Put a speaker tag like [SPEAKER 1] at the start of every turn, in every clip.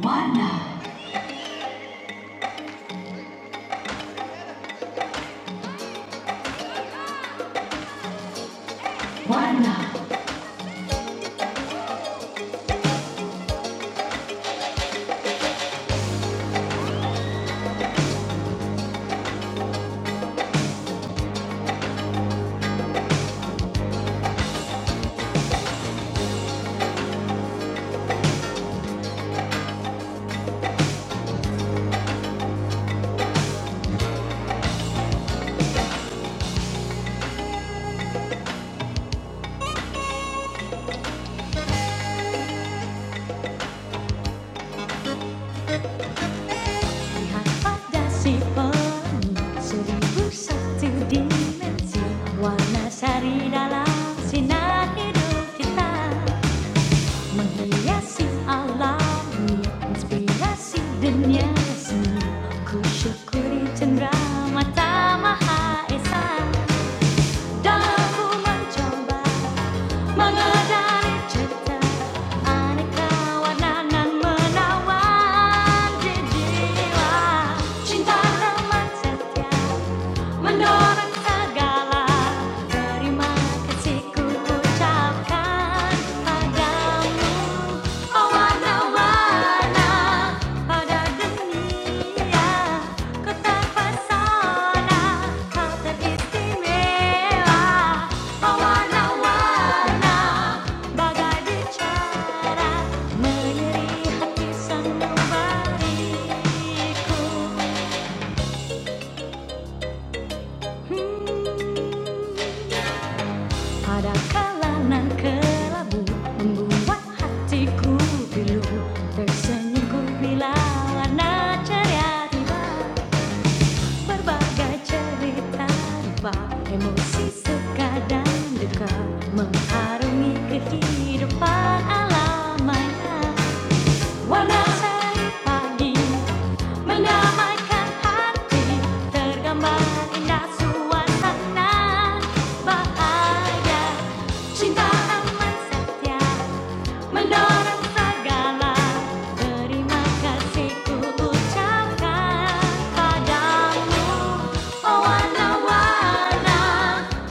[SPEAKER 1] Warna, warna. Lihat ada si pelangi seribu satu dimensi Warna sari dalam sinar hidup kita Menghiasi alam inspirasi dunia seni Ku syukuri cendera mata maha esa Dalam ku mencoba Mga dari aneka warna nan menawan di jiwa Cinta teman setia Mendorong segala terima kasih ku ucapkan padamu Oh warna-warna pada dunia Ku terpesona kau teristimewa Oh warna-warna bagai bicara Menyeri hati sanubariku Hmm. Pada kalangan kelabu Membuat hatiku pilu tersenyum bila warna ceria tiba Berbagai cerita tiba Emosi suka dan duka Mengharungi kehidupan alamanya Warna seri pagi mendamaikan hati tergambar indah suasana bahagia cinta aman setia menolong segala terima kasih ucapkan padamu oh warna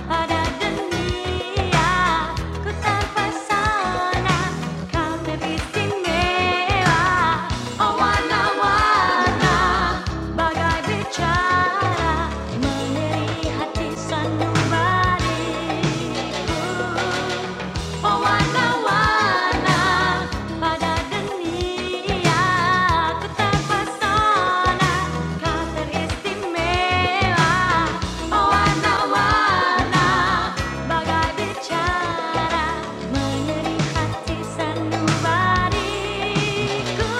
[SPEAKER 1] pada dunia ku terpesona kau lebih istimewa oh warna bagai bicara mengeri hati sanubariku pewarna pada dunia ku terpesona kau teristimewa pewarna bagai bicara menyerik hati sanubariku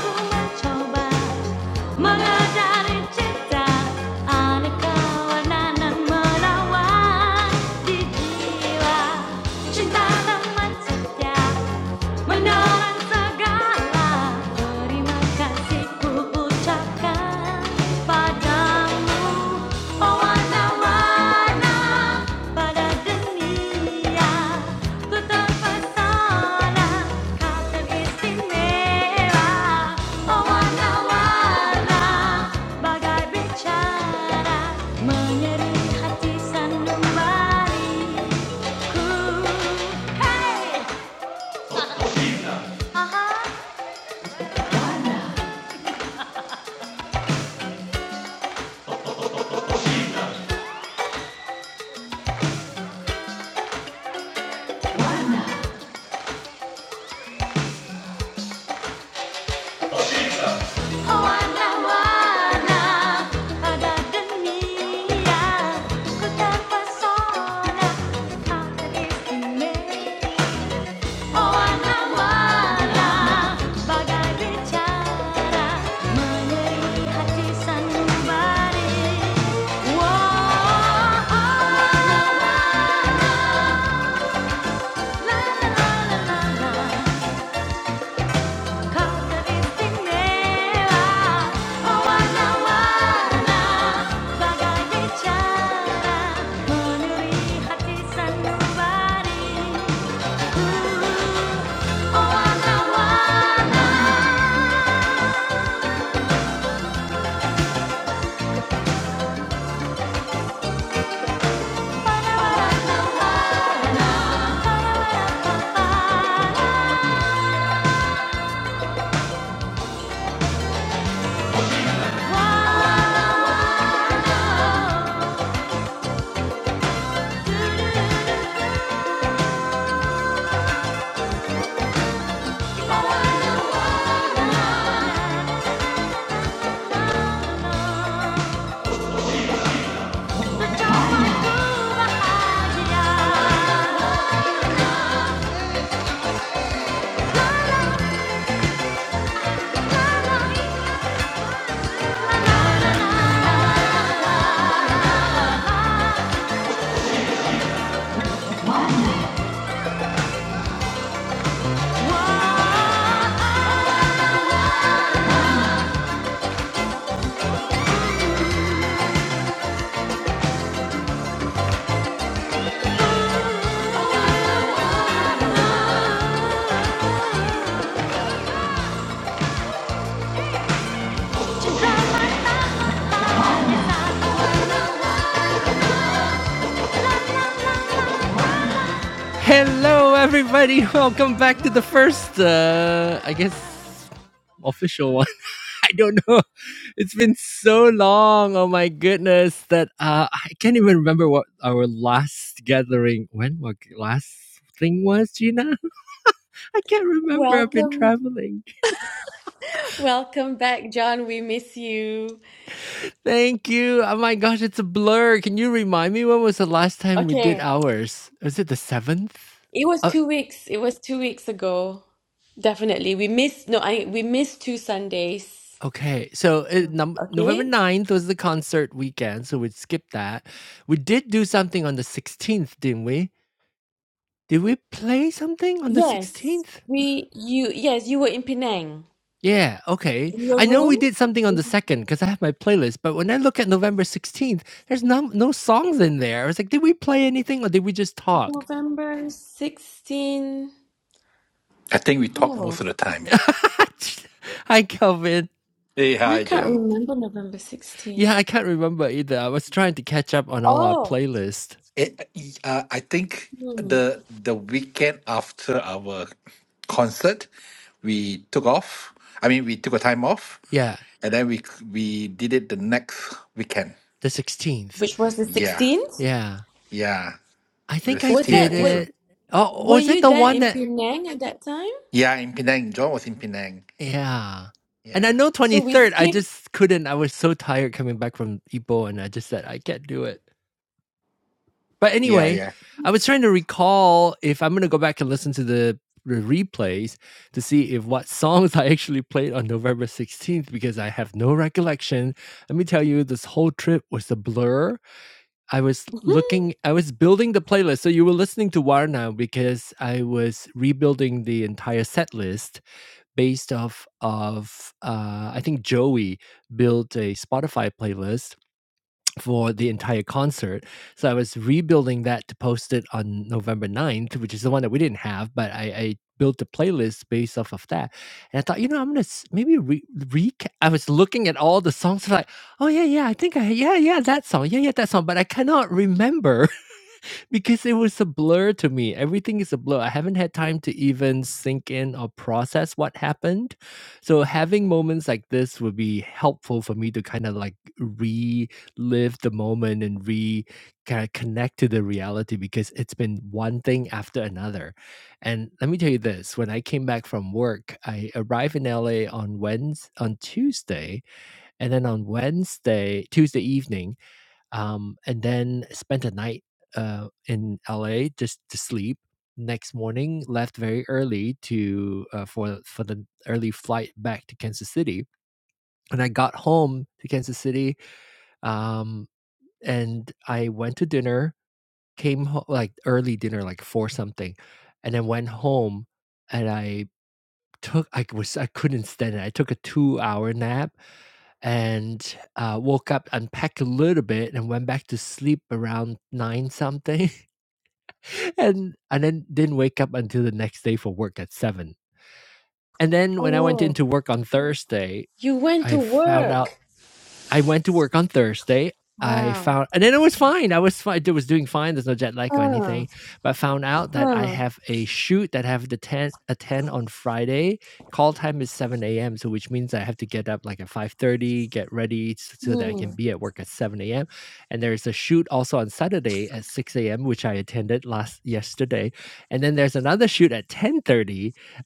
[SPEAKER 1] ku mencoba Mega dari cinta, aneka warna namun lawan di jiwa cinta dan cinta. Menawan segala terima kasih ucapkan padamu Pewarna-warna pada dunia Ku terpesona kau teristimewa Pewarna-warna bagai bicara Menyeri hati sanubariku Hey! Aha! Warna-warna pada dunia Ku terpesona akan istimewa Warna-warna bagai bicara Menyerupi hati sanubari Warna-warna La la la la la Wow. Hello, everybody. Welcome back to the first, uh, I guess, official one. I don't know. It's been so long. Oh my goodness, that uh, I can't even remember what our last gathering, when what last thing was, Gina. I can't remember. I've been
[SPEAKER 2] Welcome,
[SPEAKER 1] traveling.
[SPEAKER 2] welcome back, John. We miss you.
[SPEAKER 1] Thank you. Oh my gosh, it's a blur. Can you remind me when was the last time we did
[SPEAKER 2] Okay,
[SPEAKER 1] ours? Was it the 7th?
[SPEAKER 2] it was
[SPEAKER 1] Uh,
[SPEAKER 2] two weeks. It was two weeks ago. Definitely, we missed. No, I we missed two Sundays.
[SPEAKER 1] okay. So it, num- November
[SPEAKER 2] Okay.
[SPEAKER 1] ninth was the concert weekend, so we'd skip that. We did do something on the 16th, didn't we? Did we play something on the
[SPEAKER 2] Yes,
[SPEAKER 1] 16th?
[SPEAKER 2] we you yes you were in Penang
[SPEAKER 1] Yeah, okay.
[SPEAKER 2] in your
[SPEAKER 1] I know we
[SPEAKER 2] room
[SPEAKER 1] did something on the
[SPEAKER 2] in
[SPEAKER 1] 2nd because I have my playlist, but when I look at November 16th, there's no, no songs in there. I was like, did we play anything or did we just talk?
[SPEAKER 2] November sixteen.
[SPEAKER 3] I think we talk most
[SPEAKER 2] Oh,
[SPEAKER 3] of the time.
[SPEAKER 1] Hi, Kelvin.
[SPEAKER 3] Hey,
[SPEAKER 2] I
[SPEAKER 3] hi,
[SPEAKER 2] can't
[SPEAKER 3] John.
[SPEAKER 2] remember November sixteen.
[SPEAKER 1] Yeah, I can't remember either. I was trying to catch up on all our
[SPEAKER 2] Oh,
[SPEAKER 1] playlist.
[SPEAKER 3] Eh, uh, I think
[SPEAKER 2] hmm.
[SPEAKER 3] the the weekend after our concert, we took off. I mean, we took a time off,
[SPEAKER 1] Yeah,
[SPEAKER 3] and then we we did it the next weekend.
[SPEAKER 1] the 16th.
[SPEAKER 2] Which was the
[SPEAKER 3] Yeah,
[SPEAKER 2] sixteenth?
[SPEAKER 1] Yeah.
[SPEAKER 3] yeah,
[SPEAKER 1] I
[SPEAKER 3] the
[SPEAKER 1] think I
[SPEAKER 2] Was
[SPEAKER 3] 16, I
[SPEAKER 1] did
[SPEAKER 2] that
[SPEAKER 3] think so.
[SPEAKER 2] what?
[SPEAKER 1] it. Oh,
[SPEAKER 2] Were
[SPEAKER 1] was it
[SPEAKER 2] you
[SPEAKER 1] the
[SPEAKER 2] there
[SPEAKER 1] one
[SPEAKER 2] in
[SPEAKER 1] that
[SPEAKER 2] Penang at that time?
[SPEAKER 3] Yeah, in Penang, John was in Penang.
[SPEAKER 1] yeah. And I
[SPEAKER 3] Yeah,
[SPEAKER 1] know
[SPEAKER 2] So we
[SPEAKER 1] 23rd, I
[SPEAKER 2] skip.
[SPEAKER 1] just couldn't. I was so tired coming back from Ipoh and I just said I can't do it. But
[SPEAKER 3] yeah,
[SPEAKER 1] anyway,
[SPEAKER 3] yeah.
[SPEAKER 1] I was trying to recall if I'm going to go back and listen to the the replays to see if what songs I actually played on November 16th because I have no recollection. Let me tell you, this whole trip was a blur I was looking, I was building the playlist. So you were listening to War now because I was rebuilding the entire set list based off of, uh, I think Joey built a Spotify playlist for the entire concert. So I was rebuilding that to post it on November ninth, which is the one that we didn't have, but I, I built a playlist based off of that. And I thought, you know, I'm gonna s- maybe re, re- I was looking at all the songs, like, oh yeah, yeah, I think I, yeah, yeah, that song, yeah, yeah, that song, but I cannot remember because it was a blur to me. Everything is a blur. I haven't had time to even sink in or process what happened. So having moments like this would be helpful for me to kind of like relive the moment and re kind of connect to the reality because it's been one thing after another. And let me tell you this, when I came back from work, I arrived in LA on Wednesday on Tuesday, and then on Wednesday, Tuesday evening, um, and then spent a night uh, in LA just to sleep. Next morning, left very early to uh, for for the early flight back to Kansas City. And I got home to Kansas City, um, and I went to dinner. Came ho- like early dinner, like four something, and then went home. And I took I was I couldn't stand it. I took a two hour nap and uh, woke up, unpacked a little bit, and went back to sleep around nine something, and and then didn't wake up until the next day for work at seven. And then when I went
[SPEAKER 2] Oh,
[SPEAKER 1] into work on Thursday,
[SPEAKER 2] you went
[SPEAKER 1] I
[SPEAKER 2] to
[SPEAKER 1] Mm. found out
[SPEAKER 2] work.
[SPEAKER 1] I went to work on Thursday. I
[SPEAKER 2] Wow.
[SPEAKER 1] found, and then it was fine. I was fine. I was doing fine. There's no jet lag or
[SPEAKER 2] Huh,
[SPEAKER 1] anything. But I found out that I
[SPEAKER 2] huh,
[SPEAKER 1] have a shoot that I have the ten attend on Friday. Call time is seven a.m. So which means I have to get up like at five thirty, get ready so that I
[SPEAKER 2] hmm.
[SPEAKER 1] can be at work at seven a.m. And there's a shoot also on Saturday at six a.m. which I attended last yesterday. And then there's another shoot at ten thirty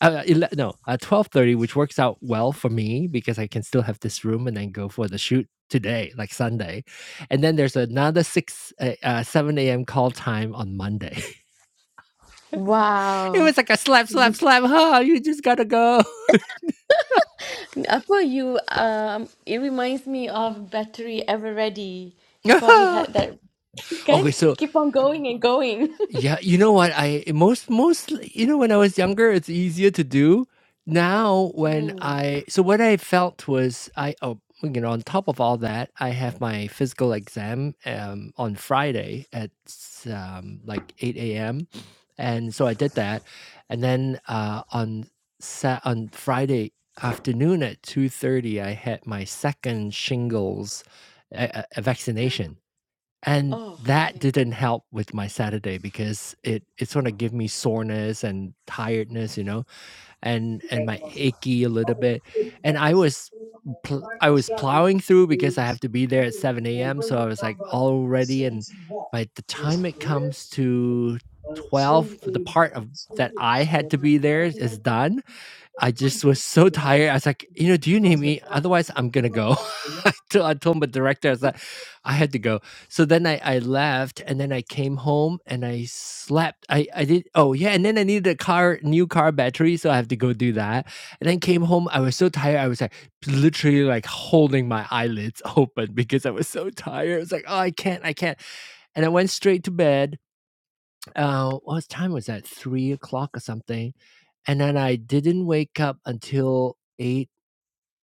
[SPEAKER 1] uh, uh, ele- no, uh, twelve thirty, which works out well for me because I can still have this room and then go for the shoot today, like Sunday, and then there's another six uh, uh, seven a.m. call time on Monday. it
[SPEAKER 2] Wow.
[SPEAKER 1] was like a slap, slap, slap. Huh? You just gotta go.
[SPEAKER 2] Apple, you um it reminds me of Battery Ever Ready. You probably had that can
[SPEAKER 1] okay, so
[SPEAKER 2] keep on going and going.
[SPEAKER 1] Yeah, you know what? I most most you know when I was younger, it's easier to do. Now when
[SPEAKER 2] Hmm.
[SPEAKER 1] I so what I felt was I oh you know on top of all that, I have my physical exam um on Friday at s- um like eight a.m. and so I did that, and then uh on sat on Friday afternoon at two thirty, I had my second shingles uh, uh, vaccination and
[SPEAKER 2] Oh,
[SPEAKER 1] that
[SPEAKER 2] okay.
[SPEAKER 1] didn't help with my Saturday because it it's gonna give me soreness and tiredness, you know, and and my achy a little bit. And I was pl- I was plowing through because I have to be there at 7 a.m. So I was like all ready. And by the time it comes to 12, the part of that I had to be there is done. I just was so tired. I was like, you know, do you need me? Otherwise, I'm gonna go. I told I told my director, I was like, I had to go. So then I, I left, and then I came home and I slept. I I did. Oh yeah, and then I needed a car, new car battery, so I have to go do that. And then came home. I was so tired. I was like literally like holding my eyelids open because I was so tired. I was like, oh, I can't, I can't. And I went straight to bed uh, what time was that? Three o'clock or something, and then I didn't wake up until 8,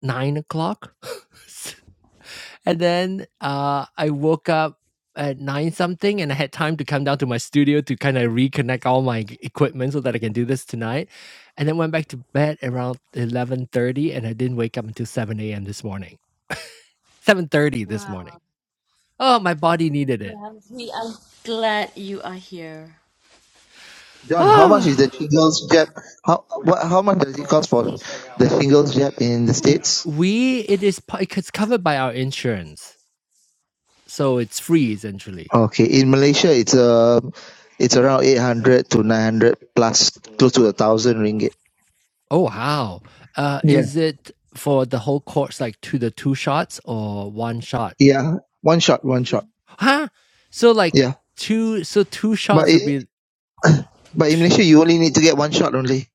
[SPEAKER 1] nine o'clock. And then, uh, I woke up at 9 something, and I had time to come down to my studio to kinda reconnect all my g equipment so that I can do this tonight, and then went back to bed around 11:30, and I didn't wake up until 7 AM this morning. 7:30 this
[SPEAKER 2] Wow.
[SPEAKER 1] morning. Oh, my body needed it.
[SPEAKER 2] Ramsey, I'm glad you are here.
[SPEAKER 4] John, how much is the shingles jab? How what? How much does it cost for the shingles jab in the
[SPEAKER 1] W
[SPEAKER 4] states?
[SPEAKER 1] we it is pa it's covered by our insurance. So it's free essentially.
[SPEAKER 4] Okay, in Malaysia, it's uh, it's around eight hundred to nine hundred plus, close to a thousand ringgit.
[SPEAKER 1] Oh wow. Uh
[SPEAKER 4] Yeah,
[SPEAKER 1] is it for the whole course like to the two shots or one shot?
[SPEAKER 4] yeah, one shot, one shot.
[SPEAKER 1] Huh? So like
[SPEAKER 4] Yeah,
[SPEAKER 1] two so two
[SPEAKER 4] but
[SPEAKER 1] shots would
[SPEAKER 4] it,
[SPEAKER 1] be
[SPEAKER 4] but in
[SPEAKER 1] t-
[SPEAKER 4] Malaysia, you only need to get one shot only.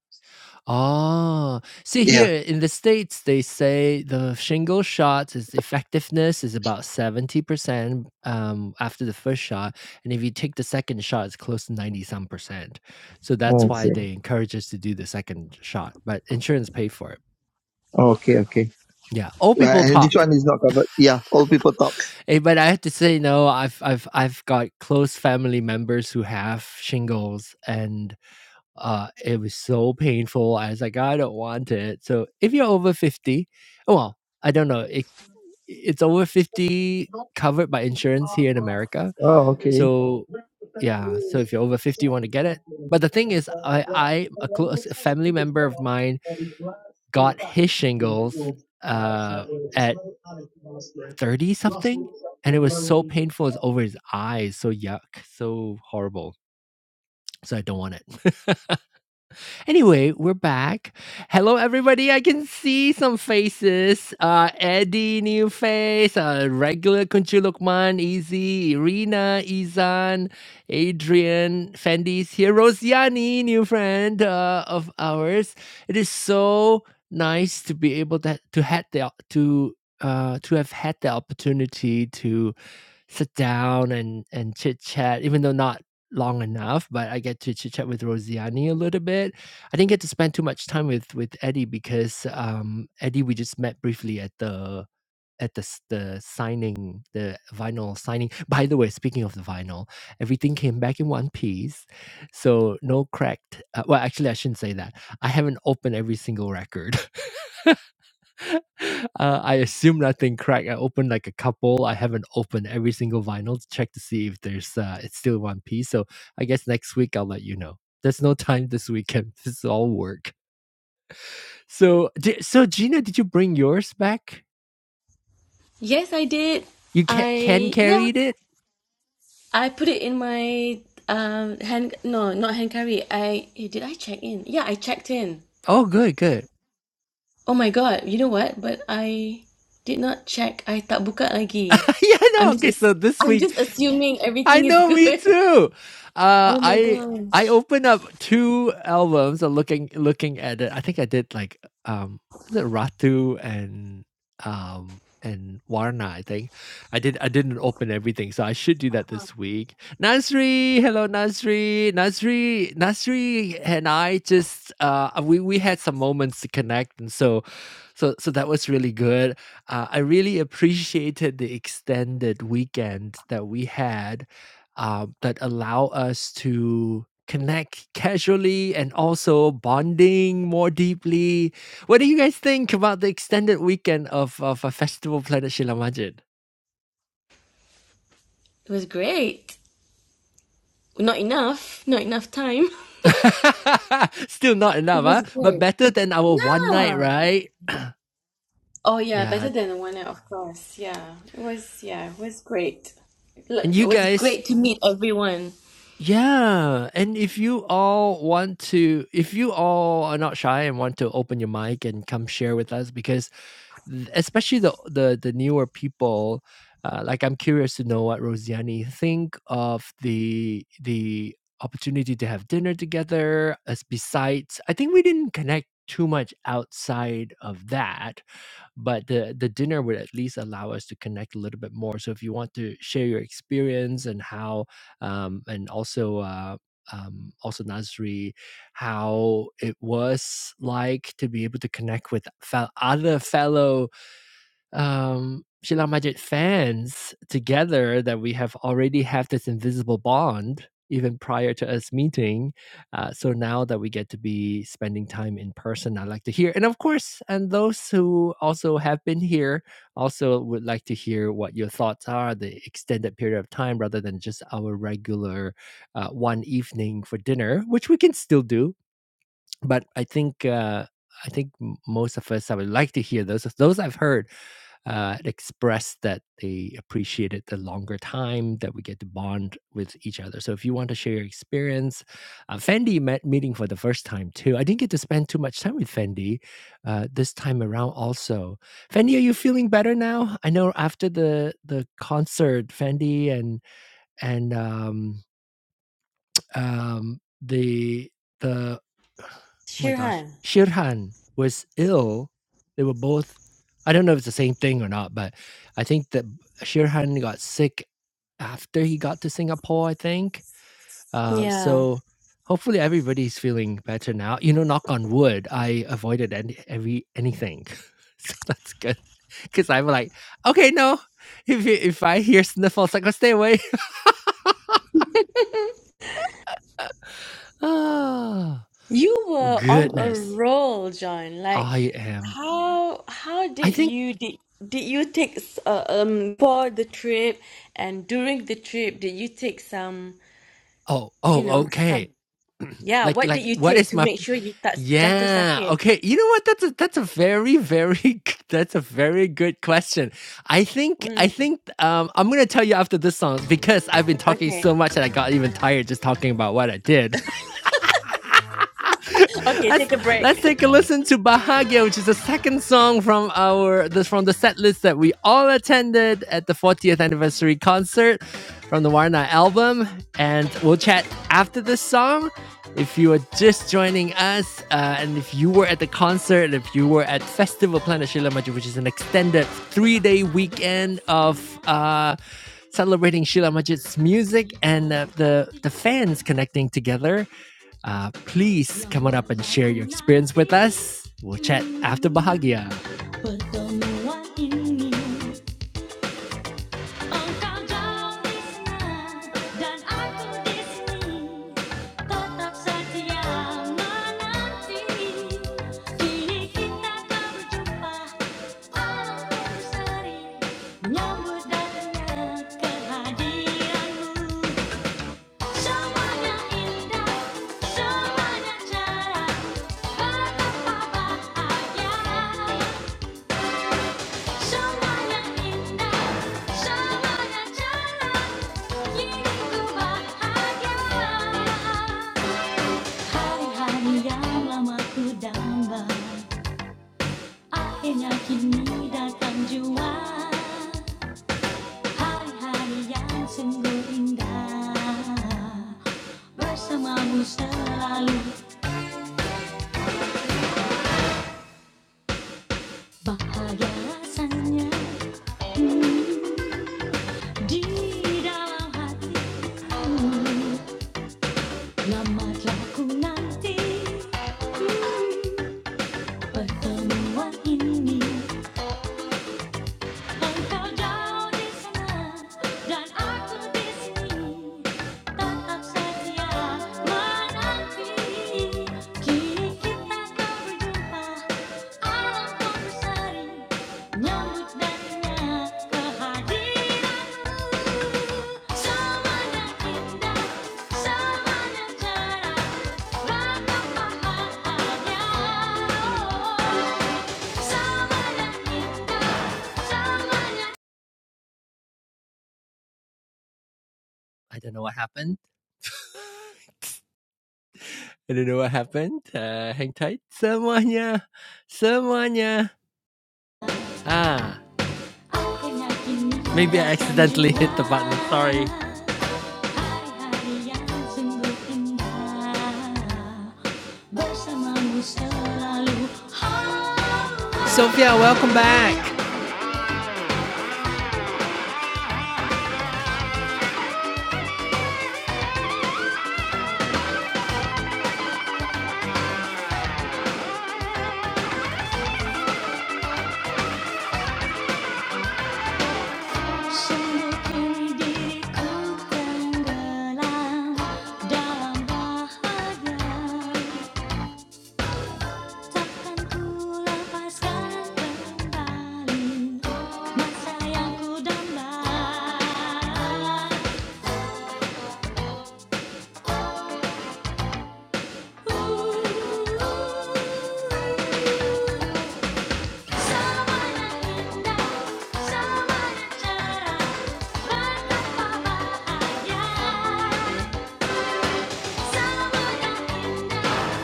[SPEAKER 1] Oh, see
[SPEAKER 4] Yeah.
[SPEAKER 1] here in the States, they say the shingle shot is effectiveness is about 70% um, after the first shot. And if you take the second shot, it's close to 90 some percent. So that's why
[SPEAKER 4] Okay.
[SPEAKER 1] they encourage us to do the second shot, but insurance pay for it.
[SPEAKER 4] Okay. Okay.
[SPEAKER 1] Yeah. Old
[SPEAKER 4] Uh,
[SPEAKER 1] people
[SPEAKER 4] and this
[SPEAKER 1] talk.
[SPEAKER 4] one is not covered. Yeah, old people talk.
[SPEAKER 1] Hey, but I have to say, no, I've I've I've got close family members who have shingles, and uh, it was so painful. I was like, I don't want it. So if you're over fifty, oh, well, I don't know. It it's over fifty covered by insurance here in America.
[SPEAKER 4] Oh, okay.
[SPEAKER 1] So yeah, so if you're over fifty, you want to get it. But the thing is, I I a close a family member of mine got his shingles uh, at 30 something and it was so painful it's over his eyes so yuck so horrible so i don't want it anyway we're back hello everybody i can see some faces uh eddie new face uh regular kunchu lukman easy irina izan adrian fendi's here rosiani new friend uh, of ours it is so nice to be able to to had the to uh to have had the opportunity to sit down and and chit chat, even though not long enough, but I get to chit chat with Rosiani a little bit. I didn't get to spend too much time with with Eddie because um Eddie we just met briefly at the at the s- the signing, the vinyl signing. By the way, speaking of the vinyl, everything came back in one piece, so no cracked. Uh, well, actually, I shouldn't say that. I haven't opened every single record uh, I assume nothing cracked. I opened like a couple. I haven't opened every single vinyl to check to see if there's uh, it's still one piece. So I guess next week I'll let you know. There's no time this weekend. This is all work. So di- so Gina, did you bring yours back?
[SPEAKER 2] Yes, I did.
[SPEAKER 1] You can can
[SPEAKER 2] I yeah.
[SPEAKER 1] carried it.
[SPEAKER 2] I put it in my um hand. No, not hand carry. I eh, did I check in? Yeah, I checked in.
[SPEAKER 1] Oh, good, good.
[SPEAKER 2] Oh my god! You know what? But I did not check. I tak buka lagi.
[SPEAKER 1] yeah,
[SPEAKER 2] I'm
[SPEAKER 1] no.
[SPEAKER 2] just
[SPEAKER 1] Okay,
[SPEAKER 2] ass-
[SPEAKER 1] so this
[SPEAKER 2] I'm
[SPEAKER 1] week
[SPEAKER 2] just assuming
[SPEAKER 1] I
[SPEAKER 2] everything is
[SPEAKER 1] know, me
[SPEAKER 2] good.
[SPEAKER 1] too. Uh,
[SPEAKER 2] Oh my
[SPEAKER 1] I I
[SPEAKER 2] gosh!
[SPEAKER 1] opened up two albums. Of looking looking at it, I think I did like um, was it Ratu and um and Warna? I think I did. I didn't open everything, so I should do that this week. Nasri, hello Nasri, Nasri, Nasri, and I just uh we we had some moments to connect, and so so so that was really good. Uh, I really appreciated the extended weekend that we had uh, that allow us to connect casually and also bonding more deeply. What do you guys think about the extended weekend of, of a festival planet Shilamajan?
[SPEAKER 2] It was great. Not enough. Not enough time.
[SPEAKER 1] Still not
[SPEAKER 2] It
[SPEAKER 1] enough, huh?
[SPEAKER 2] was
[SPEAKER 1] but
[SPEAKER 2] great.
[SPEAKER 1] better than our one night,
[SPEAKER 2] Yeah.
[SPEAKER 1] right?
[SPEAKER 2] Oh yeah,
[SPEAKER 1] Yeah.
[SPEAKER 2] better than the one night, of course. Yeah, it was. Yeah, it was great. Look,
[SPEAKER 1] And
[SPEAKER 2] it
[SPEAKER 1] you
[SPEAKER 2] was
[SPEAKER 1] guys,
[SPEAKER 2] great to meet everyone.
[SPEAKER 1] yeah. And if you all want to, if you all are not shy and want to open your mic and come share with us, because especially the the the newer people uh, like i'm curious to know what rosiani think of the the opportunity to have dinner together as besides i think we didn't connect too much outside of that but the the dinner would at least allow us to connect a little bit more so if you want to share your experience and how um and also uh um also nasri how it was like to be able to connect with fel- other fellow um Sheila Majid fans together that we have already have this invisible bond even prior to us meeting. Uh, so now that we get to be spending time in person, I'd like to hear. And of course, and those who also have been here also would like to hear what your thoughts are, the extended period of time rather than just our regular uh, one evening for dinner, which we can still do. But I think uh, I think m- most of us I would like to hear those. Those I've heard uh, it expressed that they appreciated the longer time that we get to bond with each other. So if you want to share your experience, uh, Fendi met meeting for the first time too. I didn't get to spend too much time with Fendi uh, this time around. Also, Fendi, are you feeling better now? I know after the the concert, Fendi and and um, um, the the oh my gosh,
[SPEAKER 2] Shirhan.
[SPEAKER 1] Shirhan was ill. They were both. I don't know if it's the same thing or not, but I think that Shirhan got sick after he got to Singapore. I think uh,
[SPEAKER 2] Yeah.
[SPEAKER 1] so. Hopefully everybody's feeling better now. You know, knock on wood. I avoided any, every anything, so that's good. Because I'm like, okay, no. If you, if I hear sniffles, I go stay away. Oh
[SPEAKER 2] You were on a
[SPEAKER 1] goodness.
[SPEAKER 2] roll, John. Like,
[SPEAKER 1] I am.
[SPEAKER 2] how how
[SPEAKER 1] I
[SPEAKER 2] did
[SPEAKER 1] think.
[SPEAKER 2] you did did you take s- uh, um for the trip and during the trip did you take some
[SPEAKER 1] Oh,
[SPEAKER 2] you
[SPEAKER 1] oh,
[SPEAKER 2] know some
[SPEAKER 1] okay.
[SPEAKER 2] yeah
[SPEAKER 1] Like,
[SPEAKER 2] what did
[SPEAKER 1] like,
[SPEAKER 2] you
[SPEAKER 1] what
[SPEAKER 2] take
[SPEAKER 1] is
[SPEAKER 2] to
[SPEAKER 1] my?
[SPEAKER 2] make sure you tak jatuh
[SPEAKER 1] Yeah.
[SPEAKER 2] sakit?
[SPEAKER 1] Okay. You know what? That's a that's a very very that's a very good question. I think I
[SPEAKER 2] Mm,
[SPEAKER 1] think um I'm gonna tell you after this song because I've been talking
[SPEAKER 2] okay,
[SPEAKER 1] so much that I got even tired just talking about what I did.
[SPEAKER 2] okay,
[SPEAKER 1] let's
[SPEAKER 2] take a
[SPEAKER 1] let's
[SPEAKER 2] break.
[SPEAKER 1] take a listen to Bahagia, which is the second song from our this from the set list that we all attended at the 40th anniversary concert from the Warna album, and we'll chat after this song. If you are just joining us, uh, and if you were at the concert, if you were at Festival Planet Shila Maju, which is an extended three-day weekend of uh, celebrating Sheila Majid's music and uh, the, the fans connecting together. Uh, please come on up and share your experience with us. We'll chat after Bahagia. Put the Mua in me. Engkau dan aku di sini tetap setia menanti kini kita tak berjumpa walaupun sering menyambut kehadiranmu semuanya indah semuanya cerah betapa bahagia Hari-hari yang lama ku damba Akhirnya kini datang jua Hari-hari yang sungguh indah Bersamamu selalu bahagia rasanya Di dalam hati lama telah ku nanti hmm. Pertemuan ini. Engkau di sana dan aku di sini, tetap saja menanti. Kini kita kau berjumpa, alam pun berseri, nyambut dan ingat kehadiranmu. Samanya indah, samanya cerah, ragam bahagia. Samanya indah. I don't know what happened. I don't know what happened. Uh, hang tight. Semuanya. Semuanya. Ah, Maybe I accidentally hit the button. Sorry. Sophia, welcome back. Takkan ku lepaskan kembali masa yang ku damba. Samana indah, samana cerah, betapa bahagia. Samana indah,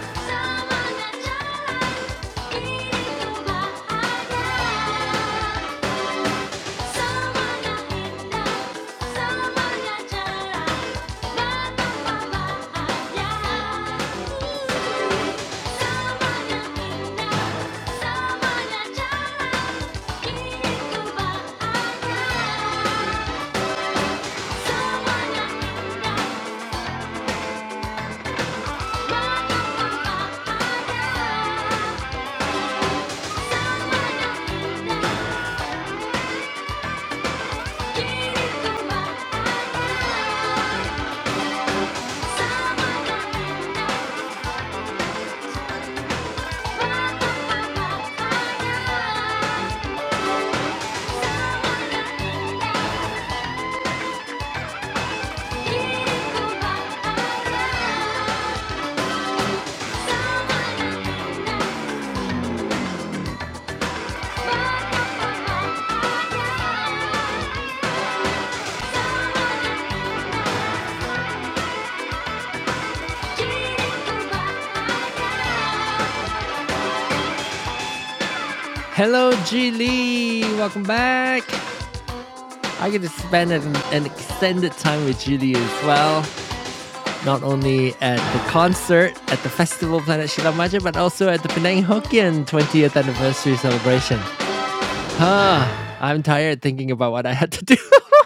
[SPEAKER 1] samana cerah, ini ku bahagia. Thank you Hello, Julie. Welcome back. I get to spend an, an extended time with Julie as well. Not only at the concert at the festival Planet Shilamaja, but also at the Penang Hokkien 20th anniversary celebration. Huh. I'm tired thinking about what I had to do.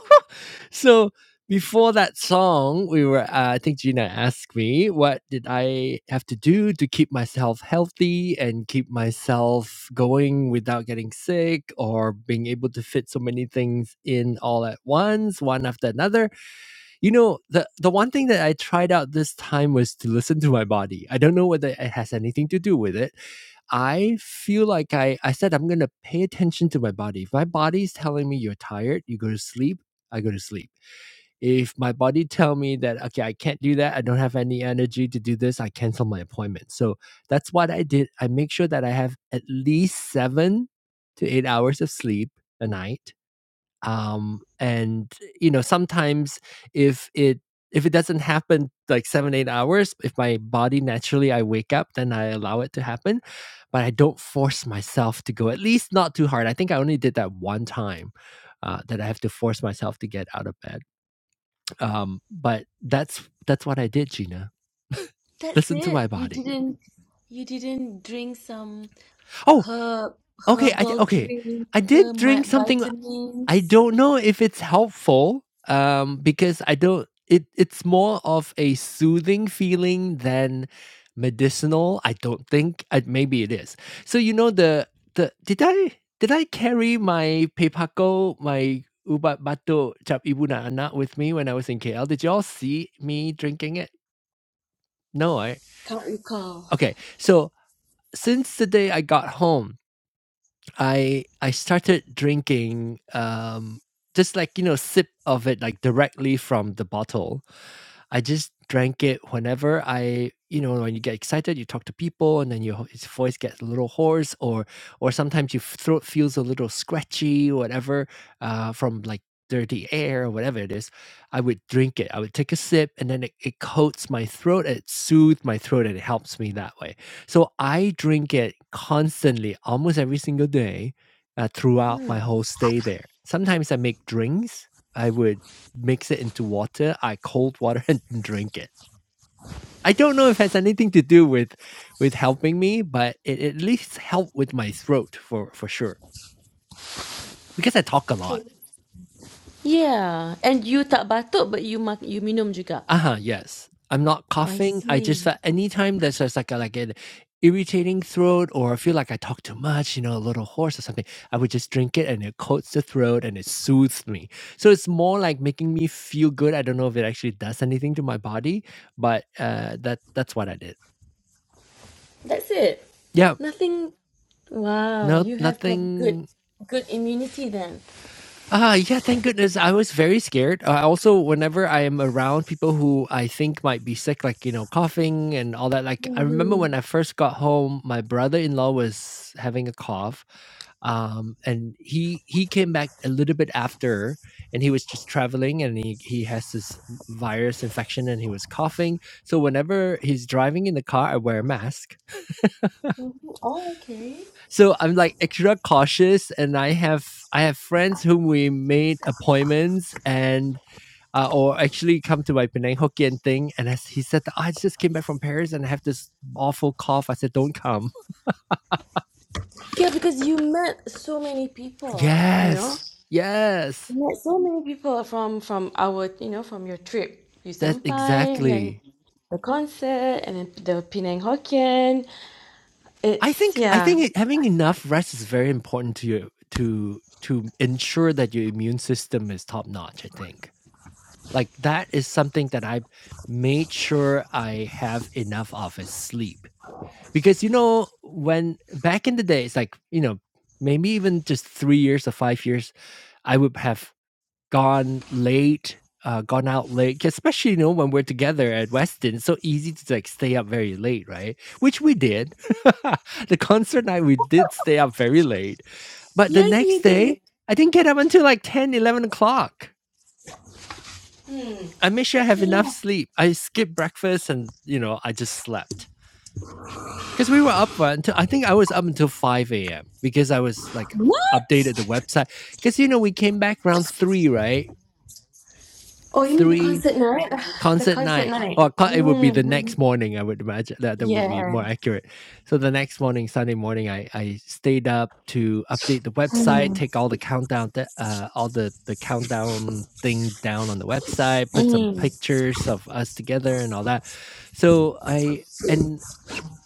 [SPEAKER 1] so before that song, we were. Uh, I think Gina asked me, "What did I have to do to keep myself healthy and keep myself going without getting sick, or being able to fit so many things in all at once, one after another?" You know, the the one thing that I tried out this time was to listen to my body. I don't know whether it has anything to do with it. I feel like I I said I'm gonna pay attention to my body. If my body's telling me you're tired, you go to sleep. I go to sleep if my body tell me that okay i can't do that i don't have any energy to do this i cancel my appointment so that's what i did i make sure that i have at least seven to eight hours of sleep a night um and you know sometimes if it if it doesn't happen like seven eight hours if my body naturally i wake up then i allow it to happen but i don't force myself to go at least not too hard i think i only did that one time uh, that i have to force myself to get out of bed um, but that's that's what I did, Gina.
[SPEAKER 2] That's
[SPEAKER 1] Listen to my
[SPEAKER 2] it. You
[SPEAKER 1] body.
[SPEAKER 2] didn't you didn't drink some
[SPEAKER 1] Oh,
[SPEAKER 2] herb
[SPEAKER 1] okay. I
[SPEAKER 2] herbal
[SPEAKER 1] okay.
[SPEAKER 2] drink,
[SPEAKER 1] I
[SPEAKER 2] uh,
[SPEAKER 1] did drink
[SPEAKER 2] mi-
[SPEAKER 1] something. I
[SPEAKER 2] vitamins.
[SPEAKER 1] don't know if it's helpful. Um, because I don't. It it's more of a soothing feeling than medicinal. I don't think. I, maybe it is. So you know the the did I did I carry my pepako my ubat bato cap ibu na anak with me when I was in KL? Did y'all see me drinking it? No, I
[SPEAKER 2] Can't recall.
[SPEAKER 1] okay. So since the day I got home, I I started drinking um just like you know sip of it like directly from the bottle I just drank it whenever I, you know, when you get excited, you talk to people, and then your his voice gets a little hoarse, or or sometimes your throat feels a little scratchy, whatever, uh, from like dirty air or whatever it is. I would drink it. I would take a sip, and then it, it coats my throat. It soothes my throat, and it helps me that way. So I drink it constantly, almost every single day, uh, throughout my whole stay there. Sometimes I make drinks. I would mix it into water, I cold water and drink it. I don't know if it has anything to do with with helping me, but it at least helped with my throat for for sure because I talk a lot.
[SPEAKER 2] Yeah, and you tak batuk but you mak- you minum juga.
[SPEAKER 1] Uh huh. Yes, I'm not
[SPEAKER 2] I
[SPEAKER 1] coughing. I just
[SPEAKER 2] see.
[SPEAKER 1] felt anytime there's just like a, like an irritating throat or I feel like I talk too much, you know, a little hoarse or something, I would just drink it and it coats the throat and it soothes me. So it's more like making me feel good. I don't know if it actually does anything to my body, but uh, that that's what I did.
[SPEAKER 2] That's it.
[SPEAKER 1] Yeah,
[SPEAKER 2] Nothing. Wow,
[SPEAKER 1] No,
[SPEAKER 2] you have prob- good
[SPEAKER 1] nothing.
[SPEAKER 2] good immunity then.
[SPEAKER 1] Ah, yeah, thank goodness. I was very scared. Uh, also, whenever I am around people who I think might be sick, like, you know, coughing and all that, like, I remember
[SPEAKER 2] hmm
[SPEAKER 1] when I first got home, my brother in law was having a cough. Um, and he he came back a little bit after, and he was just traveling, and he he has this virus infection, and he was coughing. So whenever he's driving in the car, I wear a mask
[SPEAKER 2] Oh, okay.
[SPEAKER 1] So I'm like extra cautious, and I have I have friends whom we made appointments and uh, or actually come to my Penang Hokkien thing. And as he said, that, "Oh, I just came back from Paris and I have this awful cough. I said, don't come.
[SPEAKER 2] Yeah, because you met so many people, you know.
[SPEAKER 1] Yes, yes,
[SPEAKER 2] You met so many people from from our, you know, from your trip. You
[SPEAKER 1] that's
[SPEAKER 2] sampai and then
[SPEAKER 1] exactly.
[SPEAKER 2] the concert and then the Penang Hokkien.
[SPEAKER 1] I
[SPEAKER 2] It's
[SPEAKER 1] think I
[SPEAKER 2] yeah.
[SPEAKER 1] think it, having enough rest is very important to you to to ensure that your immune system is top notch. I think. Like that is something that I made sure I have enough of is sleep. Because you know, when back in the days, like, you know, maybe even just three years or five years, I would have gone late, uh, gone out late, 'cause especially, you know, when we're together at Weston, it's so easy to like stay up very late, right? Which we did. the concert night, we did stay up very late. But the
[SPEAKER 2] Yes, we
[SPEAKER 1] next
[SPEAKER 2] did.
[SPEAKER 1] day, I didn't get up until like 10, 11 o'clock. I made sure I have enough
[SPEAKER 2] Hello.
[SPEAKER 1] sleep. I skipped breakfast and, you know, I just slept. Because we were up for until I think I was up until 5 a.m. because I was like
[SPEAKER 2] What?
[SPEAKER 1] updated the website. Because you know, we came back around three, right?
[SPEAKER 2] Oh, you mean the
[SPEAKER 1] Three,
[SPEAKER 2] concert night? The
[SPEAKER 1] concert
[SPEAKER 2] concert
[SPEAKER 1] night
[SPEAKER 2] night.
[SPEAKER 1] or co- it would be the
[SPEAKER 2] Mm-hmm.
[SPEAKER 1] next morning i would imagine that that would be
[SPEAKER 2] Yeah.
[SPEAKER 1] more accurate so the next morning sunday morning i i stayed up to update the website
[SPEAKER 2] Mm.
[SPEAKER 1] take all the countdown th- uh all the the countdown thing down on the website put some
[SPEAKER 2] Mm.
[SPEAKER 1] pictures of us together and all that so i and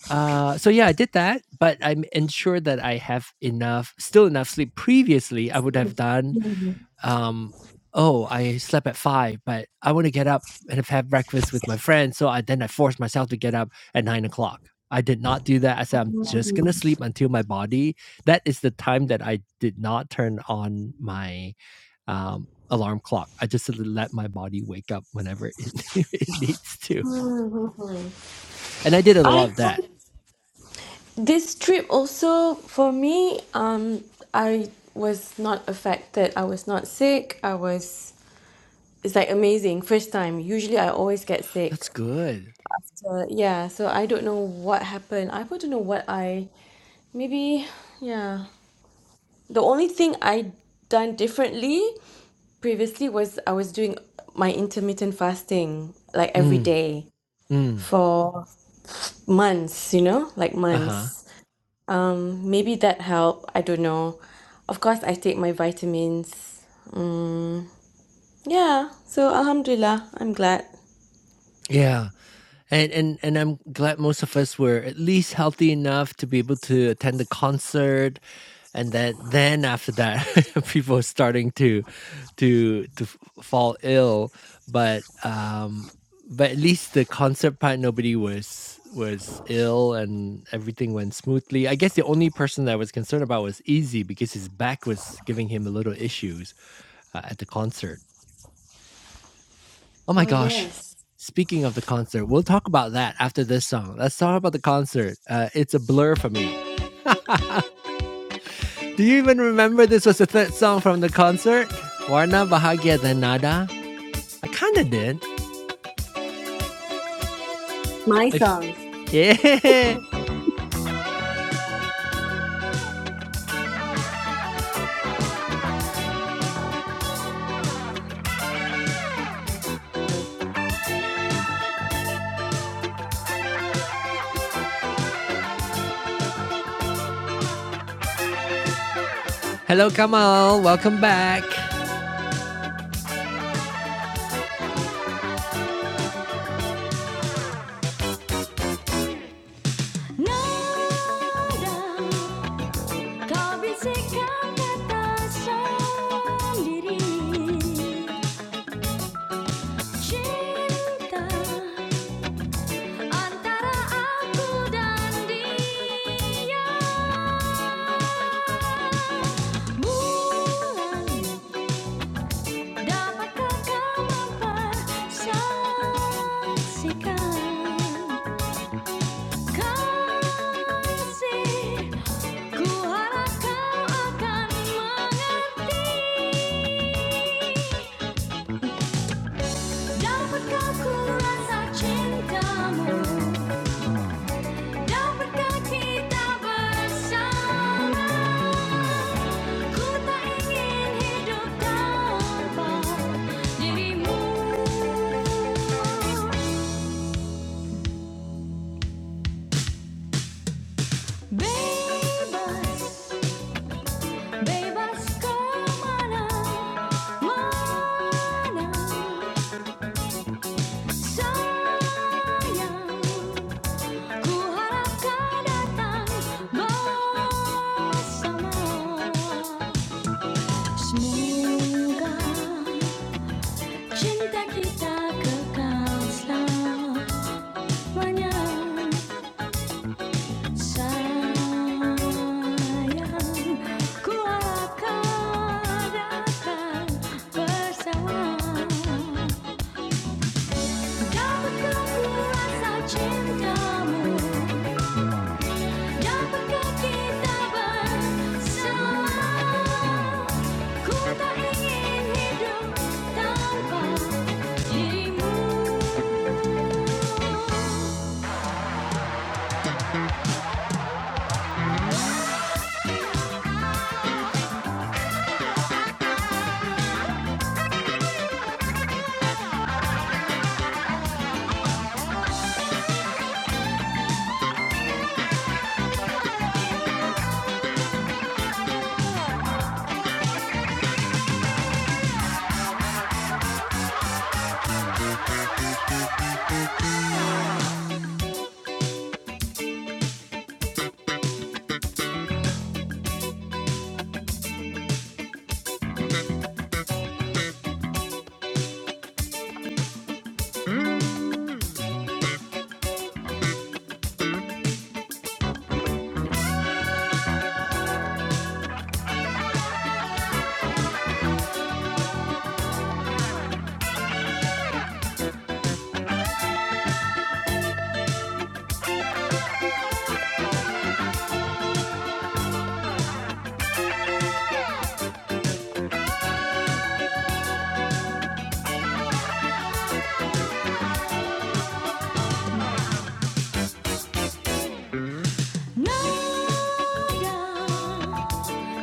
[SPEAKER 1] uh so yeah i did that but i'm ensured that i have enough still enough sleep previously i would have done um, oh, I slept at five, but I want to get up and have had breakfast with my friends. So I then I forced myself to get up at nine o'clock. I did not do that. I said I'm just gonna sleep until my body. That is the time that I did not turn on my um, alarm clock. I just let my body wake up whenever it, it needs to, and I did a
[SPEAKER 2] I
[SPEAKER 1] lot of that.
[SPEAKER 2] think this trip also for me, um, I was not affected. I was not sick. I was. It's like amazing. First time. Usually, I always get sick.
[SPEAKER 1] That's good.
[SPEAKER 2] So yeah. So I don't know what happened. I don't know what I maybe. Yeah. The only thing I done differently previously was I was doing my intermittent fasting like every
[SPEAKER 1] Mm,
[SPEAKER 2] day
[SPEAKER 1] mm,
[SPEAKER 2] for months, you know, like
[SPEAKER 1] uh huh.
[SPEAKER 2] months. Maybe that helped. I don't know. Of course, I take my vitamins. Yeah. So Alhamdulillah, I'm glad.
[SPEAKER 1] Yeah. And and and I'm glad most of us were at least healthy enough to be able to attend the concert. And then then after that, people are starting to to to f- fall ill. But um but at least the concert part nobody was was ill and everything went smoothly. I guess the only person that I was concerned about was Easy because his back was giving him a little issues uh, at the concert. Oh my
[SPEAKER 2] Oh,
[SPEAKER 1] gosh.
[SPEAKER 2] yes.
[SPEAKER 1] Speaking of the concert, we'll talk about that after this song. Let's talk about the concert. Uh, it's a blur for me. Do you even remember this was the third song from the concert? Warna Bahagia dan Nada? I kinda did.
[SPEAKER 2] My
[SPEAKER 1] If...
[SPEAKER 2] songs.
[SPEAKER 1] Yeah! Hello, Kamal. Welcome back. Cinta antara aku dan dia. Mulai dapatkah kau mempersaksikan kasih? Ku harap kau akan mengerti. Dapatkah ku rasa cintamu? Dapatkah kita bersama? Bebas, bebas kemana-mana. Sayang, ku harap datang bersama. Semoga cinta kita kekal selalu. Sayang, ku akan datang bersama. Dapatkah ku cintamu? Dapatkah kita bersama? Ku tak ingin hidup tanpa dirimu.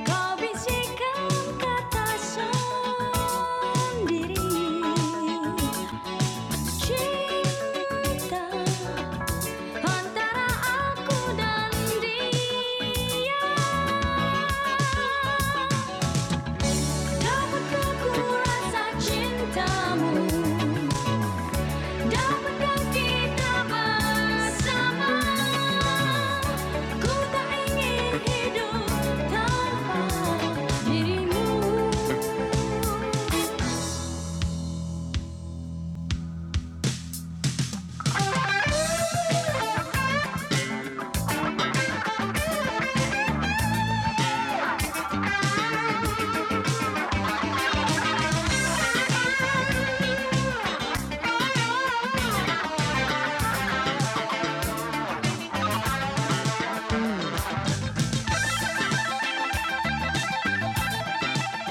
[SPEAKER 1] Kau kata sendiri cinta antara aku dan dia. Dapatkah ku rasa cintamu? Dapatkah kita bersama? Ku tak ingin hidup tanpa dirimu.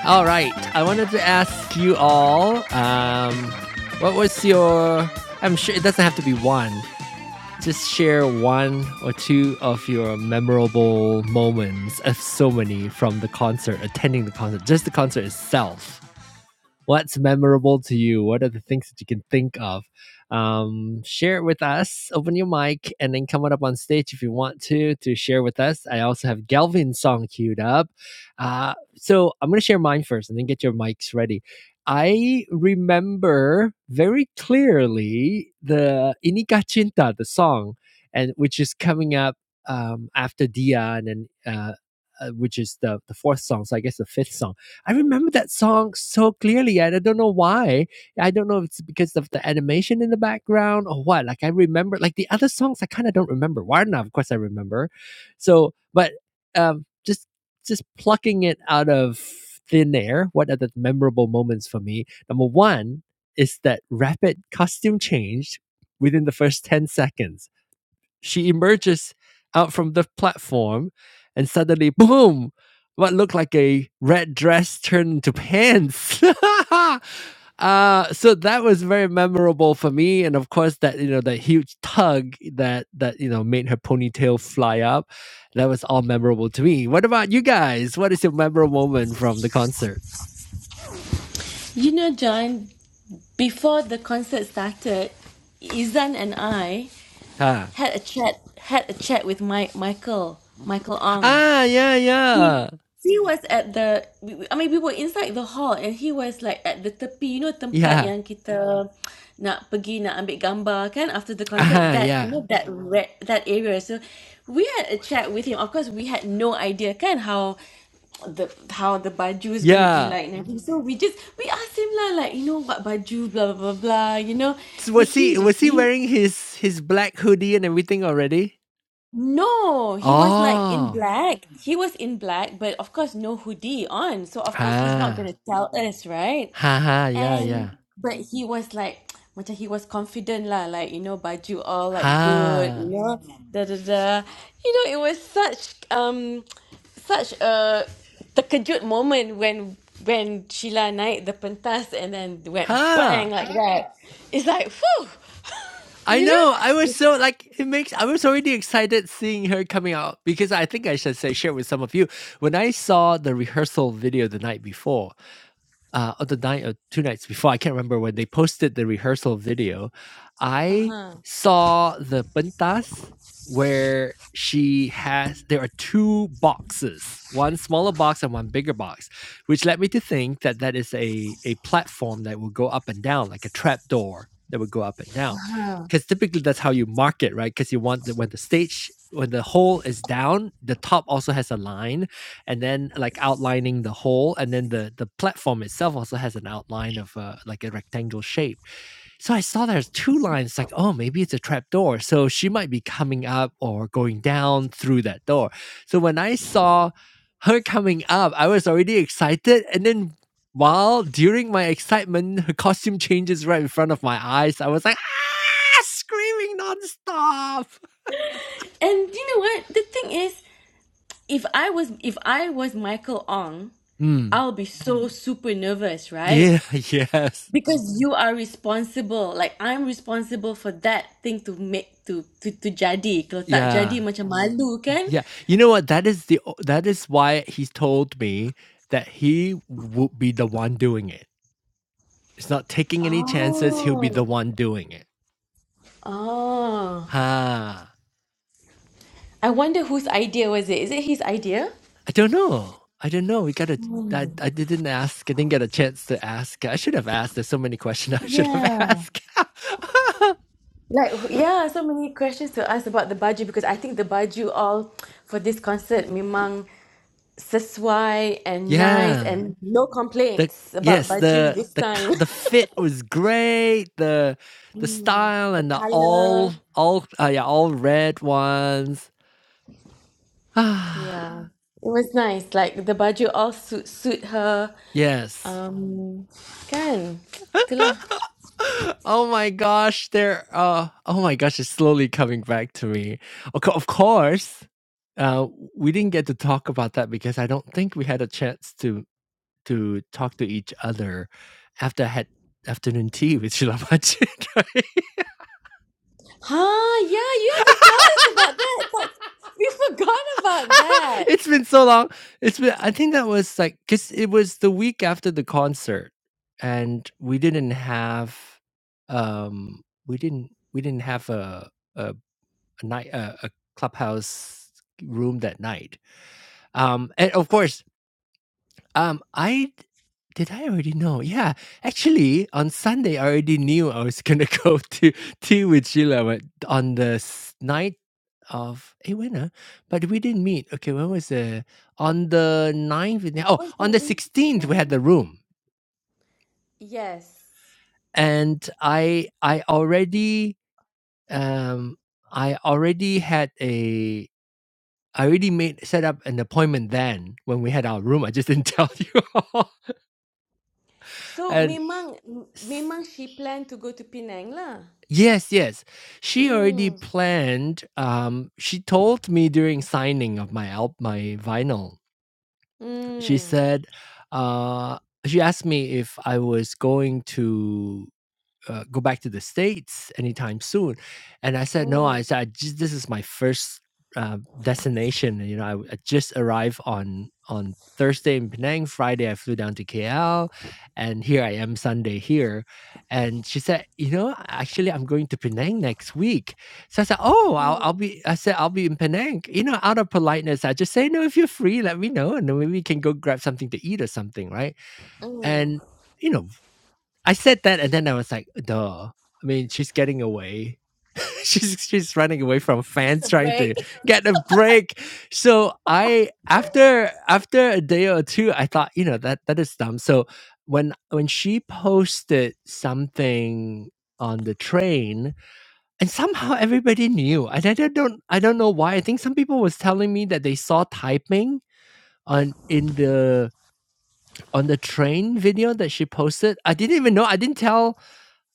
[SPEAKER 1] All right. I wanted to ask you all, um, what was your? I'm sure it doesn't have to be one. Just share one or two of your memorable moments of so many from the concert, attending the concert, just the concert itself what's memorable to you? What are the things that you can think of? Um, share it with us. Open your mic and then come on up on stage if you want to to share with us. I also have Galvin's song queued up. Uh, so I'm going to share mine first and then get your mics ready. I remember very clearly the Inika Cinta, the song, and which is coming up um, after Dia and then uh, uh, which is the the fourth song. So I guess the fifth song. I remember that song so clearly, and I don't know why. I don't know if it's because of the animation in the background or what. Like I remember, like the other songs, I kind of don't remember. Warna, of course, I remember. So, but um, just just plucking it out of thin air. What are the memorable moments for me? Number one is that rapid costume change within the first 10 seconds she emerges out from the platform and suddenly boom what looked like a red dress turned into pants uh so that was very memorable for me and of course that you know that huge tug that that you know made her ponytail fly up that was all memorable to me what about you guys what is your memorable moment from the concert
[SPEAKER 2] You know, John, before the concert started, Izan and I
[SPEAKER 1] huh
[SPEAKER 2] had a chat had a chat with my Michael, Michael Ong.
[SPEAKER 1] ah yeah
[SPEAKER 2] I mean,
[SPEAKER 1] yeah
[SPEAKER 2] he was at the I mean we were inside the hall and he was like at the tepi you know tempat
[SPEAKER 1] yeah
[SPEAKER 2] yang kita nak pergi nak ambil gambar kan after the concert
[SPEAKER 1] ah
[SPEAKER 2] that you
[SPEAKER 1] yeah
[SPEAKER 2] know that red that area so we had a chat with him of course we had no idea kan how the how the baju is going to be
[SPEAKER 1] yeah
[SPEAKER 2] like and everything. So we just we asked him lah, like you know what baju, blah blah blah, blah you know.
[SPEAKER 1] So
[SPEAKER 2] And
[SPEAKER 1] was
[SPEAKER 2] he
[SPEAKER 1] he was he
[SPEAKER 2] he
[SPEAKER 1] wearing his his black hoodie and everything already?
[SPEAKER 2] No, he was like in
[SPEAKER 1] Oh,
[SPEAKER 2] black. He was in black, but of course no hoodie on. So of course he's not
[SPEAKER 1] ha,
[SPEAKER 2] gonna tell us, right?
[SPEAKER 1] ha, ha, yeah,
[SPEAKER 2] And
[SPEAKER 1] yeah,
[SPEAKER 2] but he was like macam he was confident lah, like you know, baju all like good, you
[SPEAKER 1] ha,
[SPEAKER 2] know, da da da. You know, it was such um such a terkejut moment when when Sheila naik the pentas and then went bang
[SPEAKER 1] ha.
[SPEAKER 2] like that. It's like, whew,
[SPEAKER 1] I
[SPEAKER 2] you know?
[SPEAKER 1] know. I was so like it makes. I was already excited seeing her coming out because I think I should say share with some of you when I saw the rehearsal video the night before. uh, on the night or two nights before, I can't remember when they posted the rehearsal video. I
[SPEAKER 2] Uh-huh.
[SPEAKER 1] saw the pentas where she has there are two boxes, one smaller box and one bigger box, which led me to think that that is a a platform that will go up and down like a trap door that would go up and down, because typically that's how you mark it, right? Because you want the, when the stage when the hole is down, the top also has a line and then like outlining the whole and then the the platform itself also has an outline of uh, like a rectangle shape so i saw there's two lines like oh maybe it's a trap door so she might be coming up or going down through that door so when i saw her coming up i was already excited and then while during my excitement her costume changes right in front of my eyes i was like ah screaming nonstop.
[SPEAKER 2] And you know what? The thing is, if I was if I was Michael Ong,
[SPEAKER 1] Hmm.
[SPEAKER 2] I'll be so super nervous, right?
[SPEAKER 1] yeah yes
[SPEAKER 2] Because you are responsible. Like I'm responsible for that thing to make to to, to jadi. Kalau tak jadi
[SPEAKER 1] yeah
[SPEAKER 2] macam malu kan?
[SPEAKER 1] Yeah. You know what? That is the o that is why he's told me that he would be the one doing it. It's not taking any chances, he'll be
[SPEAKER 2] Oh.
[SPEAKER 1] the one doing it.
[SPEAKER 2] Oh.
[SPEAKER 1] Huh.
[SPEAKER 2] I wonder whose idea was it? Is it his idea?
[SPEAKER 1] I don't know. I don't know. We gotta I I didn't ask. I didn't get a chance to ask. I should have asked. There's so many questions I should have
[SPEAKER 2] Yeah.
[SPEAKER 1] asked.
[SPEAKER 2] Like wh- yeah, so many questions to ask about the baju because I think the baju all for this concert memang That's why and nice
[SPEAKER 1] Yeah.
[SPEAKER 2] and no
[SPEAKER 1] The
[SPEAKER 2] complaints about
[SPEAKER 1] yes,
[SPEAKER 2] baju
[SPEAKER 1] the
[SPEAKER 2] this
[SPEAKER 1] the
[SPEAKER 2] time.
[SPEAKER 1] c- the fit was great. The the style
[SPEAKER 2] the
[SPEAKER 1] and the
[SPEAKER 2] color,
[SPEAKER 1] all all uh, yeah, all red ones.
[SPEAKER 2] yeah,
[SPEAKER 1] Ah,
[SPEAKER 2] it was nice. Like the baju all suit suit her.
[SPEAKER 1] yes.
[SPEAKER 2] Um, kan, itulah.
[SPEAKER 1] Oh my gosh, there uh oh my gosh, it's slowly coming back to me. Of of course, uh we didn't get to talk about that because I don't think we had a chance to to talk to each other after I had afternoon tea with Shilamachi. right?
[SPEAKER 2] Huh? Yeah, you have to tell us about that. But we forgot about that.
[SPEAKER 1] it's been so long. It's been I think that was like cuz it was the week after the concert and we didn't have um we didn't we didn't have a a, a night a, a clubhouse room that night. Um and of course um, I d did I already know? Yeah. Actually, on Sunday, I already knew I was gonna go to Tea with Sheila, but on the s night of eh, when, ah? But we didn't meet. Okay, when was the on the ninth? we
[SPEAKER 2] It
[SPEAKER 1] oh,
[SPEAKER 2] was the
[SPEAKER 1] on the 16th, we had the
[SPEAKER 2] weekend.
[SPEAKER 1] room,
[SPEAKER 2] Yes.
[SPEAKER 1] and I I already, um, I already had a I already made set up an appointment then when we had our room. I just didn't tell you all.
[SPEAKER 2] So
[SPEAKER 1] And
[SPEAKER 2] memang m- memang she planned to go to Penang lah.
[SPEAKER 1] Yes, yes. She already
[SPEAKER 2] Mm.
[SPEAKER 1] planned. Um, she told me during signing of my al- my vinyl. She
[SPEAKER 2] Mm.
[SPEAKER 1] said, uh, she asked me if I was going to uh, go back to the states anytime soon and i said no
[SPEAKER 2] Mm.
[SPEAKER 1] i said I just, this is my first uh, destination you know I, I just arrived on on thursday in penang friday i flew down to kl and here i am sunday here and she said you know actually i'm going to penang next week so i said oh i'll, I'll be i said i'll be in penang you know out of politeness i just say no if you're free let me know and then maybe we can go grab something to eat or something right
[SPEAKER 2] Mm.
[SPEAKER 1] and you know I said that, and then I was like, duh. I mean, she's getting away. she's she's running away from
[SPEAKER 2] Needs
[SPEAKER 1] fans
[SPEAKER 2] a
[SPEAKER 1] trying
[SPEAKER 2] break.
[SPEAKER 1] to get a break. So I after after a day or two, I thought, you know, that that is dumb. So when when she posted something on the train and somehow everybody knew and i don't don't- i don't know why i think some people was telling me that they saw typing on in the on the train video that she posted i didn't even know i didn't tell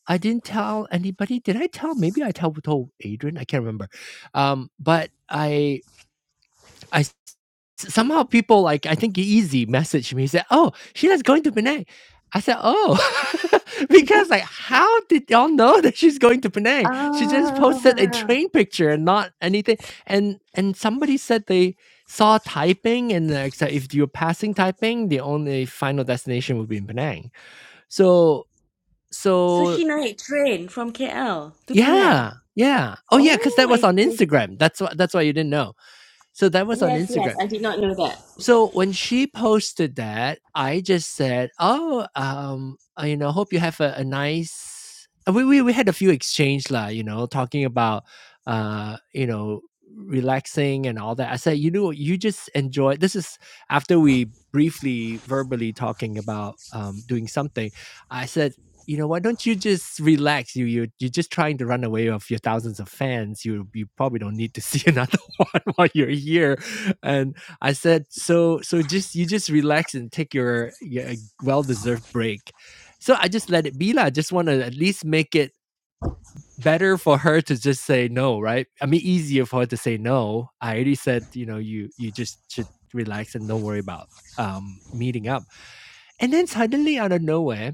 [SPEAKER 1] I didn't tell anybody. Did I tell? Maybe I tell told Adrian. I can't remember. Um, but I I s- somehow people like I think Easy messaged me. He said, "Oh, Sheila's going to Penang." I said, "Oh," because like, how did y'all know that she's going to Penang? She just posted a
[SPEAKER 2] Ah,
[SPEAKER 1] train picture and not anything. And and somebody said they saw Taiping, and like, so if you're passing Taiping, the only final destination would be in Penang. So
[SPEAKER 2] so
[SPEAKER 1] so
[SPEAKER 2] she night train from KL to Penang.
[SPEAKER 1] Yeah, yeah. Oh, yeah. Because
[SPEAKER 2] Oh,
[SPEAKER 1] that
[SPEAKER 2] I
[SPEAKER 1] was on
[SPEAKER 2] see.
[SPEAKER 1] Instagram. That's wh that's why you didn't know. So that was on
[SPEAKER 2] Yes,
[SPEAKER 1] Instagram.
[SPEAKER 2] yes, I did not know that.
[SPEAKER 1] So when she posted that, I just said, "Oh, um, uh, you know, hope you have a, a nice." uh, We, we we had a few exchange lah, you know, talking about, uh, you know, relaxing and all that. I said, you know, you just enjoy. This is after we briefly verbally talking about um doing something. I said. You know, why don't you just relax? You you you're just trying to run away of your thousands of fans. You you probably don't need to see another one while you're here, and I said, so so just you just relax and take your, your well deserved break. So I just let it be lah. Just want to at least make it better for her to just say no, right? I mean, easier for her to say no. I already said, you know, you you just should relax and don't worry about um meeting up. And then suddenly out of nowhere,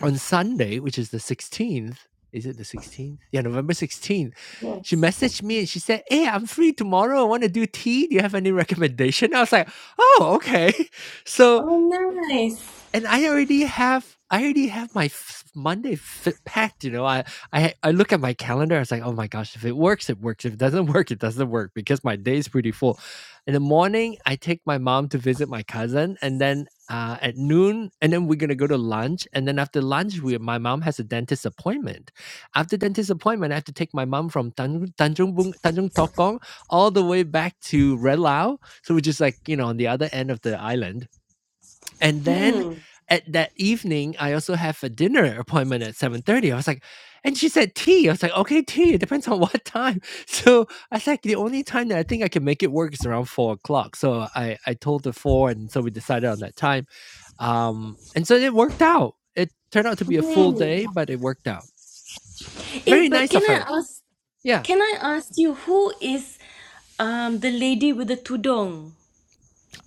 [SPEAKER 1] on Sunday, which is the 16th, is it the 16th? Yeah, November 16th.
[SPEAKER 2] Yes.
[SPEAKER 1] She messaged me and she said, Hey, I'm free tomorrow. I want to do tea. Do you have any recommendation? I was like, Oh, okay. So
[SPEAKER 2] Oh, nice.
[SPEAKER 1] and I already have I already have my f- Monday fit packed. You know, I I I look at my calendar. I was like, oh my gosh, if it works, it works. If it doesn't work, it doesn't work because my day is pretty full. In the morning, I take my mom to visit my cousin, and then. Uh, at noon, and then we're gonna go to lunch, and then after lunch, we my mom has a dentist appointment. After dentist appointment, I have to take my mom from Tanjung Tanjung, Bung- Tanjung Tokong all the way back to Red Lao, so which is like you know on the other end of the island and then
[SPEAKER 2] Hmm.
[SPEAKER 1] at that evening, I also have a dinner appointment at 7:30. I was like, and she said tea. I was like, okay, tea. It depends on what time. So I was like, the only time that I think I can make it work is around four o'clock. So I, I told her four, and so we decided on that time. Um, and so it worked out. It turned out to be a full
[SPEAKER 2] Hmm.
[SPEAKER 1] day, but it worked out.
[SPEAKER 2] Eh,
[SPEAKER 1] Very
[SPEAKER 2] but
[SPEAKER 1] nice
[SPEAKER 2] can
[SPEAKER 1] of
[SPEAKER 2] I
[SPEAKER 1] her.
[SPEAKER 2] ask?
[SPEAKER 1] Yeah.
[SPEAKER 2] Can I ask you who is um the lady with the tudung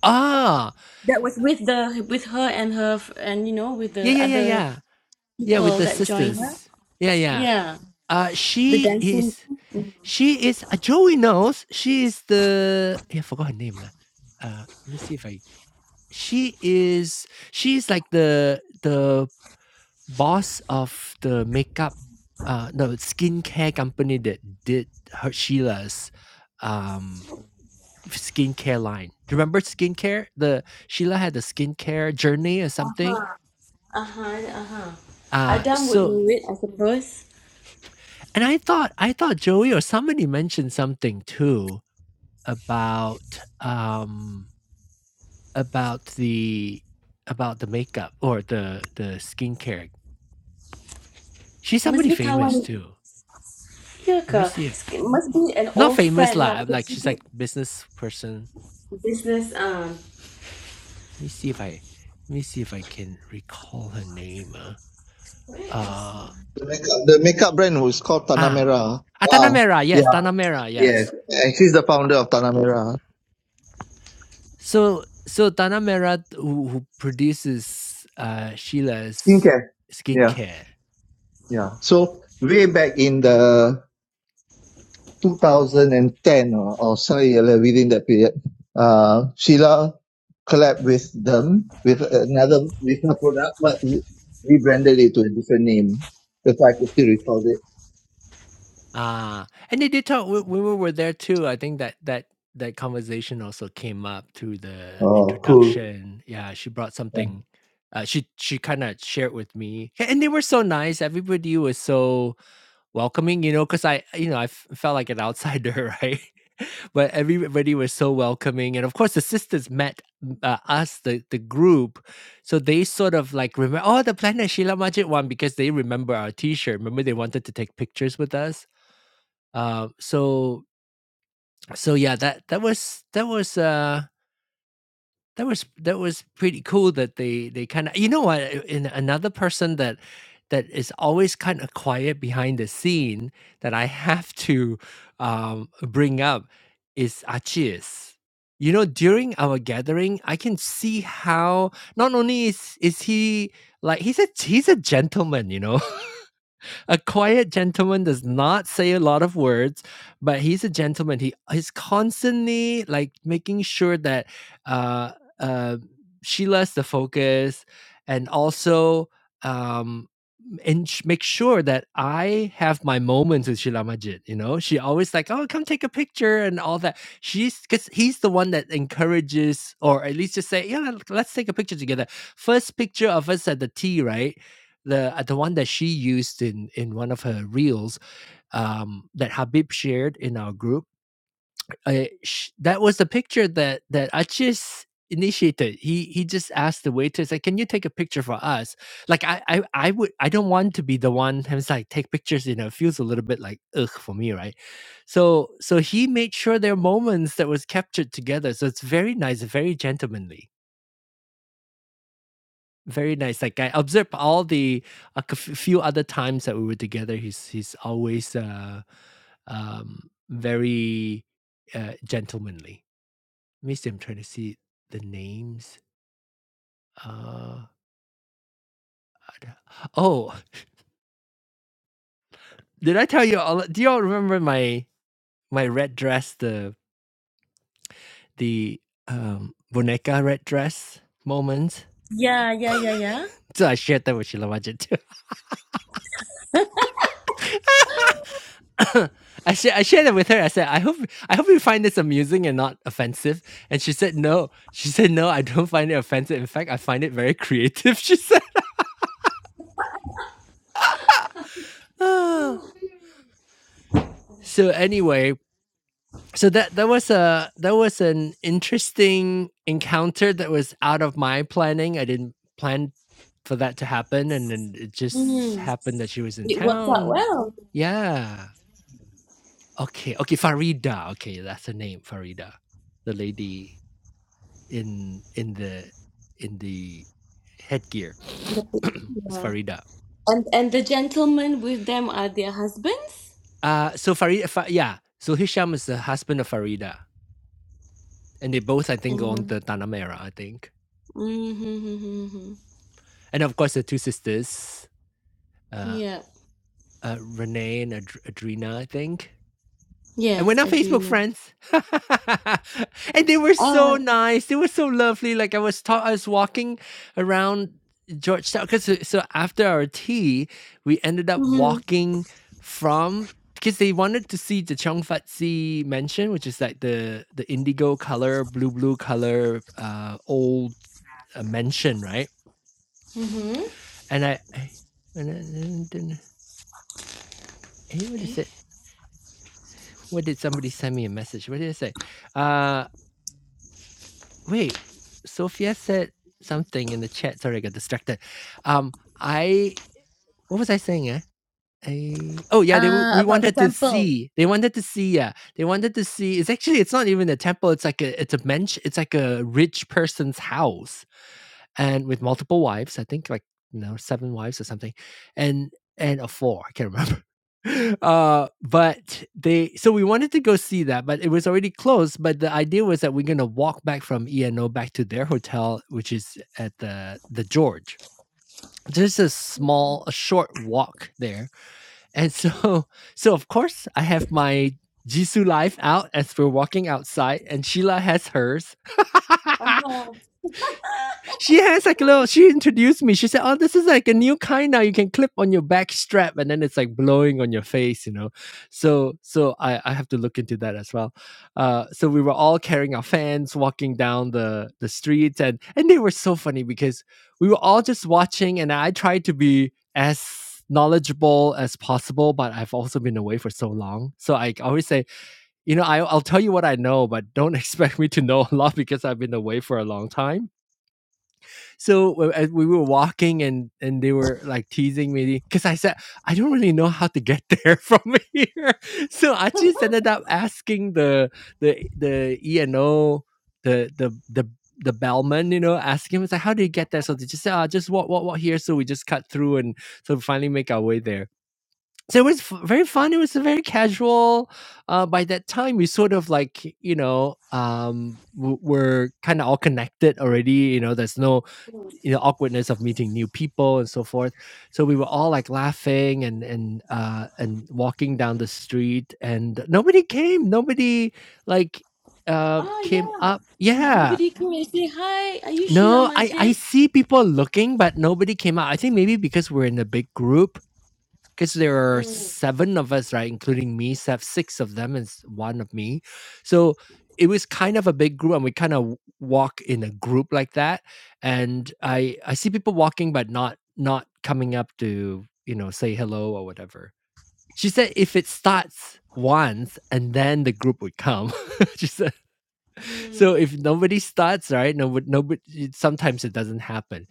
[SPEAKER 1] Ah.
[SPEAKER 2] that was with the with her and her f- and you know with
[SPEAKER 1] Yeah.
[SPEAKER 2] the
[SPEAKER 1] Yeah. Yeah.
[SPEAKER 2] other
[SPEAKER 1] Yeah. Yeah. With
[SPEAKER 2] people
[SPEAKER 1] the
[SPEAKER 2] that joined her?
[SPEAKER 1] sisters. Yeah. Yeah.
[SPEAKER 2] Yeah,
[SPEAKER 1] Uh,
[SPEAKER 2] the
[SPEAKER 1] she
[SPEAKER 2] dancing.
[SPEAKER 1] is. She is uh, Joey knows. She is the yeah, I forgot her name lah. Uh, let me see if I. She is she's like the the boss of the makeup, uh, no skincare company that did her Sheila's, um, skincare line. Do you remember skincare? The Sheila had the skincare journey or something.
[SPEAKER 2] Uh huh. Uh huh.
[SPEAKER 1] Uh,
[SPEAKER 2] Adam would
[SPEAKER 1] so
[SPEAKER 2] know it, I suppose.
[SPEAKER 1] and I thought I thought Joey or somebody mentioned something too about um About the about the makeup or the the skincare. She's
[SPEAKER 2] Must
[SPEAKER 1] somebody
[SPEAKER 2] be
[SPEAKER 1] famous
[SPEAKER 2] kawan.
[SPEAKER 1] too. Let me
[SPEAKER 2] Priyanka,
[SPEAKER 1] see if
[SPEAKER 2] it must be an
[SPEAKER 1] not
[SPEAKER 2] old
[SPEAKER 1] famous
[SPEAKER 2] friend lah
[SPEAKER 1] lah, I'm
[SPEAKER 2] because
[SPEAKER 1] like,
[SPEAKER 2] you
[SPEAKER 1] she's
[SPEAKER 2] did
[SPEAKER 1] like business person.
[SPEAKER 2] business. Um,
[SPEAKER 1] Let me see if I let me see if I can recall her name, ah. Uh,
[SPEAKER 4] The makeup, the makeup brand was called Tanah
[SPEAKER 1] ah, ah,
[SPEAKER 4] Merah.
[SPEAKER 1] Tanah
[SPEAKER 4] Wow.
[SPEAKER 1] yes, Tanamera.
[SPEAKER 4] Yes,
[SPEAKER 1] yes.
[SPEAKER 4] and she's the founder of Tanah Merah
[SPEAKER 1] So so Tanamera who who produces, uh, Sheila's
[SPEAKER 4] Skincare. Yeah,
[SPEAKER 1] skincare.
[SPEAKER 4] yeah. So way back in the 2010 or, or sorry, uh, within that period, uh, Sheila collabed with them with another with her product, but rebranded it to a different name. That's why I could still recall it.
[SPEAKER 1] Ah, and they did talk when when we were there too, I think that that that conversation also came up through the
[SPEAKER 4] Oh, cool.
[SPEAKER 1] introduction. Yeah, she brought
[SPEAKER 4] Yeah.
[SPEAKER 1] something, uh, she she kinda shared with me, a and they were so nice, everybody was so welcoming, you know, because I you know, I f felt like an outsider, right? But everybody was so welcoming, and of course, the sisters met, mm, uh, us, the the group, so they sort of, like, remember "Oh, the Planet Shila Majid one," because they remember our T-shirt. Remember they wanted to take pictures with us? Uh, so so yeah, that that was that was uh that was that was pretty cool that they they kind of you know what a- and another person that that is always kind of quiet behind the scene that I have to um bring up is Achilles. You know, during our gathering, I can see how not only is is he like he's a he's a gentleman, you know. a quiet gentleman does not say a lot of words, but he's a gentleman. He he's constantly like making sure that uh uh Sheila's the focus and also um and sh- make sure that I have my moments with Sheila Majid. You know, she always like, oh, come take a picture and all that. She's because he's the one that encourages, or at least just say, yeah, let- let's take a picture together. First picture of us at the tea, right? The uh, the one that she used in in one of her reels um, that Habib shared in our group I sh that was the picture that that Achis initiated. He he just asked the waiters, like, "Can you take a picture for us?" Like, I I I would I don't want to be the one who's like take pictures. You know, it feels a little bit like ugh for me, right? So so he made sure there are moments that was captured together. So it's very nice, very gentlemanly, very nice. Like I observed all the like, a c- few other times that we were together. He's he's always uh um very uh gentlemanly. Let me see, I'm trying to see the names. Uh, I d- oh, did I tell you all? Do y'all remember my my red dress, the the um boneka red dress moment?
[SPEAKER 2] yeah, yeah, yeah, yeah.
[SPEAKER 1] So I shared that with Sheila Majid too. I shared I shared it with her. I said, I hope I hope you find this amusing and not offensive. And she said, No. She said, No, I don't find it offensive. In fact, I find it very creative. She said. so anyway, so that that was a that was an interesting encounter that was out of my planning. I didn't plan for that to happen, and then it just
[SPEAKER 2] Mm.
[SPEAKER 1] happened that she was in
[SPEAKER 2] It works out
[SPEAKER 1] town.
[SPEAKER 2] well.
[SPEAKER 1] Yeah. Okay. Okay. Farida. Okay, that's her name. Farida, the lady in in the in the headgear.
[SPEAKER 2] the pic-
[SPEAKER 1] it's
[SPEAKER 2] Yeah.
[SPEAKER 1] Farida.
[SPEAKER 2] And and the gentlemen with them are their husbands.
[SPEAKER 1] Uh so Farida. Fa- yeah. So Hisham is the husband of Farida, and they both I think own
[SPEAKER 2] And
[SPEAKER 1] the Tanamera. I think.
[SPEAKER 2] mm-hmm,
[SPEAKER 1] and of course the two sisters, uh,
[SPEAKER 2] yeah,
[SPEAKER 1] uh Renee and Ad- Adrina, I think. And we're
[SPEAKER 2] yes,
[SPEAKER 1] not Facebook
[SPEAKER 2] Adrena.
[SPEAKER 1] friends. and they were so
[SPEAKER 2] Oh,
[SPEAKER 1] nice. They were so lovely. Like I was taught, I was walking around Georgetown because so, so after our tea, we ended up
[SPEAKER 2] mm-hmm,
[SPEAKER 1] walking from because they wanted to see the Cheong Fat Si mansion, which is like the the indigo color, blue blue color, uh, old uh, mansion, right?
[SPEAKER 2] mm-hmm.
[SPEAKER 1] And I, I- and then, then, then hey, what is it? What did somebody send me a message? What did I say? Uh, wait, Sophia said something in the chat. Sorry, I got distracted. Um, I what was I saying? Eh? I, oh yeah, they w-
[SPEAKER 2] Uh,
[SPEAKER 1] we
[SPEAKER 2] about the
[SPEAKER 1] wanted to
[SPEAKER 2] temple.
[SPEAKER 1] see. They wanted to see. Yeah, they wanted to see. It's actually it's not even a temple. It's like a it's a mensch. It's like a rich person's house and with multiple wives. I think like you know seven wives or something, and and a four. I can't remember. Uh, but they so we wanted to go see that, but it was already closed. But the idea was that we're gonna walk back from ENO back to their hotel, which is at the the George. There's a small, a short walk there, and so so of course I have my Jisoo life out as we're walking outside, and Sheila has hers.
[SPEAKER 2] Oh,
[SPEAKER 1] She has like a little. She introduced me. She said, "Oh, this is like a new kind now. You can clip on your back strap, and then it's like blowing on your face, you know." So, so I I have to look into that as well. Uh, so we were all carrying our fans, walking down the the streets, and and they were so funny because we were all just watching, and I tried to be as knowledgeable as possible but i've also been away for so long so i always say you know I, i'll tell you what i know but don't expect me to know a lot because i've been away for a long time so uh, as we were walking, and and they were like teasing me because I said I don't really know how to get there from here. So I just ended up asking the the the E and O the the the the bellman, you know, asking him, it's like, how do you get there? So they just said, ah, just walk, walk, walk here. So we just cut through and so we finally make our way there so it was f- very fun it was a very casual uh, by that time we sort of like you know um w- were kind of all connected already you know there's no you know awkwardness of meeting new people and so forth so we were all like laughing and and uh and walking down the street and nobody came nobody like uh,
[SPEAKER 2] Ah
[SPEAKER 1] came
[SPEAKER 2] yeah.
[SPEAKER 1] up yeah
[SPEAKER 2] Nobody came and say hi. Are you Sheila
[SPEAKER 1] no i i
[SPEAKER 2] Majid?
[SPEAKER 1] see people looking but nobody came out i think maybe because we're in a big group because there are seven of us, right, including me. So six of them is one of me. So it was kind of a big group, and we kind of walk in a group like that. And I I see people walking, but not not coming up to you know say hello or whatever. She said if it starts once, and then the group would come. she said so
[SPEAKER 2] Mm-hmm.
[SPEAKER 1] if nobody starts, right? No, nobody. it- Sometimes it doesn't happen,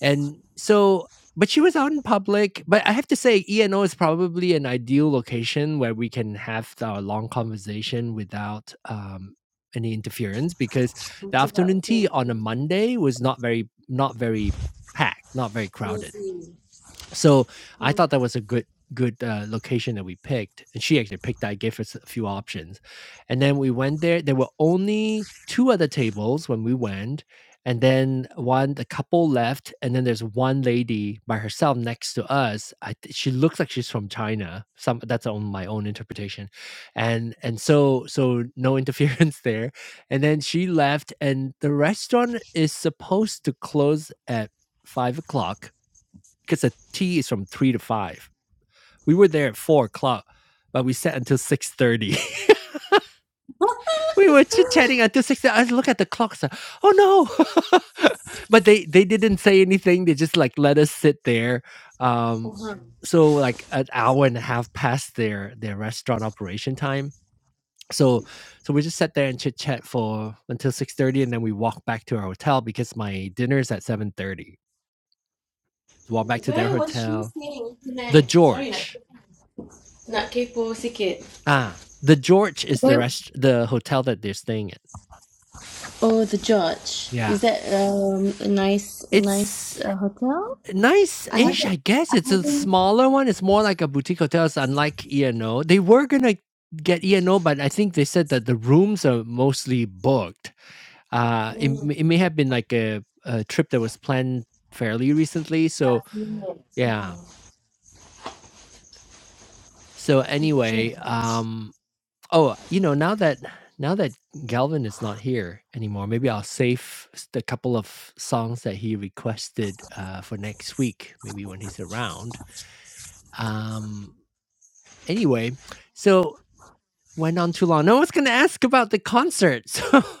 [SPEAKER 1] and so. But she was out in public. But I have to say, ENO is probably an ideal location where we can have our long conversation without um, any interference, because the afternoon tea on a Monday was not very, not very packed, not very crowded so I thought that was a good good uh, location that we picked, and she actually picked that. Gave us a few options, and then we went there. There were only two other tables when we went, and then one the couple left, and then there's one lady by herself next to us. I, th- she looks like she's from China. Some that's on my own interpretation, and and so so no interference there. And then she left, and the restaurant is supposed to close at five o'clock because the tea is from three to five. We were there at four o'clock, but we sat until six thirty. we were chit chatting until six. thirty. I look at the clock. So, oh no! but they they didn't say anything. They just like let us sit there. Um,
[SPEAKER 2] Faham.
[SPEAKER 1] so like an hour and a half past their their restaurant operation time. So so we just sat there and chit chat for until six thirty, and then we walked back to our hotel because my dinner's at seven thirty. Walk back to their
[SPEAKER 2] Where was she
[SPEAKER 1] hotel.
[SPEAKER 2] sitting
[SPEAKER 1] The
[SPEAKER 2] tonight? Sorry, nak
[SPEAKER 1] George
[SPEAKER 2] nak kepo sikit.
[SPEAKER 1] Ah, the George is the
[SPEAKER 2] Where,
[SPEAKER 1] rest the hotel that they're staying at.
[SPEAKER 2] oh, the George.
[SPEAKER 1] Yeah.
[SPEAKER 2] Is that um a nice a nice
[SPEAKER 1] It's
[SPEAKER 2] uh, hotel? I
[SPEAKER 1] nice-ish,
[SPEAKER 2] haven't
[SPEAKER 1] I guess.
[SPEAKER 2] I
[SPEAKER 1] It's a
[SPEAKER 2] haven't
[SPEAKER 1] smaller one, it's more like a boutique hotel, it's unlike E&O. They were gonna get E&O, but I think they said that the rooms are mostly booked. Uh, it m it may have been like a a trip that was planned fairly recently, so
[SPEAKER 2] been there.
[SPEAKER 1] yeah. So
[SPEAKER 2] The
[SPEAKER 1] anyway,
[SPEAKER 2] George.
[SPEAKER 1] um Oh, you know, now that now that Galvin is not here anymore, maybe I'll save s- the couple of songs that he requested uh, for next week, maybe when he's around. Um, anyway, so went on too long. No one's going to ask about the concert. So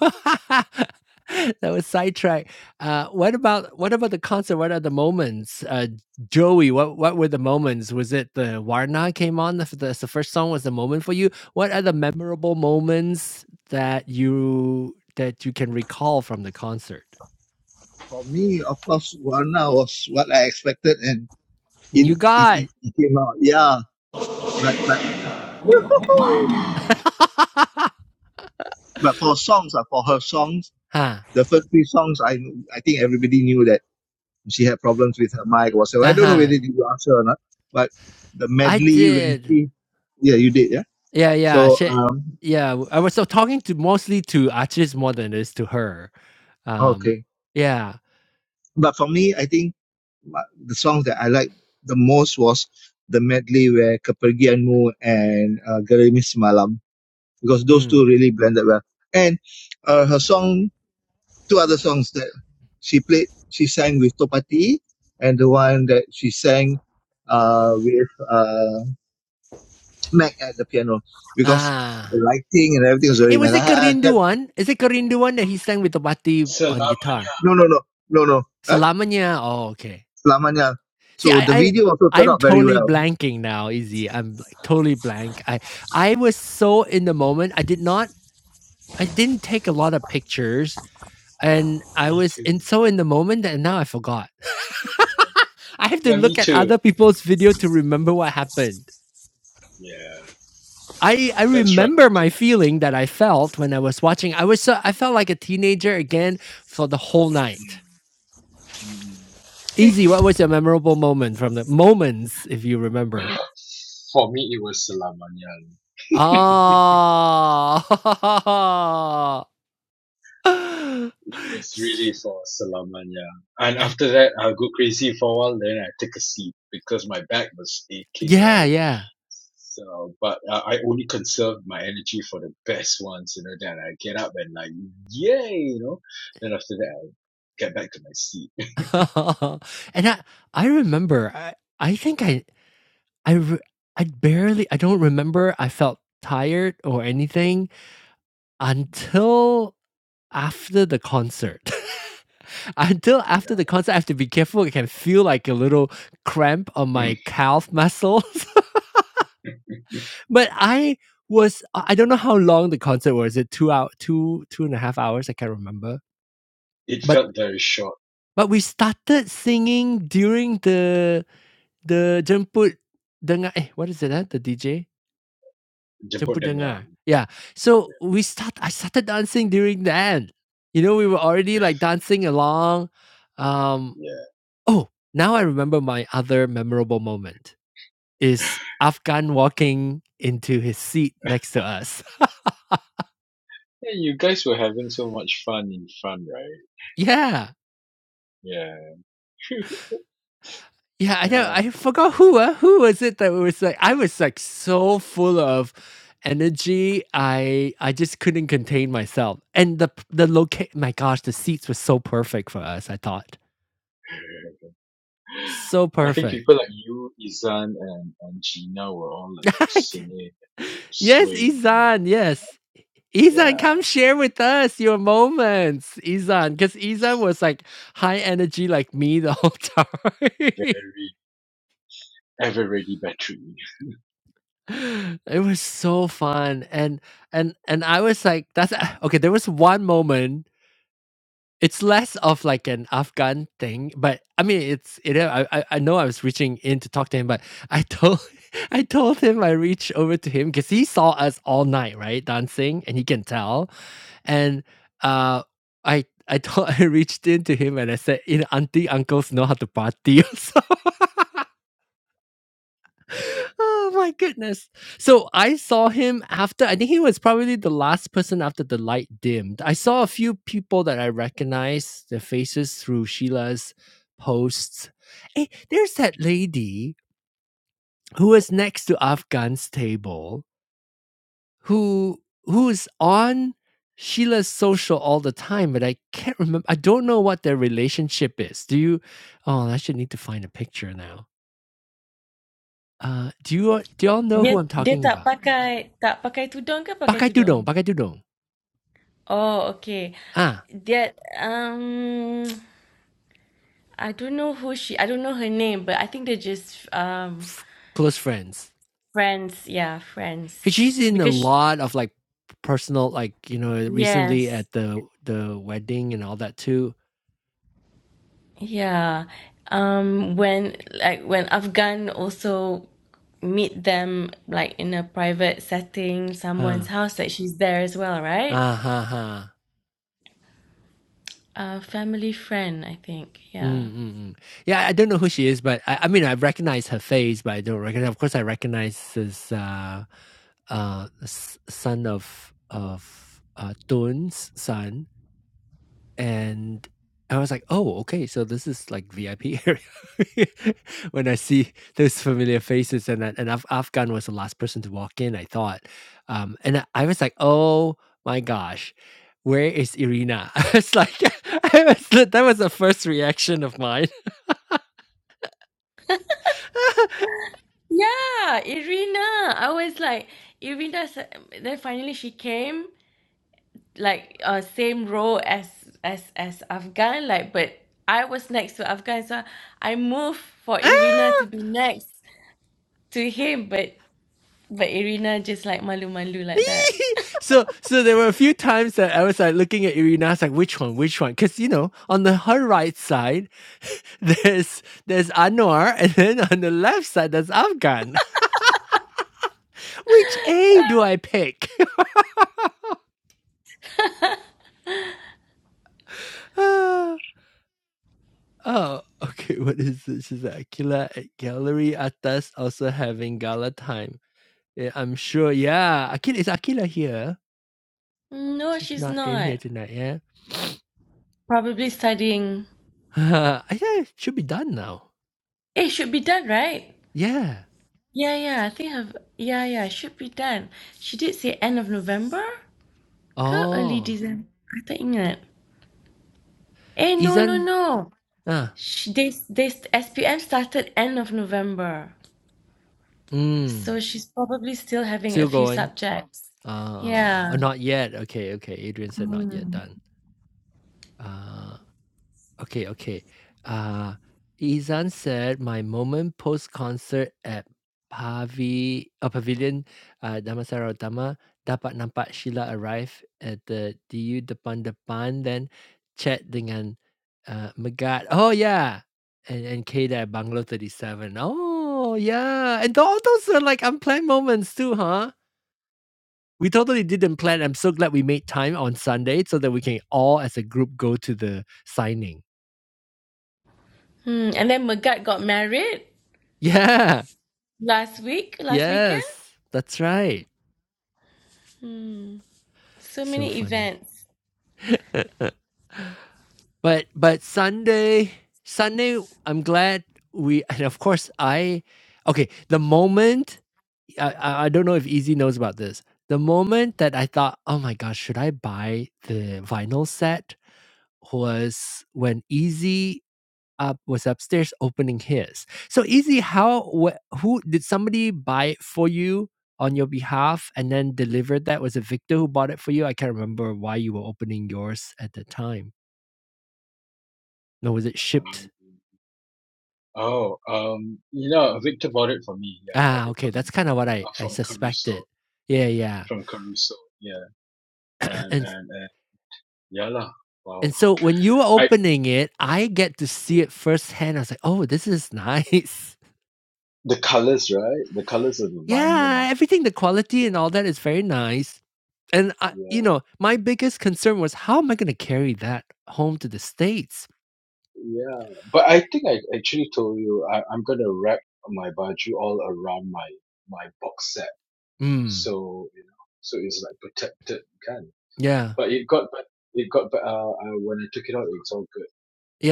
[SPEAKER 1] that was sidetrack. Uh, what about what about the concert? What are the moments, uh, Joey? What what were the moments? Was it the Warna came on? The, the the first song was the moment for you. What are the memorable moments that you that you can recall from the concert?
[SPEAKER 4] For me, of course, Warna was what I expected, and it
[SPEAKER 1] You
[SPEAKER 4] it
[SPEAKER 1] got,
[SPEAKER 4] it, it came out. Yeah, but but
[SPEAKER 1] huh?
[SPEAKER 4] But for songs, uh, for her songs,
[SPEAKER 1] Uh
[SPEAKER 4] the first three songs, I kn- I think everybody knew that she had problems with her mic or so. I don't know
[SPEAKER 1] huh.
[SPEAKER 4] whether you asked her or not, but the
[SPEAKER 1] I
[SPEAKER 4] medley when
[SPEAKER 1] did.
[SPEAKER 4] she, yeah, you did, yeah.
[SPEAKER 1] Yeah, yeah,
[SPEAKER 4] So
[SPEAKER 1] she
[SPEAKER 4] um,
[SPEAKER 1] yeah, w I was so talking to mostly to Archie's more than it is to her. Um,
[SPEAKER 4] okay.
[SPEAKER 1] yeah.
[SPEAKER 4] But for me, I think my- the songs that I liked the most was the medley where Kepergianmu and uh, Gerimis Malam because those
[SPEAKER 1] Mm.
[SPEAKER 4] two really blended well. And uh, her song two other songs that she played. She sang with Topati, and the one that she sang uh, with uh, Mac at the piano because the
[SPEAKER 1] Ah.
[SPEAKER 4] lighting and everything was
[SPEAKER 1] Eh,
[SPEAKER 4] very
[SPEAKER 1] was
[SPEAKER 4] nice.
[SPEAKER 1] it
[SPEAKER 4] I, I kept,
[SPEAKER 1] Kerinduan? Is it Kerinduan that he sang with Tobati on
[SPEAKER 5] Selamanya.
[SPEAKER 1] guitar?
[SPEAKER 4] no, no, no, no, no. Huh?
[SPEAKER 1] Selamanya? Oh, okay.
[SPEAKER 4] Lamanya.
[SPEAKER 1] See,
[SPEAKER 4] So
[SPEAKER 1] I
[SPEAKER 4] the
[SPEAKER 1] I
[SPEAKER 4] video also turned
[SPEAKER 1] I'm
[SPEAKER 4] out very
[SPEAKER 1] totally
[SPEAKER 4] well.
[SPEAKER 1] blanking now, Izzy. I'm, like, totally blank. I I was so in the moment. I did not I didn't take a lot of pictures, and I
[SPEAKER 5] Me
[SPEAKER 1] was in
[SPEAKER 5] too.
[SPEAKER 1] so in the moment that now I forgot.
[SPEAKER 5] Yeah.
[SPEAKER 1] I have to
[SPEAKER 5] yeah,
[SPEAKER 1] look
[SPEAKER 5] me
[SPEAKER 1] at
[SPEAKER 5] too.
[SPEAKER 1] other people's video to remember what happened.
[SPEAKER 5] Yeah,
[SPEAKER 1] I, I
[SPEAKER 5] that's right,
[SPEAKER 1] remember
[SPEAKER 5] me too.
[SPEAKER 1] my feeling that I felt when I was watching. I was so, I felt like a teenager again for the whole night.
[SPEAKER 5] Mm.
[SPEAKER 1] Easy, what was your memorable moment from the moments if you remember?
[SPEAKER 5] Mm. for me, it was Selamanya.
[SPEAKER 1] Oh.
[SPEAKER 5] It was really
[SPEAKER 1] S-
[SPEAKER 5] for Selamanya. And
[SPEAKER 1] I,
[SPEAKER 5] after that, I'll go crazy for a while, then I take a seat because my back was aching,
[SPEAKER 1] yeah,
[SPEAKER 5] right?
[SPEAKER 1] yeah.
[SPEAKER 5] So, but uh, I only conserve my energy for the best ones, you know, then I get up and like, yay, you know, then after that, i get back to my seat.
[SPEAKER 1] and I I remember I, I think I I re- I barely I don't remember I felt tired or anything until after the concert. until
[SPEAKER 5] Yeah.
[SPEAKER 1] after the concert, I have to be careful. I can feel like a little cramp on
[SPEAKER 5] Mm.
[SPEAKER 1] my calf muscles. but I was I don't know how long the concert was. It two hour two two and a half hours. I can't remember.
[SPEAKER 5] It
[SPEAKER 1] But
[SPEAKER 5] felt very short.
[SPEAKER 1] but we started singing during the the jemput dengar. Eh, what is it? Eh? The DJ
[SPEAKER 5] Jemput
[SPEAKER 1] jemput
[SPEAKER 5] Dengar.
[SPEAKER 1] dengar. Yeah. So we start. I started dancing during then. You know, we were already like dancing along um
[SPEAKER 5] Yeah.
[SPEAKER 1] Oh, now I remember my other memorable moment
[SPEAKER 5] Yeah,
[SPEAKER 1] is Afghan walking into his seat next to us.
[SPEAKER 5] you guys were having so much fun in fun, right?
[SPEAKER 1] Yeah.
[SPEAKER 5] Yeah.
[SPEAKER 1] Yeah, I know.
[SPEAKER 5] yeah.
[SPEAKER 1] I forgot who uh, who was it that was like I was like so full of energy. I I just couldn't contain myself. And the the locate my gosh, the seats were so perfect for us, I thought. So
[SPEAKER 5] I think people
[SPEAKER 1] perfect.
[SPEAKER 5] like you, Izan, and, and Gina were all like singing,
[SPEAKER 1] yes,
[SPEAKER 5] swaying, and,
[SPEAKER 1] Isan. yes. Izan,
[SPEAKER 5] yeah,
[SPEAKER 1] come share with us your moments, Izan, because Izan was like high energy like me the whole time.
[SPEAKER 5] very ever ready battery.
[SPEAKER 1] it was so fun, and and and I was like, that's okay. There was one moment It's less of like an Afghan thing, but I mean, it's it. I I I know I was reaching in to talk to him, but I told I told him I reached over to him because he saw us all night, right, dancing, and he can tell. And uh, I I told I reached in to him and I said, "You know, auntie uncles know how to party." Oh my goodness. So I saw him after, I think he was probably the last person after the light dimmed. I saw a few people that I recognized their faces through Sheila's posts. Hey, there's that lady who was next to Afghan's table who who's on Sheila's social all the time, but I can't remember. I don't know what their relationship is. Do you? Oh, I should need to find a picture now. Uh, do you do y'all know who
[SPEAKER 2] Dia
[SPEAKER 1] I'm
[SPEAKER 2] dia
[SPEAKER 1] talking
[SPEAKER 2] tak
[SPEAKER 1] about?
[SPEAKER 2] pakai tak pakai tudung ke pakai
[SPEAKER 1] Pakai tudung,
[SPEAKER 2] tudung?
[SPEAKER 1] pakai tudung.
[SPEAKER 2] Oh, okay.
[SPEAKER 1] ah,
[SPEAKER 2] That um I don't know who she I don't know her name, but I think they're just um
[SPEAKER 1] f- close friends.
[SPEAKER 2] friends, yeah, friends.
[SPEAKER 1] 'Cause she's in a
[SPEAKER 2] Because she,
[SPEAKER 1] lot of like personal, like you know, recently
[SPEAKER 2] yes.
[SPEAKER 1] at the the wedding and all that too.
[SPEAKER 2] Yeah. Um, when like when Afghan also meet them like in a private setting, someone's
[SPEAKER 1] Huh?
[SPEAKER 2] house, that she's there as well, right?
[SPEAKER 1] Ah, ha, ha.
[SPEAKER 2] A family friend, I think.
[SPEAKER 1] Mm,
[SPEAKER 2] Yeah.
[SPEAKER 1] mm, mm. Yeah, I don't know who she is, but I, I mean, I recognize her face, but I don't recognize. Of course, I recognize this uh, uh, s- son of of uh, Tun's son. And I was like, "Oh, okay, so this is like VIP area." When I see those familiar faces and then and Af Afghan was the last person to walk in, I thought. Um, and I I was like, "Oh my gosh, where is Irina?" I was like I was li that was the first reaction of mine.
[SPEAKER 2] Yeah, Irina. I was like, Irina. Then finally she came, like uh, same row as as as Afghan, like, but I was next to Afghan, so I moved for Irina
[SPEAKER 1] "Ah!
[SPEAKER 2] to be next to him, but But Irina just like malu-malu like that.
[SPEAKER 1] Ee!" So so there were a few times that I was, like, looking at Irina, I was like, "Which one? Which one?" Because you know, on the her right side there's there's Anwar, and then on the left side there's Afghan. Which A do I pick? Ah, oh, okay. What is this? She's like Akila at Gallery Atas also having gala time. Yeah, I'm sure. Yeah, Akila is Akila here.
[SPEAKER 2] No,
[SPEAKER 1] She's
[SPEAKER 2] she's
[SPEAKER 1] not in
[SPEAKER 2] not.
[SPEAKER 1] here tonight. Yeah,
[SPEAKER 2] Probably studying.
[SPEAKER 1] I think it should be done now.
[SPEAKER 2] It should be done, right?
[SPEAKER 1] Yeah.
[SPEAKER 2] Yeah, yeah. I think have. Yeah, yeah. Should be done. She did say end of November ke early
[SPEAKER 1] Oh,
[SPEAKER 2] December. I tak ingat. Eh, no, no,
[SPEAKER 1] isn't
[SPEAKER 2] no.
[SPEAKER 1] ah
[SPEAKER 2] She, they, they, SPM started end of November.
[SPEAKER 1] mm
[SPEAKER 2] So she's probably still having a
[SPEAKER 1] still
[SPEAKER 2] few
[SPEAKER 1] going?
[SPEAKER 2] subjects.
[SPEAKER 1] Uh, uh,
[SPEAKER 2] Yeah.
[SPEAKER 1] not yet. Okay, okay. Adrian said not yet done. Uh, Okay, okay. Uh, Izan said my moment post concert at Pavi uh, Pavilion uh, Damansara Utama dapat nampak Sheila arrive at the DU depan depan then chat dengan uh, Megat. Oh yeah, and and Kate at Bungalow Thirty Seven. Oh yeah, and all those are like unplanned moments too, huh? We totally didn't plan. I'm so glad we made time on Sunday so that we can all as a group go to the signing.
[SPEAKER 2] Hmm. And then Megat got married
[SPEAKER 1] Yeah.
[SPEAKER 2] last week, last weekend.
[SPEAKER 1] Yes, that's right.
[SPEAKER 2] Hmm. So
[SPEAKER 1] So
[SPEAKER 2] many
[SPEAKER 1] funny.
[SPEAKER 2] events.
[SPEAKER 1] But but Sunday Sunday, I'm glad we and of course I okay, the moment I I I don't know if Easy knows about this. The moment that I thought, "Oh my gosh, should I buy the vinyl set?" was when Easy up was upstairs opening his. So easy. How? Wh- who did somebody buy it for you on your behalf and then delivered that? Was it Victor who bought it for you? I can't remember why you were opening yours at the time. No, was it shipped?
[SPEAKER 5] Um, oh, um, you know, Victor bought it for me. Yeah,
[SPEAKER 1] Ah,
[SPEAKER 5] ordered
[SPEAKER 1] okay.
[SPEAKER 5] for me
[SPEAKER 1] That's kind of what I
[SPEAKER 5] uh,
[SPEAKER 1] I
[SPEAKER 5] from Caruso,
[SPEAKER 1] suspected. Yeah, yeah.
[SPEAKER 5] from Caruso. Yeah, and
[SPEAKER 1] And
[SPEAKER 5] and, and yeah lah. Wow.
[SPEAKER 1] and so when you were
[SPEAKER 5] I
[SPEAKER 1] opening it, I get to see it firsthand. I was like, oh, this is nice.
[SPEAKER 5] The colors, right? The colors of the vinyl.
[SPEAKER 1] Yeah, everything, the quality and all that is very nice. And I, you
[SPEAKER 5] Yeah,
[SPEAKER 1] know, my biggest concern was how am I going to carry that home to the states?
[SPEAKER 5] yeah. But I think I actually told you I, I'm gonna wrap my baju all around my my box set,
[SPEAKER 1] Mm,
[SPEAKER 5] so you know, so it's like protected kind.
[SPEAKER 1] yeah,
[SPEAKER 5] But it got but it got but uh, uh when I took it out, it's all good,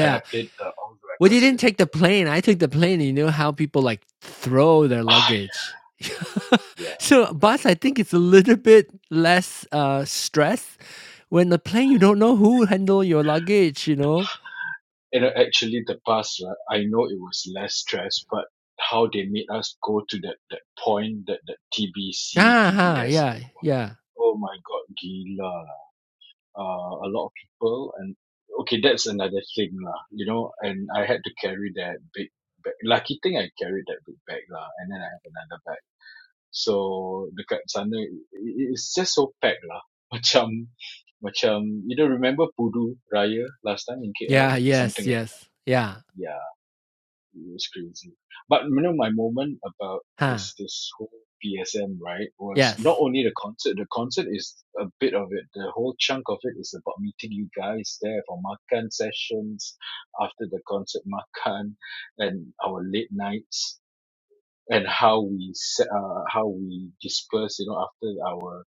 [SPEAKER 5] and I played the, all the
[SPEAKER 1] Well, you
[SPEAKER 5] records
[SPEAKER 1] didn't
[SPEAKER 5] already.
[SPEAKER 1] take the
[SPEAKER 5] Yeah.
[SPEAKER 1] plane. I took the plane. You know how people like throw their
[SPEAKER 5] Ah,
[SPEAKER 1] luggage.
[SPEAKER 5] yeah.
[SPEAKER 1] so, boss, I
[SPEAKER 5] But,
[SPEAKER 1] think it's a little bit less uh, stress. When the plane, you don't know who handle your luggage. You know.
[SPEAKER 5] and uh, actually, the past, right, I know it was less stress, but how they made us go to that that point, that that TBC,
[SPEAKER 1] Ah, ha,
[SPEAKER 5] TBS.
[SPEAKER 1] yeah, yeah,
[SPEAKER 5] Oh my god, gila. Uh, a lot of people and okay, that's another thing lah. You know, and I had to carry that big bag. Lucky thing I carried that big bag lah, and then I have another bag. So dekat sana, i- i- it's just so packed lah. Macam, macam you don't remember Pudu Raya last time in KL,
[SPEAKER 1] yeah.
[SPEAKER 5] something
[SPEAKER 1] Yes,
[SPEAKER 5] like
[SPEAKER 1] yes, yeah.
[SPEAKER 5] that. Yeah. It was crazy. But you know, my moment about
[SPEAKER 1] Huh.
[SPEAKER 5] this this whole PSM right was not
[SPEAKER 1] Yes.
[SPEAKER 5] only the concert. The concert is a bit of it. The whole chunk of it is about meeting you guys there for makan sessions after the concert makan and our late nights and how we se- uh, how we dispersed, you know, after our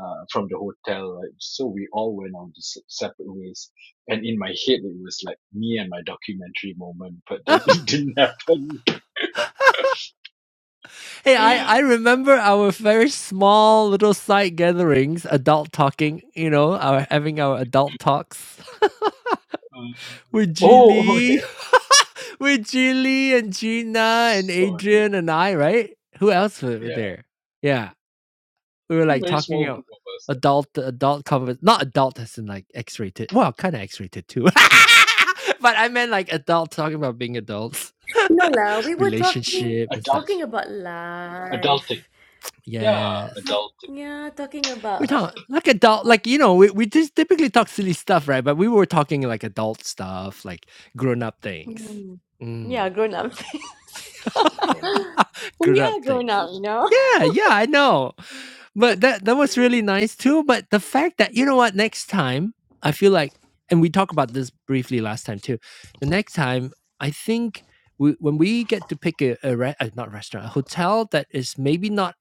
[SPEAKER 5] uh, from the hotel, right? So we all went on to se- separate ways. And in my head, it was like me and my documentary moment, but then it didn't happen.
[SPEAKER 1] Hey, I, I
[SPEAKER 5] Uh,
[SPEAKER 1] remember our very small little side gatherings, adult talking, you know, our having our adult talks with
[SPEAKER 5] oh, oh, yeah.
[SPEAKER 1] Julie, with Julie and Gina and
[SPEAKER 5] Sorry.
[SPEAKER 1] Adrian and I, right? Who else were were
[SPEAKER 5] Yeah. I
[SPEAKER 1] there? Yeah. We were
[SPEAKER 5] think
[SPEAKER 1] like
[SPEAKER 5] very
[SPEAKER 1] talking
[SPEAKER 5] small
[SPEAKER 1] about
[SPEAKER 5] group of us.
[SPEAKER 1] adult adult convers not adult as in like X rated. Well, kinda X rated too. but I meant like adult talking about being adults.
[SPEAKER 2] No lah, we were talking
[SPEAKER 5] uh,
[SPEAKER 1] Relationship and such.
[SPEAKER 2] talking
[SPEAKER 5] adulting.
[SPEAKER 2] about
[SPEAKER 5] Adulting.
[SPEAKER 2] life.
[SPEAKER 5] Yeah.
[SPEAKER 1] Yes.
[SPEAKER 2] Talk,
[SPEAKER 5] Adulting.
[SPEAKER 2] yeah, talking
[SPEAKER 1] We're
[SPEAKER 2] about
[SPEAKER 1] talking like adult, like you know, we we just typically talk silly stuff, right? But we were talking like adult stuff, like grown up things.
[SPEAKER 2] Hmm. yeah,
[SPEAKER 1] Mm,
[SPEAKER 2] grown up
[SPEAKER 5] Grown up.
[SPEAKER 1] grown
[SPEAKER 2] we
[SPEAKER 1] up
[SPEAKER 2] are grown
[SPEAKER 1] things.
[SPEAKER 2] up, you know.
[SPEAKER 1] Yeah, yeah, I know. But that that was really nice too. But the fact that you know what, next time I feel like, and we talked about this briefly last time too. The next time, I think we, when we get to pick a, a re- uh, not restaurant, a hotel that is maybe not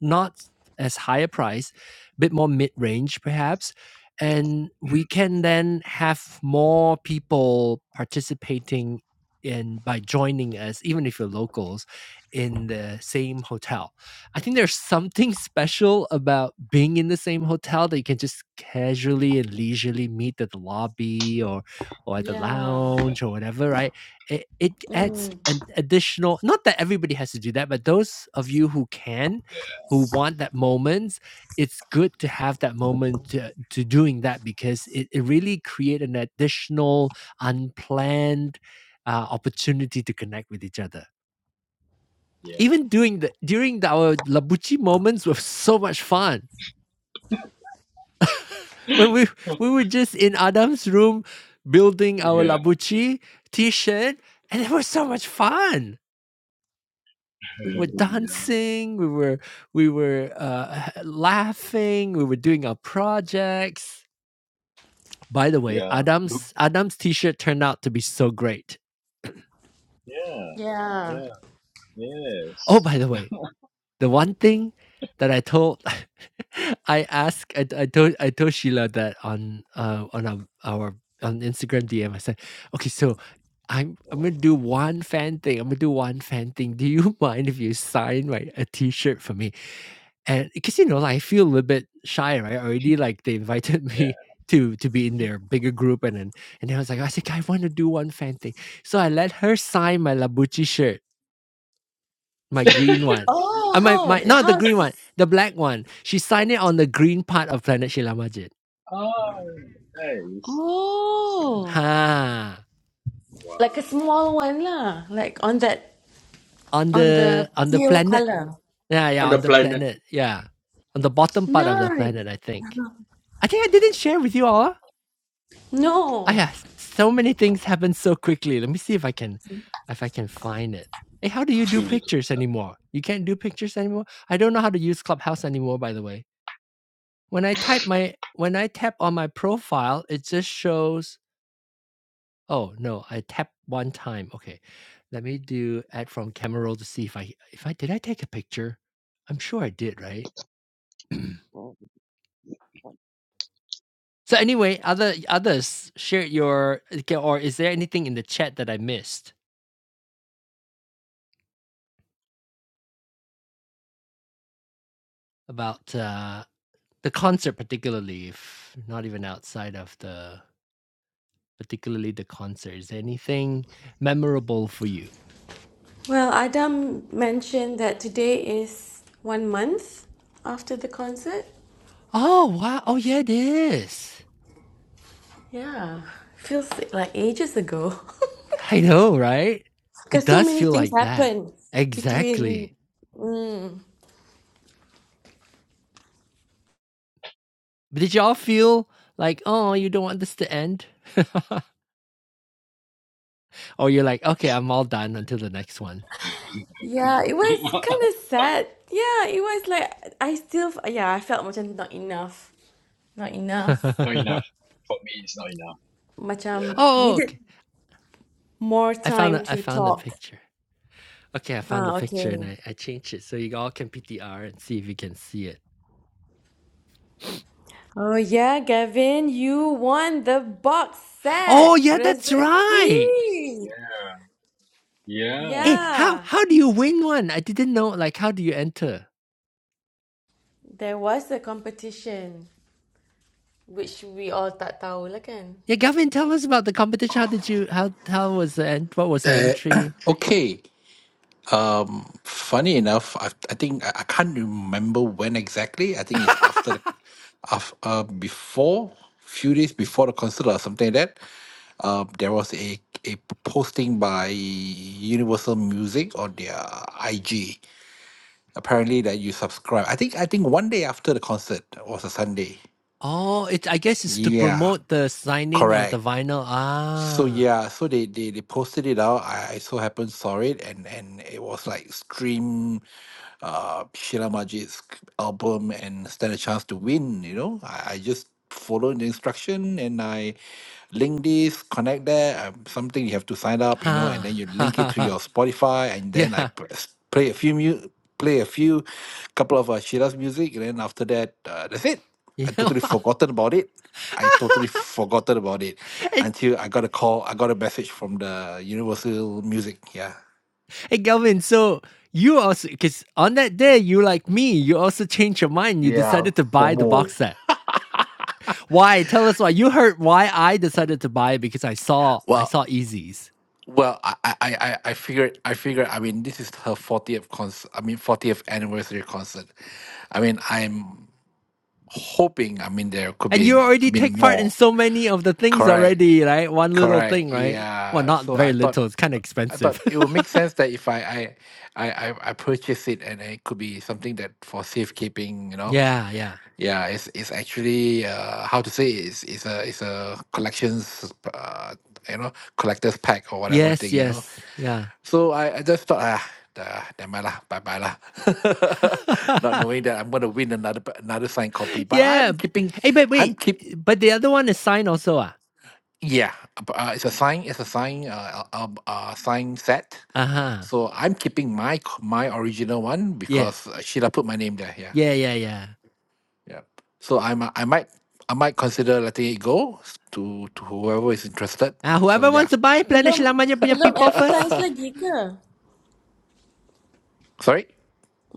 [SPEAKER 1] not as high a price, a bit more mid range perhaps, and we
[SPEAKER 5] Mhm.
[SPEAKER 1] can then have more people participating in by joining us, even if you're locals, in the same hotel I think there's something special about being in the same hotel that you can just casually and leisurely meet at the lobby or or at the
[SPEAKER 2] yeah.
[SPEAKER 1] lounge or whatever, right? It, it adds
[SPEAKER 2] Mm,
[SPEAKER 1] an additional, not that everybody has to do that, but those of you who can, who want that moment, it's good to have that moment to, to doing that because it, it really create an additional unplanned uh, opportunity to connect with each other
[SPEAKER 5] Yeah.
[SPEAKER 1] even doing the during the, our Labucci moments was so much fun.
[SPEAKER 5] Yeah.
[SPEAKER 1] When we we were just in Adam's room building our
[SPEAKER 5] yeah.
[SPEAKER 1] Labucci t-shirt, and it was so much fun. We were
[SPEAKER 5] yeah.
[SPEAKER 1] dancing, we were we were uh, laughing, we were doing our projects. By the way,
[SPEAKER 5] Yeah. Look.
[SPEAKER 1] Adam's Adam's t-shirt turned out to be so great.
[SPEAKER 5] Yeah.
[SPEAKER 2] yeah.
[SPEAKER 5] Yeah.
[SPEAKER 1] Oh,
[SPEAKER 5] Yes.
[SPEAKER 1] by the way, The one thing that I told I asked I I told I told Sheila that on uh on um, our on Instagram DM. I said, "Okay, so I'm I'm gonna do one fan thing. I'm gonna do one fan thing. Do you mind if you sign like a T-shirt for me?" And because you know, like, I feel a little bit shy, right? Already, like they invited
[SPEAKER 5] Yeah.
[SPEAKER 1] me to to be in their bigger group, and then and then I was like, I said, "Okay, I want to do one fan thing. So I let her sign my Labucci shirt my green one.
[SPEAKER 2] Oh,
[SPEAKER 1] Uh, my,
[SPEAKER 2] how
[SPEAKER 1] my not the
[SPEAKER 2] how's
[SPEAKER 1] green one,
[SPEAKER 2] this?
[SPEAKER 1] the black one. She signed it on the green part of Planet Shila Majid.
[SPEAKER 5] Oh, nice.
[SPEAKER 2] Oh,
[SPEAKER 1] Ha.
[SPEAKER 2] like
[SPEAKER 5] Wow.
[SPEAKER 2] a small one lah, like on that
[SPEAKER 1] On
[SPEAKER 2] on the
[SPEAKER 1] the on the
[SPEAKER 2] teal
[SPEAKER 1] planet.
[SPEAKER 2] color.
[SPEAKER 1] Yeah, yeah,
[SPEAKER 5] on the
[SPEAKER 1] on the
[SPEAKER 5] planet.
[SPEAKER 1] planet. Yeah. On the bottom part of the
[SPEAKER 2] No,
[SPEAKER 1] planet, I think. I think I didn't share with you all. I
[SPEAKER 2] no.
[SPEAKER 1] have so many things happen so quickly. Let me see if I can if I can find it. Hey, how do you
[SPEAKER 5] Too
[SPEAKER 1] do
[SPEAKER 5] little
[SPEAKER 1] pictures
[SPEAKER 5] time.
[SPEAKER 1] anymore? You can't do pictures anymore? I don't know how to use Clubhouse anymore, by the way. When I type my when I tap on my profile, it just shows Oh, no, I tap 1 time. Okay. Let me do add from camera roll to see if I if I did I take a picture? I'm sure I did, right? So anyway, other others share your okay, or is there anything in the chat that I missed about, uh, the concert particularly, if not even outside of the particularly the concert, is there anything memorable for you?
[SPEAKER 2] Well, Adam mentioned that today is one month after the concert.
[SPEAKER 1] Oh, wow. Oh, yeah, it is.
[SPEAKER 2] Yeah, feels like ages ago.
[SPEAKER 1] I know, right? It
[SPEAKER 2] Because so
[SPEAKER 1] does
[SPEAKER 2] many
[SPEAKER 1] feel
[SPEAKER 2] things
[SPEAKER 1] like that.
[SPEAKER 2] happened
[SPEAKER 1] Exactly.
[SPEAKER 2] between. Mm,
[SPEAKER 1] But Did y'all feel like, oh, you don't want this to end? or you're like, okay, I'm all done until the next one.
[SPEAKER 2] yeah, it was
[SPEAKER 5] Oh.
[SPEAKER 2] kind of sad. Yeah, it was like I still yeah I felt macam not enough, not enough.
[SPEAKER 5] not
[SPEAKER 1] oh,
[SPEAKER 5] enough. For me, it's not enough.
[SPEAKER 2] Macam
[SPEAKER 5] Yeah.
[SPEAKER 2] needed
[SPEAKER 1] okay.
[SPEAKER 2] more
[SPEAKER 1] I found
[SPEAKER 2] time
[SPEAKER 1] a, I
[SPEAKER 2] to
[SPEAKER 1] found the
[SPEAKER 2] talk.
[SPEAKER 1] picture. Okay, I found the
[SPEAKER 2] Ah,
[SPEAKER 1] picture and
[SPEAKER 2] okay.
[SPEAKER 1] I, I changed it so you all can PTR and see if you can see it.
[SPEAKER 2] Oh yeah, Gavin, you won the box
[SPEAKER 1] Oh
[SPEAKER 2] set.
[SPEAKER 1] yeah, that's right.
[SPEAKER 2] Rezeki.
[SPEAKER 5] Yeah.
[SPEAKER 1] Hey,
[SPEAKER 5] Yeah.
[SPEAKER 1] how
[SPEAKER 2] Yeah,
[SPEAKER 1] how do you win one? I didn't know. Like, how do you enter?
[SPEAKER 2] there was a competition which we all tak tahu lah kan.
[SPEAKER 1] Yeah, Gavin, tell us about the competition. How did you? How how was the end? What was the
[SPEAKER 3] Uh,
[SPEAKER 1] entry?
[SPEAKER 3] okay. Um, funny enough, I, I think I, I can't remember when exactly. I think it's after the, af, uh, before few days before the concert or something like that. Um, there was a a posting by Universal Music on their IG. Apparently, that you subscribe. I think I think one day after the concert was a Sunday.
[SPEAKER 1] Oh, it. I guess it's to
[SPEAKER 3] Yeah,
[SPEAKER 1] promote the signing of the
[SPEAKER 3] correct.
[SPEAKER 1] vinyl.
[SPEAKER 3] So
[SPEAKER 1] Ah,
[SPEAKER 3] yeah, so they they, they posted it out. I, I so happened saw it, and and it was like stream. uh, Sheila Majid's album and stand a chance to win. You know, I, I just follow the instruction and I link this, connect that. Um, something you have to sign up, you know, and then
[SPEAKER 1] Ha
[SPEAKER 3] you
[SPEAKER 1] ha
[SPEAKER 3] link it
[SPEAKER 1] ha
[SPEAKER 3] to
[SPEAKER 1] ha.
[SPEAKER 3] your Spotify, and then I
[SPEAKER 1] Yeah.
[SPEAKER 3] press, play a few mu- play a few couple of uh, Sheila's music, and then after that, uh, that's it.
[SPEAKER 1] Yeah.
[SPEAKER 3] I totally
[SPEAKER 1] Wow.
[SPEAKER 3] forgotten about it. I totally forgotten about it
[SPEAKER 1] and,
[SPEAKER 3] until I got a call. I got a message from the Universal Music. Yeah.
[SPEAKER 1] and Galvin, so you also because on that day you like me, you also changed your mind. You
[SPEAKER 3] Yeah,
[SPEAKER 1] decided to buy the
[SPEAKER 3] FOMO.
[SPEAKER 1] box set. Why? Tell us why. You heard why I decided to buy it because I saw I
[SPEAKER 3] Well,
[SPEAKER 1] saw Easy's.
[SPEAKER 3] Well, I, I, I, I figured, I figure, I mean, this is her 40th concert, I mean, 40th anniversary concert. I mean, I'm hoping, I mean, there could
[SPEAKER 1] And
[SPEAKER 3] be,
[SPEAKER 1] you
[SPEAKER 3] I
[SPEAKER 1] already
[SPEAKER 3] mean,
[SPEAKER 1] take part in
[SPEAKER 3] more.
[SPEAKER 1] so many of the things
[SPEAKER 3] Correct,
[SPEAKER 1] already, right? One little thing,
[SPEAKER 3] correct.
[SPEAKER 1] right? Well,
[SPEAKER 3] Yeah.
[SPEAKER 1] not
[SPEAKER 3] So
[SPEAKER 1] very
[SPEAKER 3] I thought,
[SPEAKER 1] little. It's kind of
[SPEAKER 3] I
[SPEAKER 1] expensive.
[SPEAKER 3] thought it would make sense that if I, I, I, I I purchase it and it could be something that for safekeeping, you know.
[SPEAKER 1] yeah, yeah.
[SPEAKER 3] Yeah, it's it's actually uh, how to say it's it's a it's a collections uh, you know collector's pack or whatever
[SPEAKER 1] Yes,
[SPEAKER 3] thing you know
[SPEAKER 1] yes. Yeah.
[SPEAKER 3] So I, I just thought, ah, uh, never mind lah, bye bye lah. Not knowing that I'm going to win another p- another signed copy, but
[SPEAKER 1] yeah.
[SPEAKER 3] I'm keeping,
[SPEAKER 1] Hey, but
[SPEAKER 3] I'm
[SPEAKER 1] wait.
[SPEAKER 3] keep,
[SPEAKER 1] But the other one is signed also, ah?
[SPEAKER 3] yeah, uh, uh, it's a sign, it's a sign, uh, uh, uh, sign set.
[SPEAKER 1] Uh-huh.
[SPEAKER 3] So I'm keeping my c- my original one because
[SPEAKER 1] Yes.
[SPEAKER 3] uh, Sheila put my name there. Yeah,
[SPEAKER 1] Yeah, yeah, yeah.
[SPEAKER 3] yeah. So I'm uh, I might I might consider letting it go s- to to whoever is interested.
[SPEAKER 1] Uh,
[SPEAKER 3] So
[SPEAKER 1] whoever wants
[SPEAKER 3] yeah,
[SPEAKER 1] to buy, planet
[SPEAKER 2] Belum
[SPEAKER 1] lang man punya
[SPEAKER 2] belum
[SPEAKER 1] people first.
[SPEAKER 2] advertise lagi ke?
[SPEAKER 3] sorry.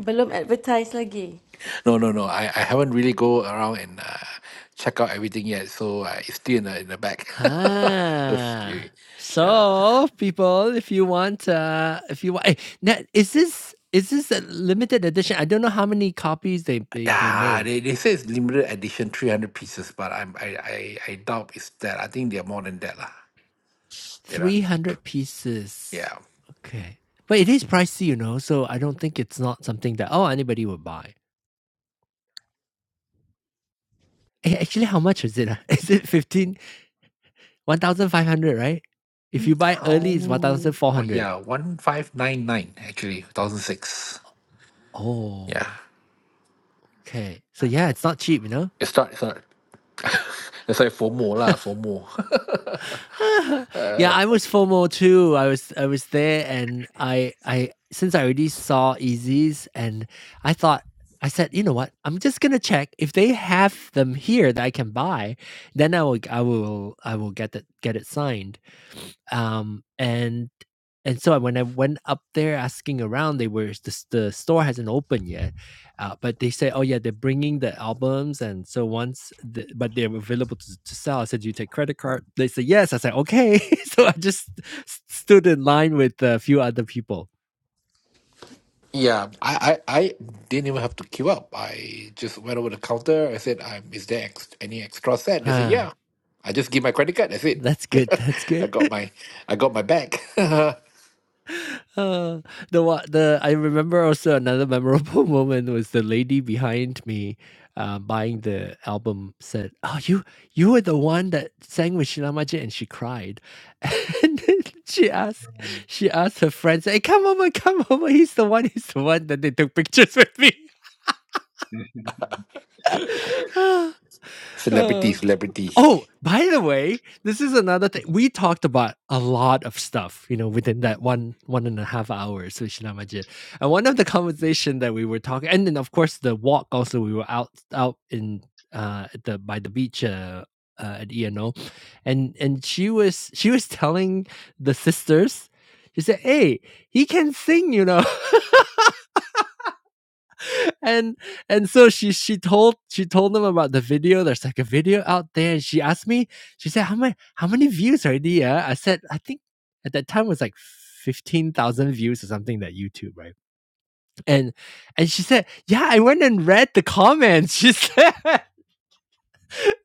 [SPEAKER 2] Belum advertise lagi.
[SPEAKER 3] No, no, no. I, I haven't really go around and uh, check out everything yet, so uh, it's still in the in the back. That's
[SPEAKER 1] Ah.
[SPEAKER 3] the- yeah,
[SPEAKER 1] So, people, if you want, uh, if you want, eh, now, is this is this a limited edition? I don't know how many copies they they, they
[SPEAKER 3] yeah.
[SPEAKER 1] made.
[SPEAKER 3] They, they say it's limited edition, three hundred pieces, but I'm I, I I doubt it's that. I think they're more than that, lah. You know,
[SPEAKER 1] Three hundred pieces.
[SPEAKER 3] yeah.
[SPEAKER 1] Okay, but it is pricey, you know. So I don't think it's not something that oh anybody would buy. Eh, actually, how much is it? ah? Is it fifteen one thousand five hundred? Right. If you buy early, it's one thousand
[SPEAKER 3] Thousand,
[SPEAKER 1] four
[SPEAKER 3] oh
[SPEAKER 1] hundred.
[SPEAKER 3] yeah, one five nine nine actually, two thousand six. Yeah,
[SPEAKER 1] Oh, okay. So yeah, it's not cheap, you know.
[SPEAKER 3] it's not it's not. That's like FOMO lah, FOMO.
[SPEAKER 1] yeah, I was FOMO too. I was I was there, and I I since I already saw Easy's, and I thought I said, you know what? I'm just gonna check if they have them here that I can buy. Then I will I will I will get that get it signed. Um, and And so when I went up there asking around, they were the, the store hasn't opened yet, uh, but they said, oh yeah, they're bringing the albums, and so once, the, but they're available to, to sell. I said, "Do you take credit card. They said yes. I said okay. so I just s- stood in line with a few other people.
[SPEAKER 3] Yeah, I, I, I didn't even have to queue up. I just went over the counter. I said, um, "Is there ex any extra set?" They said,
[SPEAKER 1] Ah,
[SPEAKER 3] "Yeah." I just give my credit card. That's it.
[SPEAKER 1] that's good. That's
[SPEAKER 3] I
[SPEAKER 1] good.
[SPEAKER 3] got my, I got my bag.
[SPEAKER 1] Uh, the what the I remember also another memorable moment was the lady behind me, uh, buying the album said, "Oh, you you were the one that sang with Shilamaji," and she cried, and then she asked she asked her friends, "Hey, come over, come over! He's the one, he's the one." that they took pictures with me.
[SPEAKER 5] Mm.
[SPEAKER 1] Ah,
[SPEAKER 3] celebrity,
[SPEAKER 1] ah.
[SPEAKER 3] celebrity.
[SPEAKER 1] Oh, by the way, this is another thing. We talked about a lot of stuff, you know, within that one one and a half hours with Shinamaji. And one of the conversation that we were talking, and then of course the walk also we were out out in uh at the by the beach uh, uh at ENO, and and she was she was telling the sisters, she said, "Hey, he can sing, you know." and and so she she told she told them about the video. There's like a video out there. And she asked me. She said, "How many how many views already?" Yeah, I said, "I think at that time it was like fifteen thousand views or something that YouTube, right?" And and she said, "Yeah, I went and read the comments." She said,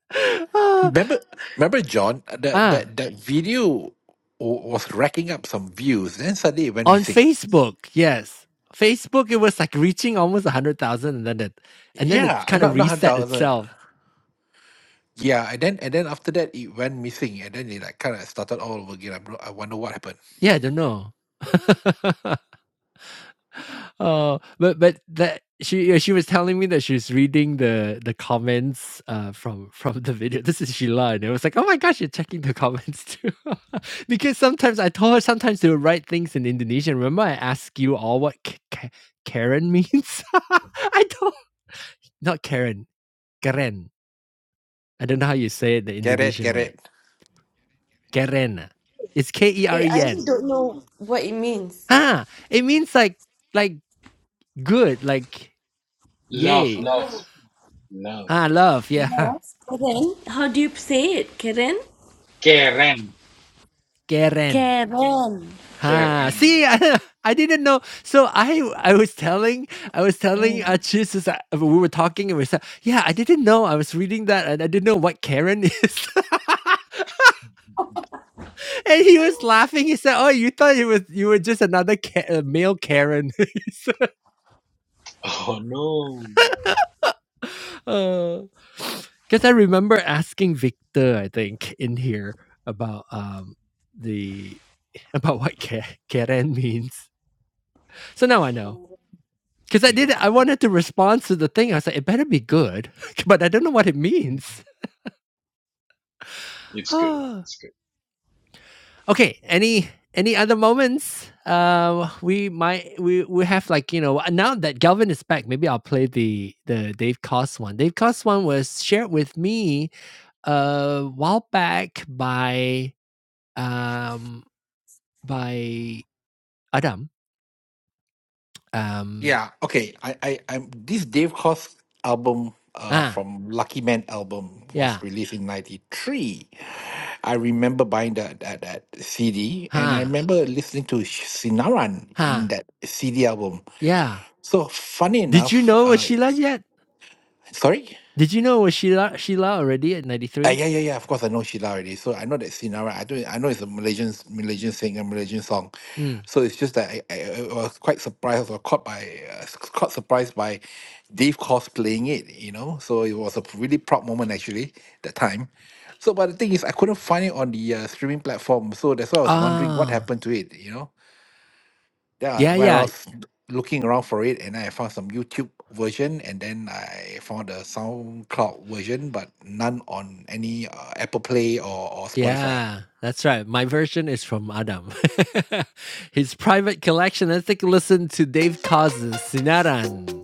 [SPEAKER 1] "Ah,
[SPEAKER 3] Remember, remember, John, that
[SPEAKER 1] ah,
[SPEAKER 3] that that video wa- was racking up some views. Then suddenly it went
[SPEAKER 1] on
[SPEAKER 3] missing.
[SPEAKER 1] Facebook, yes." Facebook, it was like reaching almost a hundred thousand, and then it, and then it
[SPEAKER 3] Yeah,
[SPEAKER 1] kind
[SPEAKER 3] not
[SPEAKER 1] of
[SPEAKER 3] not hundred
[SPEAKER 1] reset
[SPEAKER 3] thousand.
[SPEAKER 1] itself.
[SPEAKER 3] Yeah, and then and then after that it went missing, and then it like kind of started all over again. I, bro- I wonder what happened.
[SPEAKER 1] Yeah, I don't know. oh, but but that she yeah, she was telling me that she's reading the the comments uh from from the video. This is Sheila, and it was like, oh my gosh, you're checking the comments too, because sometimes I told her sometimes they would write things in Indonesian. Remember, I asked you all what K- K- Karen means. I don't not Karen, Karen. I don't know how you say it the
[SPEAKER 3] Get it,
[SPEAKER 1] Indonesian
[SPEAKER 3] get
[SPEAKER 1] way.
[SPEAKER 3] it.
[SPEAKER 1] Keren. It's K E R
[SPEAKER 2] Eh, I
[SPEAKER 1] E
[SPEAKER 2] really
[SPEAKER 1] N.
[SPEAKER 2] don't know what it means.
[SPEAKER 1] Ah, it means like like good, like
[SPEAKER 5] love,
[SPEAKER 1] yay.
[SPEAKER 5] love, love.
[SPEAKER 1] Ah, love. Yeah.
[SPEAKER 2] Yes, Karen. How do you say it, Karen?
[SPEAKER 5] Keren.
[SPEAKER 1] Karen,
[SPEAKER 2] Karen.
[SPEAKER 1] Ha.
[SPEAKER 5] Keren.
[SPEAKER 1] See, I, I didn't know. So I I was telling I was telling uh, Jesus uh, we were talking and we said, yeah, I didn't know. I was reading that and I didn't know what Karen is. and he was laughing. He said, "Oh, you thought it was you were just another Ka- uh, male Karen."
[SPEAKER 5] Oh, no, no.
[SPEAKER 1] Because I remember asking Victor, I think, in here about um the about what Ka- Karen means. So now I know. Because I did, I wanted to respond to the thing. I was like, it better be good, but I don't know what it means.
[SPEAKER 5] It's good.
[SPEAKER 1] okay,
[SPEAKER 5] It's good.
[SPEAKER 1] any any other moments? Uh, we might we we have like you know now that Galvin is back, maybe I'll play the the Dave Cost one. Dave Cost one was shared with me a while back by um by Adam. Um
[SPEAKER 3] Yeah, okay. I, I, I'm this Dave Koz album uh
[SPEAKER 1] ah
[SPEAKER 3] from Lucky Man album was
[SPEAKER 1] yeah
[SPEAKER 3] released in '93. I remember buying that, that that CD, and I
[SPEAKER 1] ha
[SPEAKER 3] remember listening to Sh- Sinaran in
[SPEAKER 1] ha
[SPEAKER 3] that CD album.
[SPEAKER 1] yeah.
[SPEAKER 3] So funny
[SPEAKER 1] Did you
[SPEAKER 3] enough,
[SPEAKER 1] know
[SPEAKER 3] uh,
[SPEAKER 1] Sheila yet?
[SPEAKER 3] sorry.
[SPEAKER 1] Did you know it was Sheila Sheila already at
[SPEAKER 3] Uh,
[SPEAKER 1] 93?
[SPEAKER 3] yeah, yeah, yeah. Of course, I know Sheila already. So I know that Sinara. I do. I know it's a Malaysian Malaysian singer, Malaysian song.
[SPEAKER 1] Mm.
[SPEAKER 3] So it's just that I, I, I was quite surprised. or caught by uh, s- caught surprised by Dave Koz playing it. You know, so it was a really proud moment actually that time. So, but the thing is, I couldn't find it on the uh, streaming platform. So that's why I was wondering what
[SPEAKER 1] Ah.
[SPEAKER 3] happened to it. You know. Yeah,
[SPEAKER 1] Yeah,
[SPEAKER 3] when I
[SPEAKER 1] yeah.
[SPEAKER 3] was looking around for it, and I found some YouTube version, and then I found the SoundCloud version, but none on any uh, Apple Play or, or Spotify.
[SPEAKER 1] Yeah. That's right. My version is from Adam. His private collection. Let's take a listen to Dave Cause's Sinaran.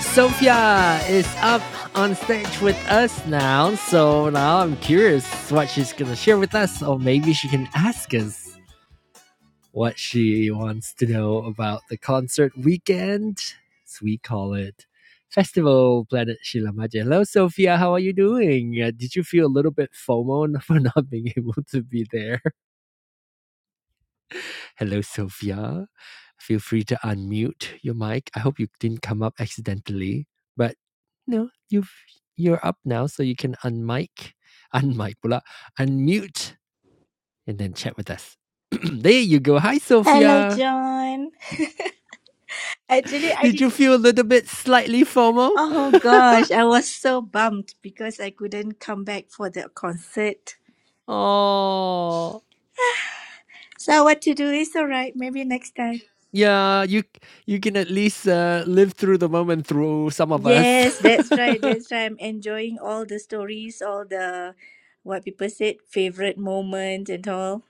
[SPEAKER 1] Sophia is up on stage with us now. So now I'm curious what she's going to share with us, or maybe she can ask us. what she wants to know about the concert weekend, as we call it. Festival Planet Shilamaje. Hello, Sophia. How are you doing? Uh, did you feel a little bit FOMO for not being able to be there? Hello, Sophia. Feel free to unmute your mic. I hope you didn't come up accidentally, but no, you've you're up now, so you can unmic, unmic pula, unmute, and then chat with us. there you go. Hi,
[SPEAKER 6] Hello,
[SPEAKER 1] Sophia.
[SPEAKER 6] John. Actually, I
[SPEAKER 1] Did
[SPEAKER 6] did.
[SPEAKER 1] you feel a little bit slightly FOMO?
[SPEAKER 6] Oh gosh, I was so bummed because I couldn't come back for the concert.
[SPEAKER 1] Oh,
[SPEAKER 6] So what to do is all right. Maybe next time.
[SPEAKER 1] yeah. You you can at least uh, live through the moment through some of us.
[SPEAKER 6] Yes, that's right. That's right. I'm enjoying all the stories, all the what people said, favorite moment and all.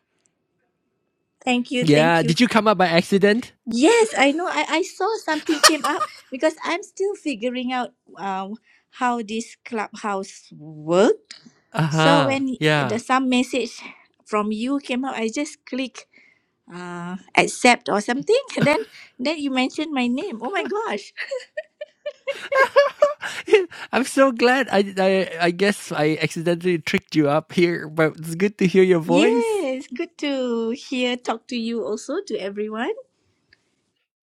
[SPEAKER 6] Thank you. Thank
[SPEAKER 1] yeah.
[SPEAKER 6] you.
[SPEAKER 1] Did you come up by accident?
[SPEAKER 6] Yes, I know. I, I saw something came up because I'm still figuring out um, how this clubhouse worked.
[SPEAKER 1] Uh
[SPEAKER 6] So
[SPEAKER 1] huh.
[SPEAKER 6] when the
[SPEAKER 1] Yeah.
[SPEAKER 6] some message from you came up, I just click uh, accept or something. Then then you mentioned my name. Oh my gosh!
[SPEAKER 1] I'm so glad. I, I I guess I accidentally tricked you up here, but it's good to hear your voice.
[SPEAKER 6] Yes, good to hear talk to you also to everyone.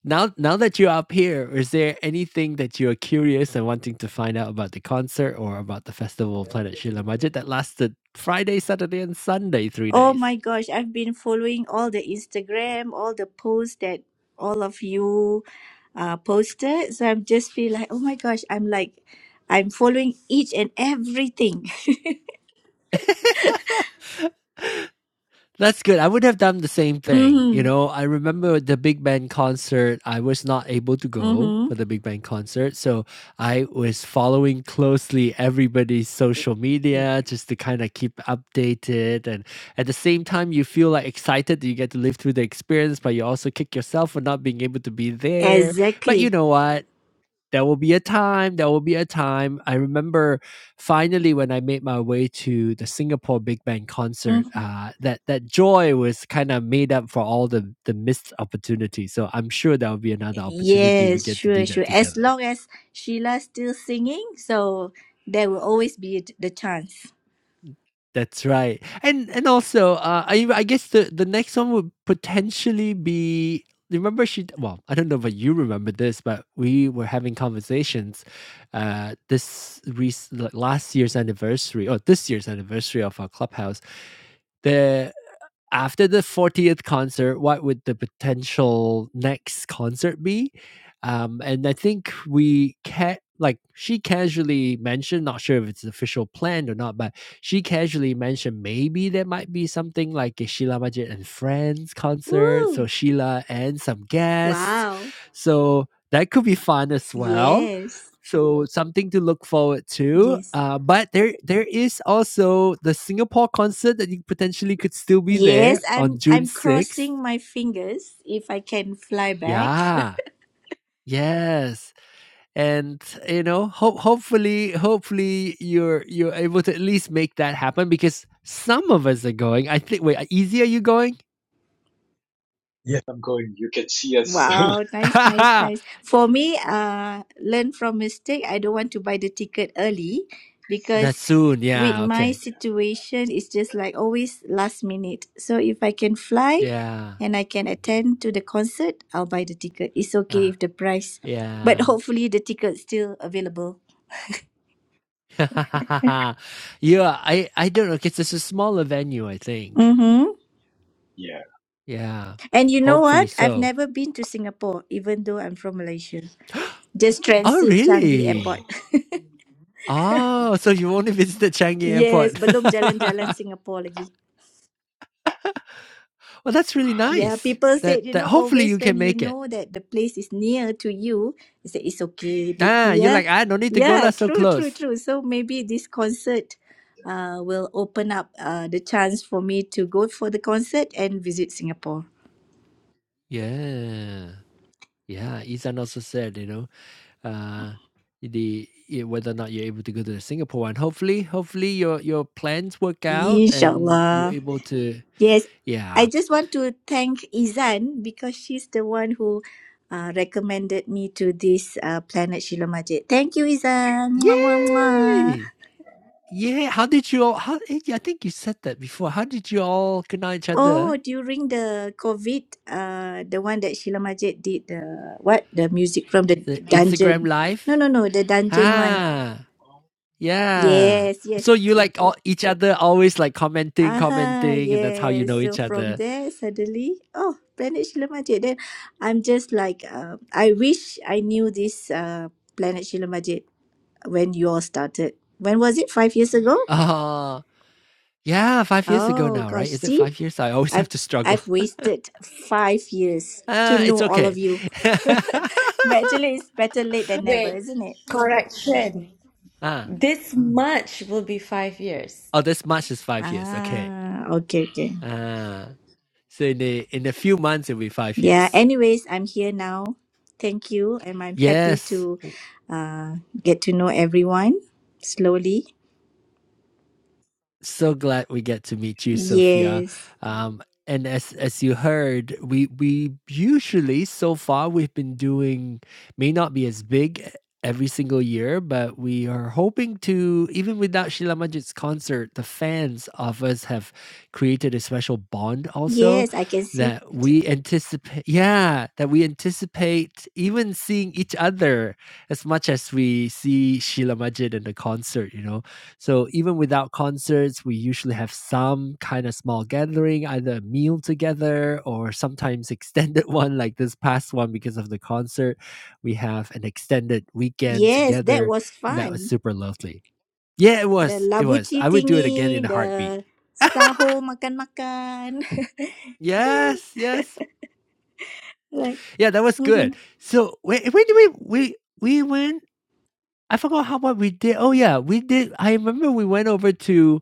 [SPEAKER 1] Now, now that you're up here, is there anything that you're curious and wanting to find out about the concert or about the festival Planet Shila Majid that lasted Friday, Saturday, and Sunday, three
[SPEAKER 6] Oh
[SPEAKER 1] days?
[SPEAKER 6] my gosh, I've been following all the Instagram, all the posts that all of you uh, posted. So I'm just feel like oh my gosh, I'm like I'm following each and everything.
[SPEAKER 1] That's good. I would have done the same thing. You
[SPEAKER 6] Mm-hmm.
[SPEAKER 1] know, I remember the big Bang concert. I was not able to go for
[SPEAKER 6] Mm-hmm.
[SPEAKER 1] the big Bang concert. So I was following closely everybody's social media just to kind of keep updated. And at the same time, you feel like excited that you get to live through the experience, but you also kick yourself for not being able to be there. But you
[SPEAKER 6] Exactly.
[SPEAKER 1] know what? there will be a time there will be a time i remember finally when i made my way to the singapore big band concert uh, that that joy was kind of made up for all the the missed opportunities so i'm sure there will be another opportunity we
[SPEAKER 6] Yes,
[SPEAKER 1] get to
[SPEAKER 6] sure,
[SPEAKER 1] do
[SPEAKER 6] sure.
[SPEAKER 1] that
[SPEAKER 6] As
[SPEAKER 1] together
[SPEAKER 6] long as Sheila's still singing, so there will always be a- the chance.
[SPEAKER 1] That's right. And and also, uh, I I guess the the next one would potentially be remember she well, I don't know if you remember this, but we were having conversations uh this rec- like last year's anniversary or this year's anniversary of our clubhouse. The after the 40th concert, what would the potential next concert be? Um, and I think we can like she casually mentioned, not sure if it's official planned or not, but she casually mentioned maybe there might be something like a Sheila Majid and Friends concert. So
[SPEAKER 6] Ooh,
[SPEAKER 1] Sheila and some guests.
[SPEAKER 6] wow.
[SPEAKER 1] So that could be fun as well
[SPEAKER 6] Yes,
[SPEAKER 1] so something to look forward to.
[SPEAKER 6] yes,
[SPEAKER 1] Uh, but there there is also the Singapore concert that you potentially could still be there
[SPEAKER 6] yes.
[SPEAKER 1] on
[SPEAKER 6] I'm
[SPEAKER 1] June
[SPEAKER 6] I'm
[SPEAKER 1] sixth.
[SPEAKER 6] crossing my fingers if I can fly back.
[SPEAKER 1] Yeah. Yes. And you know, hope hopefully hopefully you're you're able to at least make that happen because some of us are going. I think wait, easy are you going?
[SPEAKER 5] Yes, I'm going. You can see us.
[SPEAKER 6] Wow, nice, nice,
[SPEAKER 1] That's
[SPEAKER 6] nice. For me, uh, learn from mistake. I don't want to buy the ticket early because
[SPEAKER 1] soon.
[SPEAKER 6] with
[SPEAKER 1] Yeah,
[SPEAKER 6] my
[SPEAKER 1] okay.
[SPEAKER 6] situation, it's just like always last minute. So if I can fly
[SPEAKER 1] Yeah.
[SPEAKER 6] and I can attend to the concert, I'll buy the ticket. It's okay
[SPEAKER 1] Uh,
[SPEAKER 6] if the price, but
[SPEAKER 1] yeah.
[SPEAKER 6] hopefully the ticket's still available.
[SPEAKER 1] yeah, I I don't know. 'cause It's a smaller venue, I think.
[SPEAKER 6] Mm-hmm.
[SPEAKER 5] yeah.
[SPEAKER 1] Yeah,
[SPEAKER 6] And you know
[SPEAKER 1] hopefully
[SPEAKER 6] what? I've
[SPEAKER 1] so.
[SPEAKER 6] never been to Singapore, even though I'm from Malaysia. Just
[SPEAKER 1] Oh,
[SPEAKER 6] transit Changi Airport.
[SPEAKER 1] really? Oh, so you only visited Changi
[SPEAKER 6] yes,
[SPEAKER 1] Airport.
[SPEAKER 6] belum jalan-jalan Singapore lagi.
[SPEAKER 1] Well, that's really
[SPEAKER 6] Yeah,
[SPEAKER 1] nice.
[SPEAKER 6] people
[SPEAKER 1] That
[SPEAKER 6] said, you
[SPEAKER 1] that
[SPEAKER 6] know,
[SPEAKER 1] hopefully
[SPEAKER 6] always
[SPEAKER 1] you
[SPEAKER 6] when
[SPEAKER 1] can
[SPEAKER 6] you
[SPEAKER 1] make it.
[SPEAKER 6] know that the place is near to you, they say it's okay. The-
[SPEAKER 1] Ah, you're
[SPEAKER 6] Yeah,
[SPEAKER 1] like, "I don't need to go
[SPEAKER 6] yeah,
[SPEAKER 1] lah, so
[SPEAKER 6] true, true,
[SPEAKER 1] close."
[SPEAKER 6] true. So maybe this concert uh, will open up uh, the chance for me to go for the concert and visit Singapore.
[SPEAKER 1] Yeah. Yeah, Izan also said, you know, uh, the i- whether or not you're able to go to the Singapore one. Hopefully, hopefully your your plans work out and you're
[SPEAKER 6] Inshallah.
[SPEAKER 1] able to
[SPEAKER 6] Yes, I
[SPEAKER 1] Yeah.
[SPEAKER 6] just want to thank Izan because she's the one who uh, recommended me to this uh, Planet Shila Majid. Thank you, Izan. Mwah, mwah, mwah.
[SPEAKER 1] Yay! Yeah, how did you all? How eh, yeah, I think you said that before. How did you all connect each other?
[SPEAKER 6] Oh, during the COVID, uh, the one that Sheila Majid did the what the music from the
[SPEAKER 1] The Instagram
[SPEAKER 6] dungeon. No,
[SPEAKER 1] live.
[SPEAKER 6] no, no, the dungeon one.
[SPEAKER 1] Ah, yeah.
[SPEAKER 6] Yes, yes.
[SPEAKER 1] So you like all each other always like commenting,
[SPEAKER 6] Aha,
[SPEAKER 1] commenting, and that's how you
[SPEAKER 6] yes.
[SPEAKER 1] know
[SPEAKER 6] So
[SPEAKER 1] each other.
[SPEAKER 6] from there, suddenly, oh, Planet Sheila Majid. Then I'm just like, uh, I wish I knew this uh, Planet Sheila Majid when you all started. When was it? Five years ago?
[SPEAKER 1] Oh, yeah. Five years ago
[SPEAKER 6] Oh
[SPEAKER 1] now, right?
[SPEAKER 6] gosh,
[SPEAKER 1] Is it
[SPEAKER 6] see,
[SPEAKER 1] five years? I always have
[SPEAKER 6] I've
[SPEAKER 1] to struggle.
[SPEAKER 6] I've wasted five years to
[SPEAKER 1] Ah, it's
[SPEAKER 6] know all of
[SPEAKER 1] okay.
[SPEAKER 6] you. But actually, it's better late than never,
[SPEAKER 2] Wait,
[SPEAKER 6] isn't it?
[SPEAKER 2] correction.
[SPEAKER 1] ah,
[SPEAKER 2] This March will be five years.
[SPEAKER 1] oh, this March is five years. Okay.
[SPEAKER 6] Ah, okay, okay.
[SPEAKER 1] Ah, so in a in a few months it'll be five
[SPEAKER 6] Yeah,
[SPEAKER 1] years.
[SPEAKER 6] anyways, I'm here now. Thank you. And I'm happy
[SPEAKER 1] Yes.
[SPEAKER 6] to uh, get to know everyone slowly.
[SPEAKER 1] so glad we get to meet you, Sophia.
[SPEAKER 6] Yes,
[SPEAKER 1] Um, and as as you heard, we we usually so far we've been doing may not be as big every single year, but we are hoping to even without Sheila Majid's concert, the fans of us have created a special bond also
[SPEAKER 6] yes, I can see.
[SPEAKER 1] that we anticipate. Yeah, that we anticipate even seeing each other as much as we see Sheila Majid in the concert. You know, so even without concerts, we usually have some kind of small gathering, either a meal together or sometimes extended one like this past one because of the concert. We have an extended weekend
[SPEAKER 6] Yes, that
[SPEAKER 1] together,
[SPEAKER 6] was
[SPEAKER 1] and that was
[SPEAKER 6] fun.
[SPEAKER 1] super lovely. Yeah, it
[SPEAKER 6] The
[SPEAKER 1] was. It was.
[SPEAKER 6] labuchi
[SPEAKER 1] I would do it again
[SPEAKER 6] thingy,
[SPEAKER 1] in a heartbeat.
[SPEAKER 6] the saho makan-makan.
[SPEAKER 1] Yes, yes.
[SPEAKER 6] like,
[SPEAKER 1] Yeah, that was good.
[SPEAKER 6] mhm,
[SPEAKER 1] So when when did we we we went I forgot how what we did. Oh yeah, we did I remember we went over to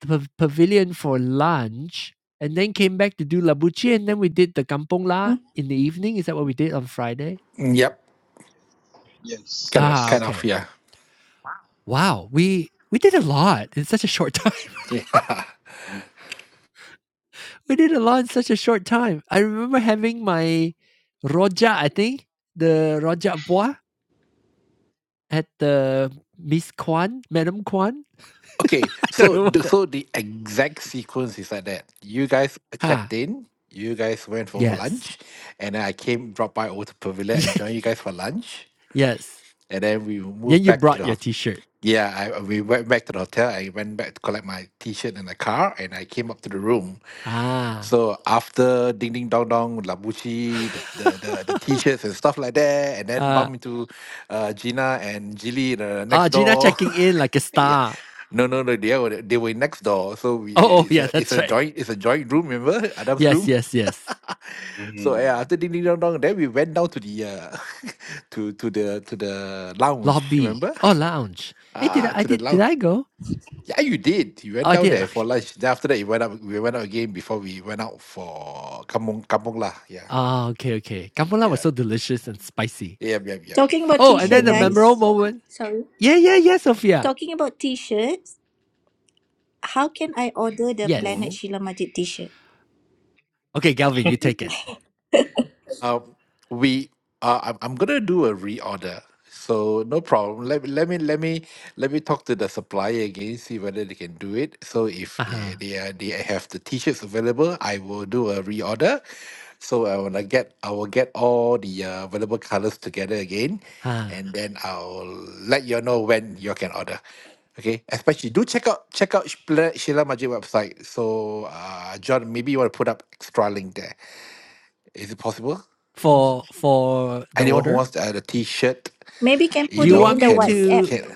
[SPEAKER 1] the pav- pavilion for lunch and then came back to do Labuchi and then we did the Kampong La
[SPEAKER 6] mm
[SPEAKER 1] in the evening. Is that what we did on Friday?
[SPEAKER 3] Mm, Yep,
[SPEAKER 5] Yes.
[SPEAKER 3] kind of,
[SPEAKER 1] Ah,
[SPEAKER 3] kind
[SPEAKER 5] Yes.
[SPEAKER 3] of,
[SPEAKER 1] okay.
[SPEAKER 3] yeah.
[SPEAKER 1] Wow, we we did a lot in such a short time.
[SPEAKER 3] Yeah.
[SPEAKER 5] Mm-hmm.
[SPEAKER 1] we did a lot in such a short time. I remember having my roja, I think the roja bois at the Miss Kwan, Madam Kwan.
[SPEAKER 3] Okay.
[SPEAKER 1] I don't
[SPEAKER 3] So,
[SPEAKER 1] know what
[SPEAKER 3] the,
[SPEAKER 1] that.
[SPEAKER 3] so the exact sequence is like that. You guys checked
[SPEAKER 1] Ah,
[SPEAKER 3] in. You guys went for, for
[SPEAKER 1] yes,
[SPEAKER 3] lunch, and then I came, drop by over to Pavilion, and
[SPEAKER 1] Ye-
[SPEAKER 3] joined you guys for lunch,
[SPEAKER 1] yes.
[SPEAKER 3] and then we
[SPEAKER 1] Then
[SPEAKER 3] moved
[SPEAKER 1] you
[SPEAKER 3] back to
[SPEAKER 1] brought
[SPEAKER 3] the
[SPEAKER 1] your
[SPEAKER 3] hotel.
[SPEAKER 1] T-shirt.
[SPEAKER 3] Yeah, I uh, we went back to the hotel. I went back to collect my t-shirt and the car, and I came up to the room.
[SPEAKER 1] Ah.
[SPEAKER 3] So after ding ding dong dong, Labushi, the the the, the t-shirts and stuff like that, and then
[SPEAKER 1] ah
[SPEAKER 3] bump into uh, Gina and Jilly the
[SPEAKER 1] Ah,
[SPEAKER 3] next
[SPEAKER 1] Gina
[SPEAKER 3] door.
[SPEAKER 1] checking in like a
[SPEAKER 3] yeah,
[SPEAKER 1] star.
[SPEAKER 3] no no no, they were they were next door. So we
[SPEAKER 1] Oh, oh
[SPEAKER 3] it's
[SPEAKER 1] yeah,
[SPEAKER 3] a it's
[SPEAKER 1] that's
[SPEAKER 3] a
[SPEAKER 1] right.
[SPEAKER 3] joint it's a joint room. Remember Adam's
[SPEAKER 1] Yes,
[SPEAKER 3] room.
[SPEAKER 1] yes, yes.
[SPEAKER 3] So yeah, after ding ding dong dong, then we went down to the uh, to to the to the lounge.
[SPEAKER 1] Lobby.
[SPEAKER 3] Remember?
[SPEAKER 1] Oh, lounge. Hey, did
[SPEAKER 3] Ah,
[SPEAKER 1] I, I
[SPEAKER 3] to the
[SPEAKER 1] did did
[SPEAKER 3] lounge.
[SPEAKER 1] I go?
[SPEAKER 3] Yeah, you did. You
[SPEAKER 1] Oh,
[SPEAKER 3] went
[SPEAKER 1] I
[SPEAKER 3] down
[SPEAKER 1] did.
[SPEAKER 3] there for
[SPEAKER 1] Okay.
[SPEAKER 3] lunch. Then after that, you went up. We went out again before we went out for kampong kampong lah. Yeah,
[SPEAKER 1] Ah, okay, okay. Gambola was
[SPEAKER 3] yeah,
[SPEAKER 1] so delicious and spicy.
[SPEAKER 3] yeah, yeah, yeah.
[SPEAKER 6] Talking about
[SPEAKER 1] Oh, and then
[SPEAKER 6] t-shirt,
[SPEAKER 1] the
[SPEAKER 5] Mm-hmm.
[SPEAKER 1] memorable
[SPEAKER 6] guys.
[SPEAKER 1] moment.
[SPEAKER 6] Sorry.
[SPEAKER 1] Yeah, yeah, yeah, Sophia.
[SPEAKER 6] Talking about t-shirts. how can I order the
[SPEAKER 1] Yes.
[SPEAKER 6] Planet
[SPEAKER 5] Mm-hmm.
[SPEAKER 6] Sheila Majid T-shirt?
[SPEAKER 1] Okay, Galvin, you take it.
[SPEAKER 3] Uh, we uh, I'm I'm gonna do a reorder, so no problem. Let me let me let me let me talk to the supplier again, see whether they can do it. So if
[SPEAKER 1] Uh huh.
[SPEAKER 3] they they are, they have the t-shirts available, I will do a reorder. So I wanna get I will get all the uh, available colors together again,
[SPEAKER 1] Huh.
[SPEAKER 3] and then I'll let you know when you can order. Okay, especially do check out check out Sheila Sheila Majid website. So uh, John, maybe you want to put up extra link there. Is it possible?
[SPEAKER 1] For for the
[SPEAKER 3] anyone who
[SPEAKER 1] order.
[SPEAKER 3] wants to add a t-shirt
[SPEAKER 6] Maybe can
[SPEAKER 3] you
[SPEAKER 1] Do
[SPEAKER 6] put
[SPEAKER 1] you
[SPEAKER 6] it
[SPEAKER 3] know
[SPEAKER 6] in
[SPEAKER 1] want
[SPEAKER 6] the
[SPEAKER 1] me
[SPEAKER 3] can
[SPEAKER 6] WhatsApp.
[SPEAKER 1] to?
[SPEAKER 3] can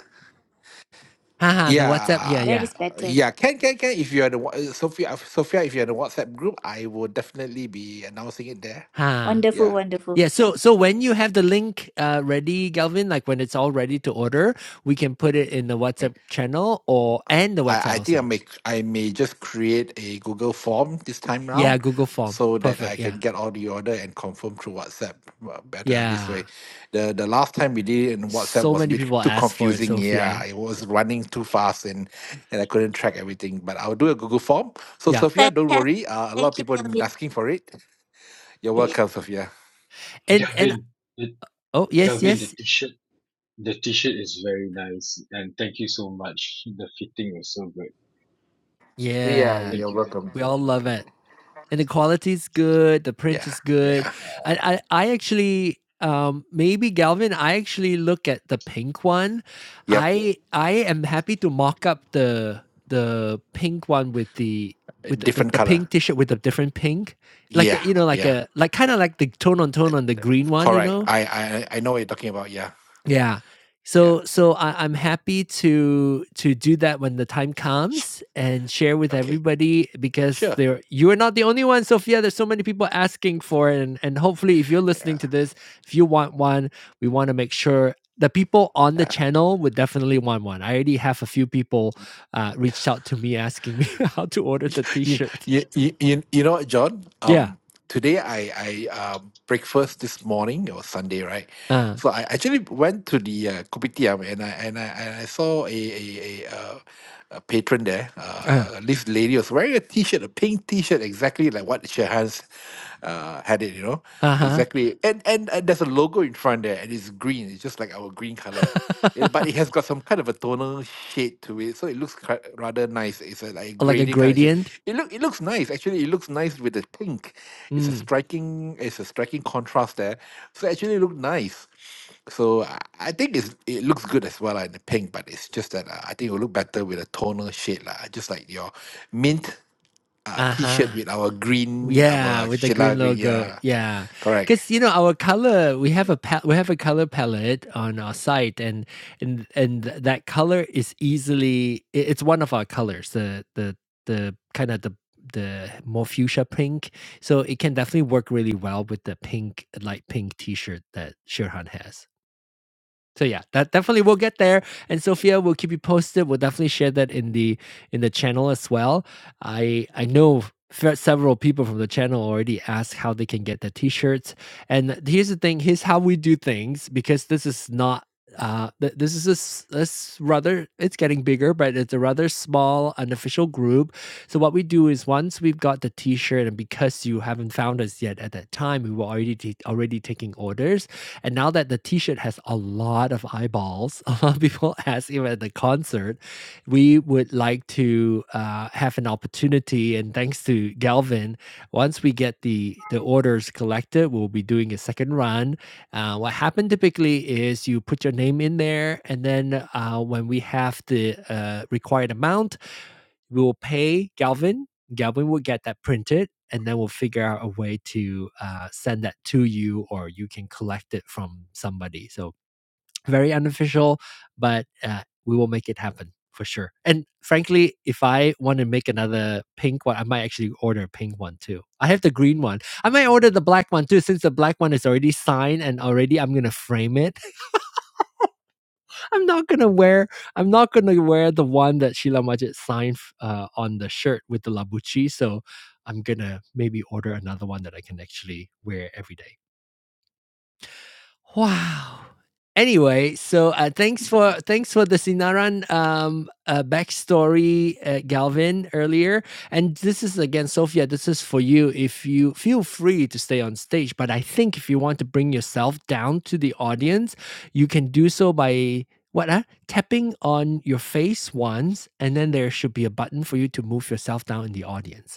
[SPEAKER 1] Haha, the WhatsApp. Yeah,
[SPEAKER 3] yeah
[SPEAKER 6] That
[SPEAKER 1] yeah.
[SPEAKER 6] is better.
[SPEAKER 3] yeah can can can if you're the wa- uh, sophia uh, sophia if you're in the whatsapp group i will definitely be announcing it there
[SPEAKER 1] Huh.
[SPEAKER 6] Wonderful,
[SPEAKER 3] yeah
[SPEAKER 6] wonderful.
[SPEAKER 1] Yeah, so so when you have the link uh, ready, Galvin, like when it's all ready to order, we can put it in the
[SPEAKER 3] like,
[SPEAKER 1] WhatsApp channel or and the
[SPEAKER 3] I,
[SPEAKER 1] website
[SPEAKER 3] I think I
[SPEAKER 1] also.
[SPEAKER 3] may I may just create a Google form this time
[SPEAKER 1] Yeah,
[SPEAKER 3] round
[SPEAKER 1] Google form.
[SPEAKER 3] so that I
[SPEAKER 1] Perfect.
[SPEAKER 3] can
[SPEAKER 1] Yeah.
[SPEAKER 3] get all the order and confirm through WhatsApp uh, better this way.
[SPEAKER 1] Yeah.
[SPEAKER 3] The the last time we did it in WhatsApp
[SPEAKER 1] So
[SPEAKER 3] was a
[SPEAKER 1] many
[SPEAKER 3] bit
[SPEAKER 1] people
[SPEAKER 3] too
[SPEAKER 1] ask for it,
[SPEAKER 3] confusing. Yeah,
[SPEAKER 1] Sophia.
[SPEAKER 3] it
[SPEAKER 1] Yeah.
[SPEAKER 3] was running too fast and and I couldn't track everything. But I'll do a Google form. So
[SPEAKER 1] Yeah.
[SPEAKER 3] Sophia, don't
[SPEAKER 6] Fantastic.
[SPEAKER 3] worry. Uh, a lot
[SPEAKER 6] Thank
[SPEAKER 3] of people have
[SPEAKER 6] you,
[SPEAKER 3] been asking for it. You're welcome, Sophia.
[SPEAKER 1] And and
[SPEAKER 5] Gavin. the
[SPEAKER 1] oh, yes,
[SPEAKER 5] Gavin, the
[SPEAKER 1] yes.
[SPEAKER 5] t-shirt, the t-shirt is very nice, and thank you so much. The fitting was so good.
[SPEAKER 3] Yeah,
[SPEAKER 1] Yeah.
[SPEAKER 3] you're
[SPEAKER 5] Thank you, thank you,
[SPEAKER 3] welcome.
[SPEAKER 1] We
[SPEAKER 5] thank
[SPEAKER 1] all
[SPEAKER 5] you.
[SPEAKER 1] love it. and the quality is good the print
[SPEAKER 3] Yeah,
[SPEAKER 1] is good
[SPEAKER 3] yeah,
[SPEAKER 1] i i, I actually um maybe galvin i actually look at the pink one
[SPEAKER 3] yep.
[SPEAKER 1] i i am happy to mock up the the pink one with the with the, the,
[SPEAKER 3] Different
[SPEAKER 1] the
[SPEAKER 3] color.
[SPEAKER 1] pink t-shirt with a different pink like
[SPEAKER 3] Yeah,
[SPEAKER 1] a, you know like
[SPEAKER 3] yeah.
[SPEAKER 1] a like kind of like the tone on tone on the green one you
[SPEAKER 3] Correct.
[SPEAKER 1] know
[SPEAKER 3] I I I know what you're talking about. Yeah,
[SPEAKER 1] yeah.
[SPEAKER 3] yeah.
[SPEAKER 1] So so I, I'm happy to to do that when the time comes and share with
[SPEAKER 3] Okay,
[SPEAKER 1] everybody because
[SPEAKER 3] sure.
[SPEAKER 1] there you are not the only one, Sophia. There's so many people asking for it, and and hopefully if you're listening
[SPEAKER 3] Yeah,
[SPEAKER 1] to this, if you want one, we want to make sure the people on the
[SPEAKER 3] yeah.
[SPEAKER 1] channel would definitely want one. I already have a few people uh, reached out to me asking me how to order the
[SPEAKER 3] You,
[SPEAKER 1] T-shirt.
[SPEAKER 3] you, you, you you know what, John?
[SPEAKER 1] Yeah.
[SPEAKER 3] Um, today I I um breakfast this morning. It was Sunday, right?
[SPEAKER 1] Uh.
[SPEAKER 3] So I actually went to the uh, kopitiam and I and I and I saw a a, a, uh, a patron there.
[SPEAKER 1] Uh.
[SPEAKER 3] Uh, this lady was wearing a t-shirt, a pink t-shirt, exactly like what Shahan's uh had it. You know,
[SPEAKER 1] Uh huh.
[SPEAKER 3] exactly. And and, and there's a logo in front there, and it's green. It's just like our green color. Yeah, but it has got some kind of a tonal shade to it, so it looks quite, rather nice. It's a, like a
[SPEAKER 1] like a
[SPEAKER 3] gradient kind of shade.
[SPEAKER 1] gradient.
[SPEAKER 3] It look it looks nice actually. It looks nice with the pink. It's a
[SPEAKER 1] Mm.
[SPEAKER 3] striking it's a striking contrast there. So actually, it looked nice. So I, I think it's, it looks good as well like, in the pink, but it's just that uh, I think it will look better with a tonal shade lah. Just like your mint uh,
[SPEAKER 1] Uh
[SPEAKER 3] t-shirt
[SPEAKER 1] huh.
[SPEAKER 3] with our green,
[SPEAKER 1] Yeah,
[SPEAKER 3] our
[SPEAKER 1] with the
[SPEAKER 3] Sheila
[SPEAKER 1] green
[SPEAKER 3] green.
[SPEAKER 1] logo.
[SPEAKER 3] Yeah,
[SPEAKER 1] Yeah,
[SPEAKER 3] correct.
[SPEAKER 1] because you know our color, we have a pa- we have a color palette on our site, and and and that color is easily i- it's one of our colors. The the the kind of the the more fuchsia pink, so it can definitely work really well with the pink light pink T shirt that Shirhan has. So yeah, that definitely we'll get there. And Sophia, we'll keep you posted. We'll definitely share that in the in the channel as well. I I know several people from the channel already asked how they can get the t-shirts. And here's the thing: here's how we do things because this is not. Uh, th- this is a, s- a s- rather rather it's getting bigger, but it's a rather small unofficial group. So what we do is once we've got the T-shirt, and because you haven't found us yet at that time, we were already t- already taking orders. And now that the T-shirt has a lot of eyeballs, a lot of people ask even at the concert, we would like to uh, have an opportunity. And thanks to Galvin, once we get the the orders collected, we'll be doing a second run uh, what happened typically is you put your name in there, and then uh, when we have the uh, required amount, we will pay Galvin. Galvin will get that printed, and then we'll figure out a way to uh, send that to you, or you can collect it from somebody. So very unofficial, but uh, we will make it happen for sure. And frankly, if I want to make another pink one, I might actually order a pink one too. I have the green one. I might order the black one too, since the black one is already signed and already I'm gonna frame it. I'm not gonna wear. I'm not gonna wear the one that Sheila Majid signed uh, on the shirt with the labuchi. So I'm gonna maybe order another one that I can actually wear every day. Wow. Anyway, so uh, thanks for thanks for the Sinaran um, uh, backstory, uh, Galvin earlier, and this is again, Sophia. This is for you. If you feel free to stay on stage, but I think if you want to bring yourself down to the audience, you can do so by what uh, tapping on your face once, and then there should be a button for you to move yourself down in the audience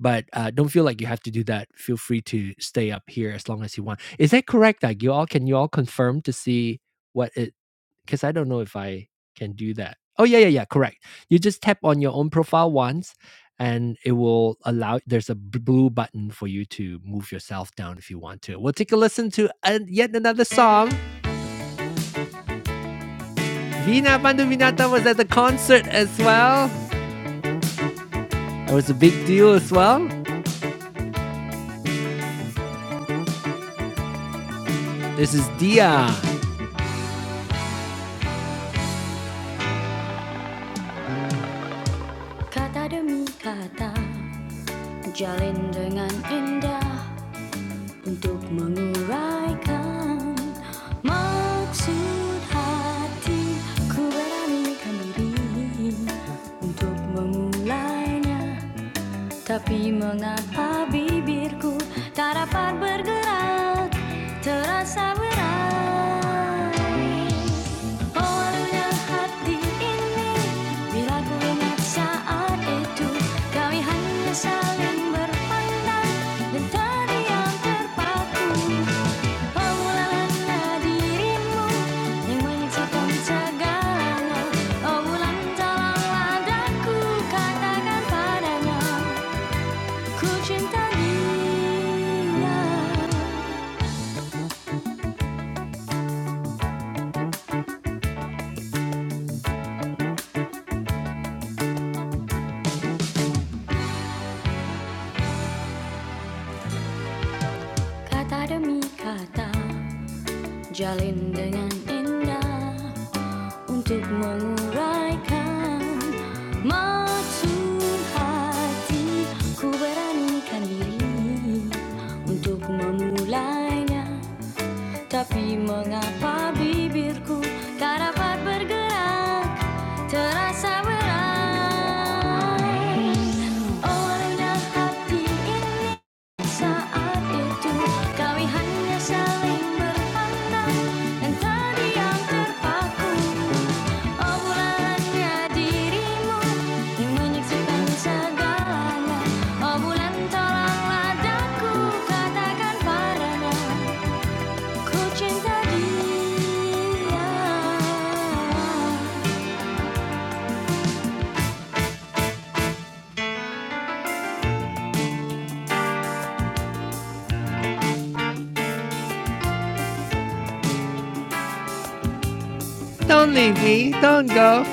[SPEAKER 1] but uh, don't feel like you have to do that. Feel free to stay up here as long as you want. Is that correct? Like you all can you all confirm to see what it? Because I don't know if I can do that. Oh yeah, yeah, yeah. Correct. You just tap on your own profile once, and it will allow. There's a b- blue button for you to move yourself down if you want to. We'll take a listen to uh, yet another song. Vina Bandu Vinata was at the concert as well. It was a big deal as well. This is Dia. Kata demi kata Jalin dengan indah untuk menguraikan maksud hati Ku beranikan diri untuk memulainya Tapi mengapa bibirku tak dapat bergerak Terasa berat Oh, halunya hati ini Bila ku ingat saat itu Kami hanya saling berpandang Dan terdiam terpaku Pemulalanlah dirimu Yang menyaksikan segalanya Oh bulan tolonglah daku Katakan padanya Ku cinta dia Kata demi kata Jalin dengan indah untuk menguraikan maksud hati ku beranikan diri untuk memulainya tapi mengapa bibirku tak dapat bergerak terasa berat olehnya hati ini Saat itu kami hanya saling berpandang dan terdiam terpaku obrolannya dirimu yang menyaksikan segalanya obrolan tolonglah daku katakan padanya ku cinta dia. Don't leave me. Don't go.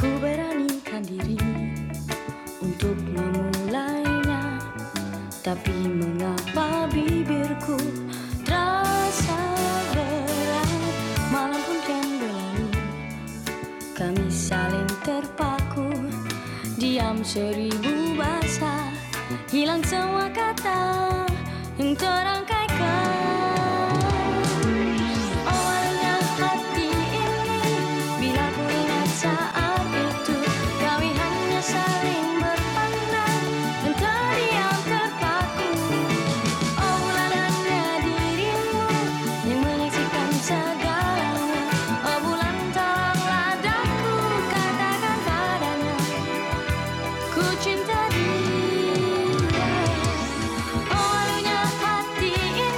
[SPEAKER 1] Ku beranikan diri untuk memulainya Tapi mengapa bibirku terasa berat Malam pun kian berlalu Kami saling terpaku Diam seribu bahasa Hilang semua kata Yang terangkaikan Awalnya hati ini Bila ku saat itu Kami saling berpandang Dan terdiam terpaku Obrolannya dirimu yang mengisikan segalanya. Oh bulan tolonglah katakan padanya ku cinta dia. Oh hati ini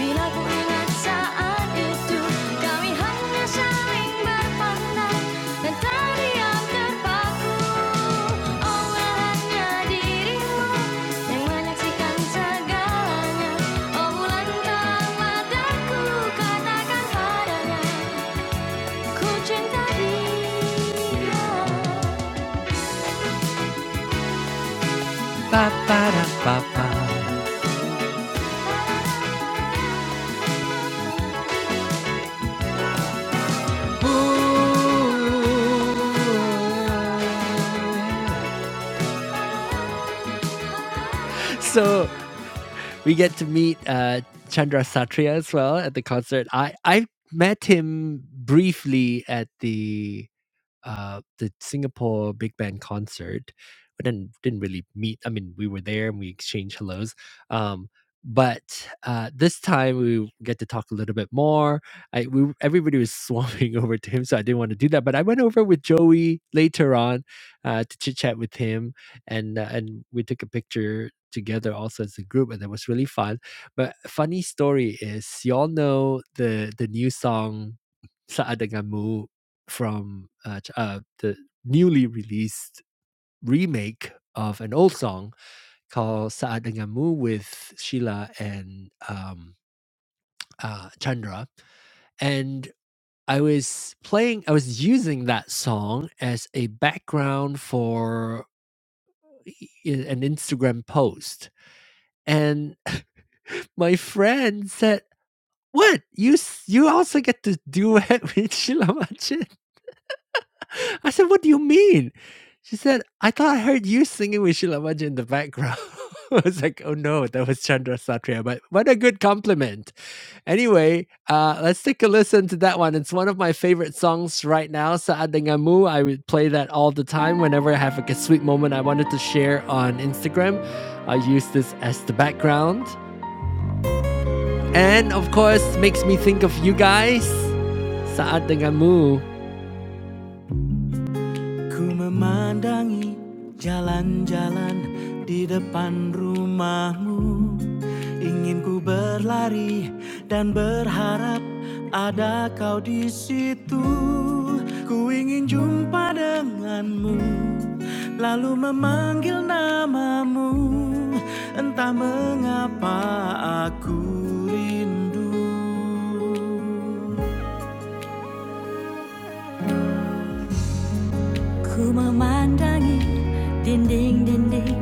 [SPEAKER 1] bila ku ingat saat itu kami hanya saling berpandang dan terdiam terpaku. Oh dirimu. Oh Ba, ba, da, ba, ba. So we get to meet uh, Chandra Satria as well at the concert. I I met him briefly at the uh, the Singapore big band concert. We didn't didn't really meet. I mean, we were there and we exchanged hellos. Um, but uh, this time we get to talk a little bit more. I we everybody was swarming over to him, so I didn't want to do that. But I went over with Joey later on uh, to chit chat with him, and uh, and we took a picture together also as a group, and that was really fun. But funny story is, y'all know the the new song "Saat Denganmu" from uh, uh, the newly released remake of an old song called Saat Denganmu with Sheila and um, uh, Chandra. And I was playing, I was using that song as a background for e, e, an Instagram post. And my friend said, what you you also get to do it with Sheila Majid?" I said, What do you mean? She said, I thought I heard you singing with Sheila in the background. I was like, Oh no, that was Chandra Satria, but what a good compliment. Anyway, uh, let's take a listen to that one. It's one of my favorite songs right now, Saat Dengamu. I would play that all the time whenever I have like a sweet moment I wanted to share on Instagram. I use this as the background. And of course, makes me think of you guys. Saat Dengamu. Ku memandangi jalan-jalan di depan rumahmu Ingin ku berlari dan berharap ada kau di situ Ku ingin jumpa denganmu Lalu memanggil namamu Entah mengapa aku rindu Ku Kumemandangi dinding-dinding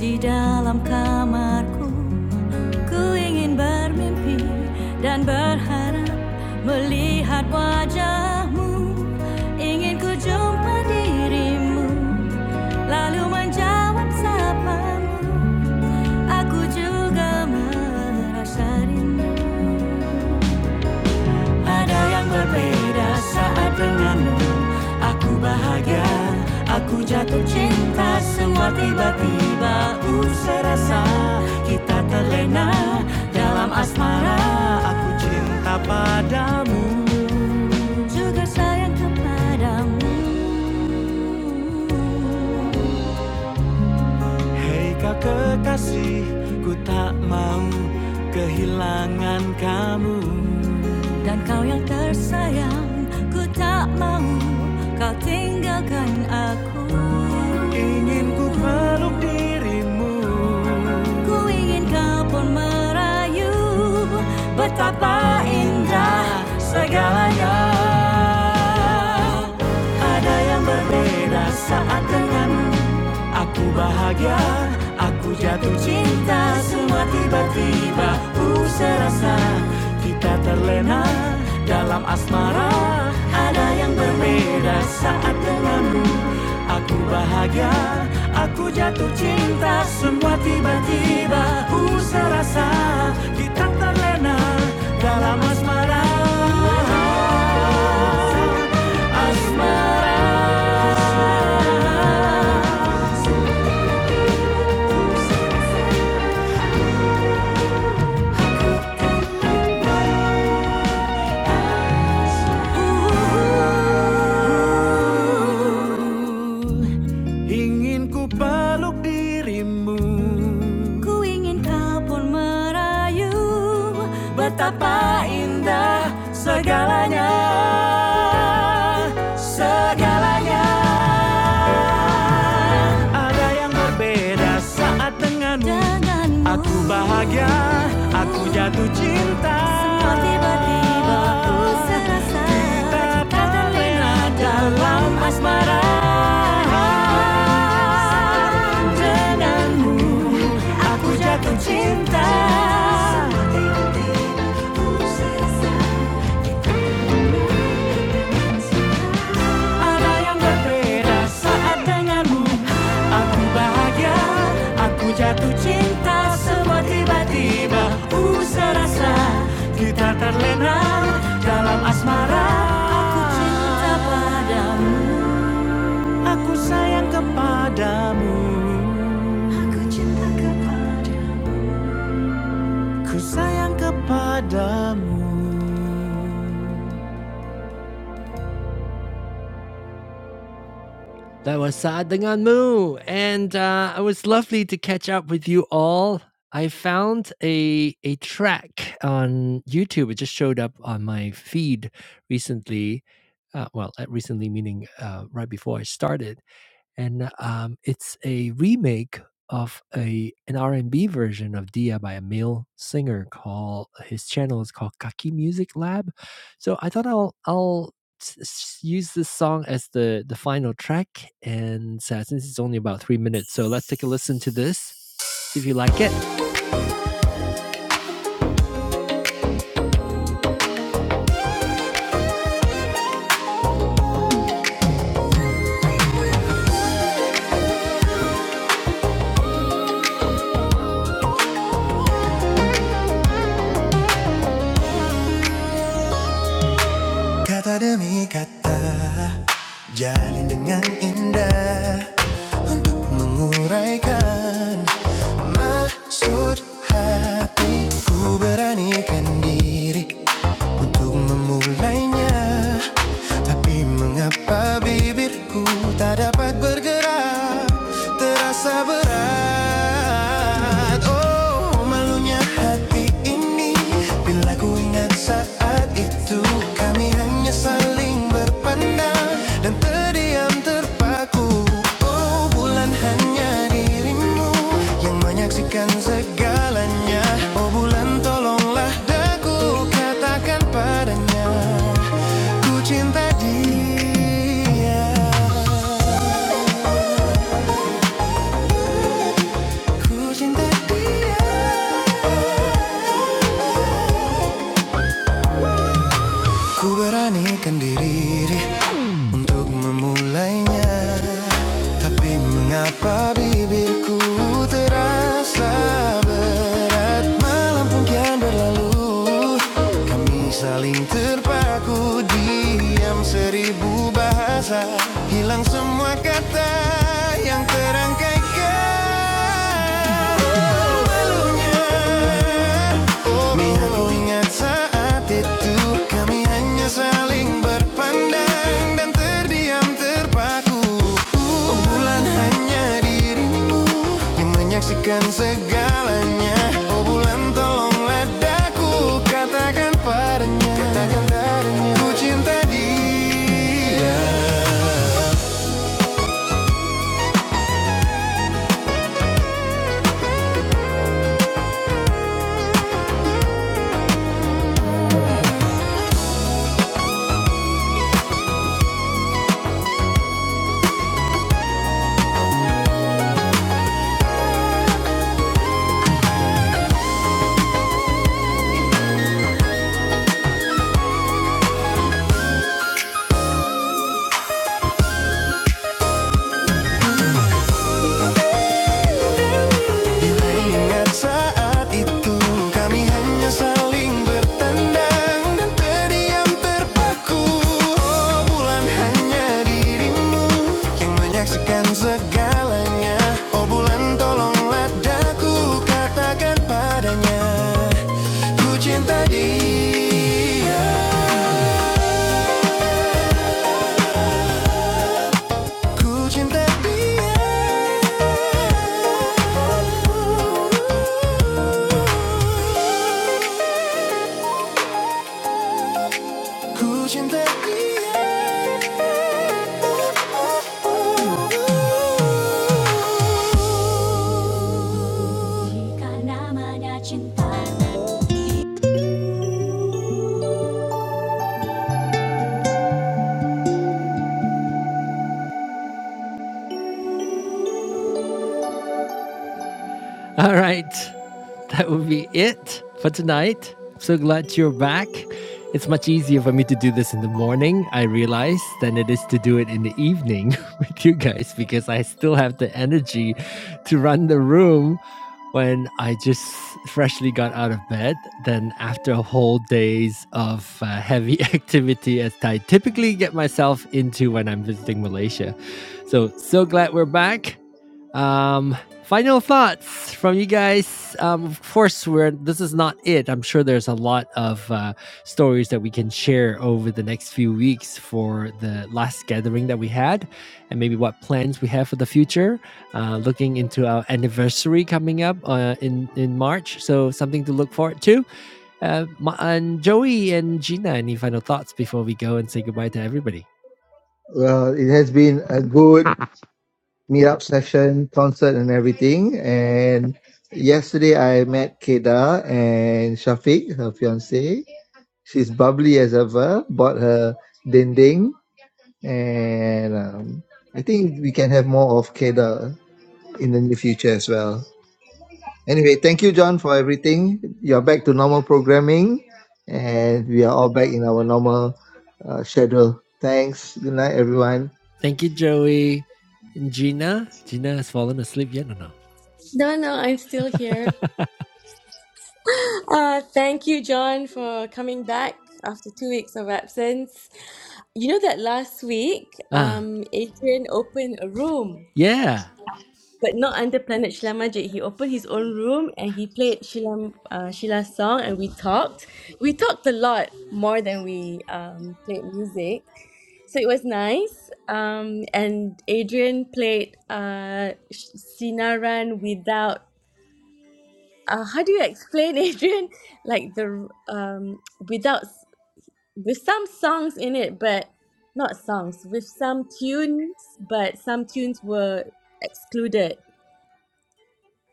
[SPEAKER 1] di dalam kamarku Ku ingin bermimpi dan berharap melihat wajahmu Ingin ku jumpa dirimu lalu menjawab sapamu Aku juga merasa rindu Ada yang berbeda saat denganmu Aku bahagia, aku jatuh cinta Semua tiba-tiba uh serasa Kita terlena dalam asmara Aku cinta padamu Juga sayang kepadamu Hei kau kekasih, ku tak mau kehilangan kamu Dan kau yang tersayang Ku tak mau kau tinggalkan aku Ingin ku peluk dirimu Ku ingin kau pun merayu Betapa indah segalanya Ada yang berbeda saat denganmu Aku bahagia, aku jatuh cinta Semua tiba-tiba ku serasa Kita terlena dalam asmara Ada yang berbeda saat denganmu Aku bahagia, aku jatuh cinta Semua tiba-tiba ku serasa Kita terlena dalam asmara Asmara Ingin ku peluk dirimu Ku ingin kau pun merayu Betapa indah segalanya Segalanya Ada yang berbeda saat denganmu Aku bahagia, aku jatuh cinta Semua tiba-tiba ku serasa Kita terlena dalam asmara Denganmu, aku jatuh cinta Semua tiba-tiba ku serasa Ada yang berbeda saat denganmu Aku bahagia, aku jatuh cinta Semua tiba-tiba ku serasa Kita terlena dalam asmara Aku cinta padamu Aku sayang kepadamu Ku sayang kepadamu That was Saadangan Mu. And uh, it was lovely to catch up with you all. I found a, a track on YouTube. It just showed up on my feed recently. Uh, well, uh, recently meaning uh, right before I started and um, it's a remake of a an R&B version of Dia by a male singer called his channel is called Kaki Music Lab. So I thought I'll I'll s- s- use this song as the the final track and uh, since it's only about 3 minutes so let's take a listen to this see if you like it dengan indah Untuk menguraikan Maksud hati Ku beranikan diri Untuk memulainya Tapi mengapa bibirku Tak dapat bergerak Terasa berat Oh malunya hati ini Bila ku Ingat saat itu kami hanya saling berpandang dan terdiam terpaku. Oh bulan hanya dirimu yang menyaksikan segalanya. Oh bulan tolonglah daku katakan padanya. Ku cinta dia, ku cinta dia. Ku beranikan diri Untuk memulainya Tapi mengapa bibirku terasa berat Malam pun kian berlalu Kami saling terpaku Diam seribu bahasa Hilang semua kata yang terangkai. Oh, malunya Oh, aku ingat saat itu Kami hanya saling saling dan terdiam terpaku Obrolan hanya dirimu yang menyaksikan segalanya Oh bulan tolonglah daku katakan padanya Katakan padanya Ku cinta dia Bila ingat saat itu Kami hanya saling bertandang Dan terdiam terpaku Oh bulan hanya dirimu Yang menyaksikan segalanya Oh bulan tolonglah daku Katakan padanya Ku cinta dia Ku cinta dia Ku cinta dia Karena mada cinta All right. That will be it for tonight. So glad you're back. It's much easier for me to do this in the morning, I realize, than it is to do it in the evening with you guys because I still have the energy to run the room when I just freshly got out of bed than after a whole days of uh, heavy activity as I typically get myself into when I'm visiting Malaysia. So, so glad we're back. Um, Final thoughts from you guys. Um, of course, we're this is not it. I'm sure there's a lot of uh, stories that we can share over the next few weeks for the last gathering that we had, and maybe what plans we have for the future. Uh, looking into our anniversary coming up uh, in in March, so something to look forward to. Uh, and Joey and Gina, any final thoughts before we go and say goodbye to everybody?
[SPEAKER 4] Well, it has been a good meetup session, concert, and everything. And Yesterday, I met Keda and Shafiq, her fiance. She's bubbly as ever. Bought her dinding, and um, I think we can have more of Keda in the near future as well. Anyway, thank you, John, for everything. You're back to normal programming, and we are all back in our normal uh, schedule. Thanks. Good night, everyone.
[SPEAKER 1] Thank you, Joey. And Gina, Gina has fallen asleep yet or no?
[SPEAKER 2] No, no, I'm still here. Uh, thank you, John, for coming back after two weeks of absence. You know that last week,
[SPEAKER 1] Ah,
[SPEAKER 2] um, Adrian opened a room,
[SPEAKER 1] Yeah.
[SPEAKER 2] but not under Planet Sheila Majid. He opened his own room and he played Sheila, uh, Sheila's song, and we talked. We talked a lot more than we um, played music, so it was nice. Um, and Adrian played uh, Sh- Sinaran without. Uh, how do you explain, Adrian? Like the um, without with some songs in it, but not songs, with some tunes, but some tunes were excluded.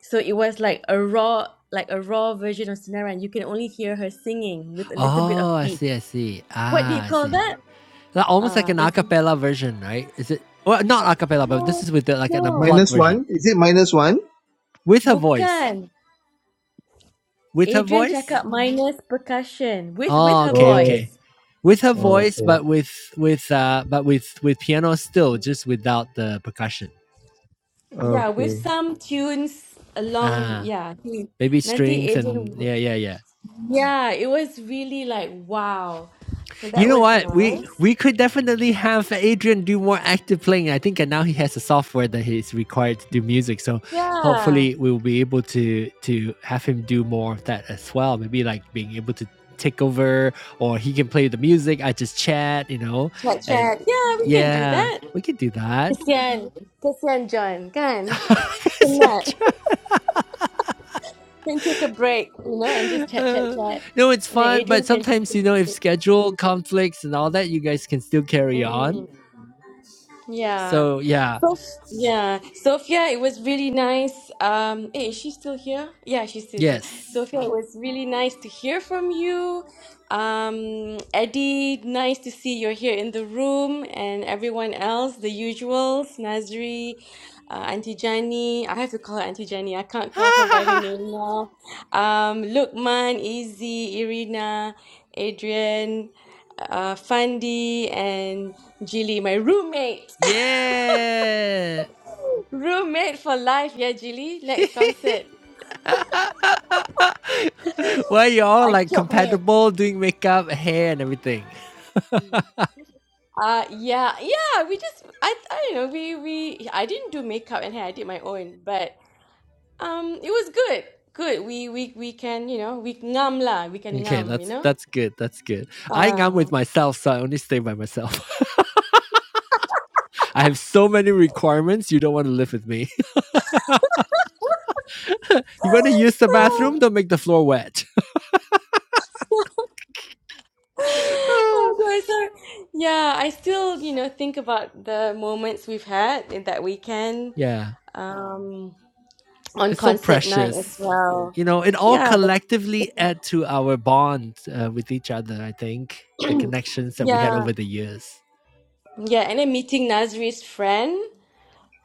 [SPEAKER 2] So it was like a raw, like a raw version of Sinara, and you can only hear her singing with a little bit
[SPEAKER 1] Oh,
[SPEAKER 2] of
[SPEAKER 1] I
[SPEAKER 2] beat.
[SPEAKER 1] see. I see.
[SPEAKER 2] What do you
[SPEAKER 1] Ah, I
[SPEAKER 2] call
[SPEAKER 1] see.
[SPEAKER 2] that?
[SPEAKER 1] Like almost like
[SPEAKER 2] Ah,
[SPEAKER 1] an a
[SPEAKER 2] that's
[SPEAKER 1] cappella version, right? Is it? Well, not a cappella, but this
[SPEAKER 2] no,
[SPEAKER 1] is with the, like an
[SPEAKER 2] no,
[SPEAKER 1] unplugged
[SPEAKER 4] Minus
[SPEAKER 1] version
[SPEAKER 4] one. Is it minus one?
[SPEAKER 1] with her voice.
[SPEAKER 2] bukan.
[SPEAKER 1] With her
[SPEAKER 2] Adrian cakap
[SPEAKER 1] voice.
[SPEAKER 2] minus percussion with with
[SPEAKER 1] Oh,
[SPEAKER 2] her
[SPEAKER 1] okay,
[SPEAKER 4] Oh,
[SPEAKER 1] okay.
[SPEAKER 2] voice.
[SPEAKER 1] With her voice,
[SPEAKER 4] okay.
[SPEAKER 1] but with with uh, but with with piano still, just without the percussion.
[SPEAKER 2] Yeah, with
[SPEAKER 4] Okay.
[SPEAKER 2] some tunes along.
[SPEAKER 1] Ah,
[SPEAKER 2] Yeah,
[SPEAKER 1] maybe
[SPEAKER 2] nanti
[SPEAKER 1] strings and
[SPEAKER 2] Adrian.
[SPEAKER 1] yeah, yeah, yeah.
[SPEAKER 2] Yeah, it was really like wow. So
[SPEAKER 1] You
[SPEAKER 2] that
[SPEAKER 1] know
[SPEAKER 2] was
[SPEAKER 1] what? We
[SPEAKER 2] nice.
[SPEAKER 1] we could definitely have Adrian do more active playing. I think and now he has a software that he's required to do music. So
[SPEAKER 2] Yeah.
[SPEAKER 1] hopefully we will be able to to have him do more of that as well. Maybe like being able to take over or he can play the music. I just chat, you know.
[SPEAKER 2] Chat
[SPEAKER 1] And
[SPEAKER 2] chat. Yeah, we can do
[SPEAKER 1] yeah,
[SPEAKER 2] that.
[SPEAKER 1] we can do that.
[SPEAKER 2] Kesian. Kesian John, kan? Penat. Can take a break, you know, and just chat chat
[SPEAKER 1] Uh,
[SPEAKER 2] chat.
[SPEAKER 1] no, it's
[SPEAKER 2] And then
[SPEAKER 1] fun, but
[SPEAKER 2] Adrian can just
[SPEAKER 1] sometimes you
[SPEAKER 2] take a
[SPEAKER 1] know if
[SPEAKER 2] break.
[SPEAKER 1] schedule conflicts and all that, you guys can still carry on.
[SPEAKER 2] Mm. Yeah.
[SPEAKER 1] So yeah,
[SPEAKER 2] So yeah, Sophia, it was really nice. Um, hey, is she still here? Yeah, she still here.
[SPEAKER 1] yes.
[SPEAKER 2] Sophia, it was really nice to hear from you. Um, Eddie, nice to see you're here in the room, and everyone else, the usuals, Nazri, uh, Auntie Jani. I have to call her Auntie Jani. I can't call her by her name now. Um, Lukman, Izzy, Irina, Adrian, uh, Fandi, and Jilly, my roommate.
[SPEAKER 1] Yeah.
[SPEAKER 2] Roommate for life, yeah, Jilly. Next concert.
[SPEAKER 1] Why y'all
[SPEAKER 2] I
[SPEAKER 1] like
[SPEAKER 2] took her.
[SPEAKER 1] compatible doing makeup, hair, and everything?
[SPEAKER 2] Mm. Uh yeah, yeah, we just I I don't know, we we I didn't do makeup and hair, I did my own, but um it was good. Good. We we we can, you know, we ngam lah, we can
[SPEAKER 1] Okay,
[SPEAKER 2] ngam, you
[SPEAKER 1] that's
[SPEAKER 2] know?
[SPEAKER 1] that's good. That's good. I think I'm
[SPEAKER 2] Uh
[SPEAKER 1] with myself, so I only stay by myself. I have so many requirements. You don't want to live with me. You want to use the bathroom? Don't make the floor wet.
[SPEAKER 2] Oh god, so yeah, I still, you know, think about the moments we've had in that weekend,
[SPEAKER 1] yeah,
[SPEAKER 2] um on
[SPEAKER 1] it's so
[SPEAKER 2] concert night as
[SPEAKER 1] precious.
[SPEAKER 2] well.
[SPEAKER 1] You know, it all
[SPEAKER 2] Yeah, the,
[SPEAKER 1] collectively add to our bond uh, with each other. I think the connections that we had
[SPEAKER 2] yeah.
[SPEAKER 1] over the years.
[SPEAKER 2] Yeah, and then meeting Nazri's friend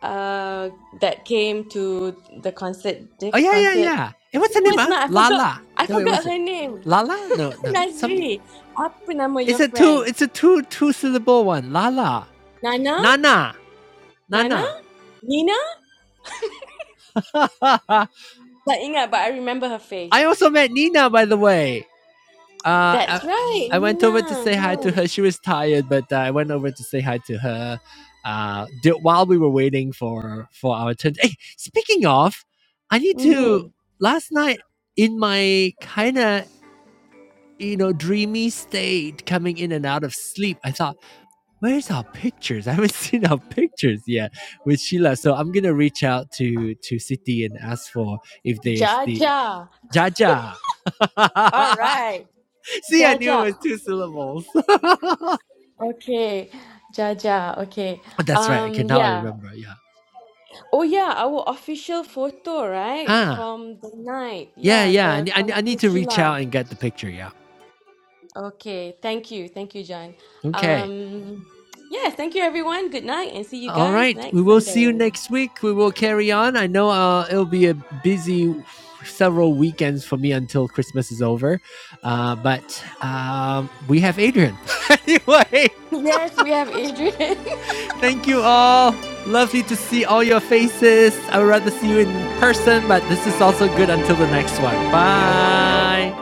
[SPEAKER 2] uh that came to the concert
[SPEAKER 1] Oh
[SPEAKER 2] Dick's
[SPEAKER 1] yeah, yeah,
[SPEAKER 2] concert.
[SPEAKER 1] yeah. And what's her
[SPEAKER 2] No,
[SPEAKER 1] name?
[SPEAKER 2] it's
[SPEAKER 1] Ah,
[SPEAKER 2] not. I forgot.
[SPEAKER 1] Lala.
[SPEAKER 2] I
[SPEAKER 1] No, wait,
[SPEAKER 2] forgot
[SPEAKER 1] what's it?
[SPEAKER 2] her name.
[SPEAKER 1] Lala? No, no. Some.
[SPEAKER 2] Nazri. Apa nama your
[SPEAKER 1] It's a two.
[SPEAKER 2] friend?
[SPEAKER 1] It's a two two syllable one. Lala.
[SPEAKER 2] Nana?
[SPEAKER 1] Nana.
[SPEAKER 2] Nana?
[SPEAKER 1] Nana.
[SPEAKER 2] Nina?
[SPEAKER 1] I
[SPEAKER 2] Tak ingat, but I remember her face.
[SPEAKER 1] also met Nina, by the way. Uh,
[SPEAKER 2] That's
[SPEAKER 1] I,
[SPEAKER 2] right,
[SPEAKER 1] I went over to
[SPEAKER 2] Nina.
[SPEAKER 1] say hi to
[SPEAKER 2] Huh.
[SPEAKER 1] her. She was tired, but uh, I went over to say hi to her. Uh, while we were waiting for for our turn. Hey, speaking of, I need to.
[SPEAKER 2] Mm-hmm.
[SPEAKER 1] Last night in my kind of you know, dreamy state coming in and out of sleep. I thought, where's our pictures? I haven't seen our pictures yet with Sheila. So I'm gonna reach out to to City and ask for if they the
[SPEAKER 2] Jaja.
[SPEAKER 1] Jaja.
[SPEAKER 2] All right.
[SPEAKER 1] See, I knew
[SPEAKER 2] Jaja.
[SPEAKER 1] it was two syllables.
[SPEAKER 2] Okay. Jaja. Okay.
[SPEAKER 1] That's right. Okay,
[SPEAKER 2] Um.
[SPEAKER 1] now I
[SPEAKER 2] Yeah.
[SPEAKER 1] remember. Yeah.
[SPEAKER 2] Oh yeah, our official photo, right?
[SPEAKER 1] Huh.
[SPEAKER 2] From the night.
[SPEAKER 1] Yeah,
[SPEAKER 2] Yeah,
[SPEAKER 1] yeah. I,
[SPEAKER 2] the
[SPEAKER 1] ne- I, ne-
[SPEAKER 2] con
[SPEAKER 1] I need
[SPEAKER 2] with
[SPEAKER 1] to reach
[SPEAKER 2] Sheila.
[SPEAKER 1] out and get the picture. Yeah.
[SPEAKER 2] Okay, thank you. Thank you, John.
[SPEAKER 1] Okay.
[SPEAKER 2] Um yes, thank you everyone. Good night and see you
[SPEAKER 1] All
[SPEAKER 2] guys
[SPEAKER 1] right. We
[SPEAKER 2] next
[SPEAKER 1] will
[SPEAKER 2] Sunday.
[SPEAKER 1] see you next week. We will carry on. I know uh, it'll be a busy several weekends for me until Christmas is over. Uh, but um, we have Adrian. anyway,
[SPEAKER 2] Yes, we have Adrian.
[SPEAKER 1] thank you all. Lovely to see all your faces. I would rather see you in person, but this is also good until the next one. Bye.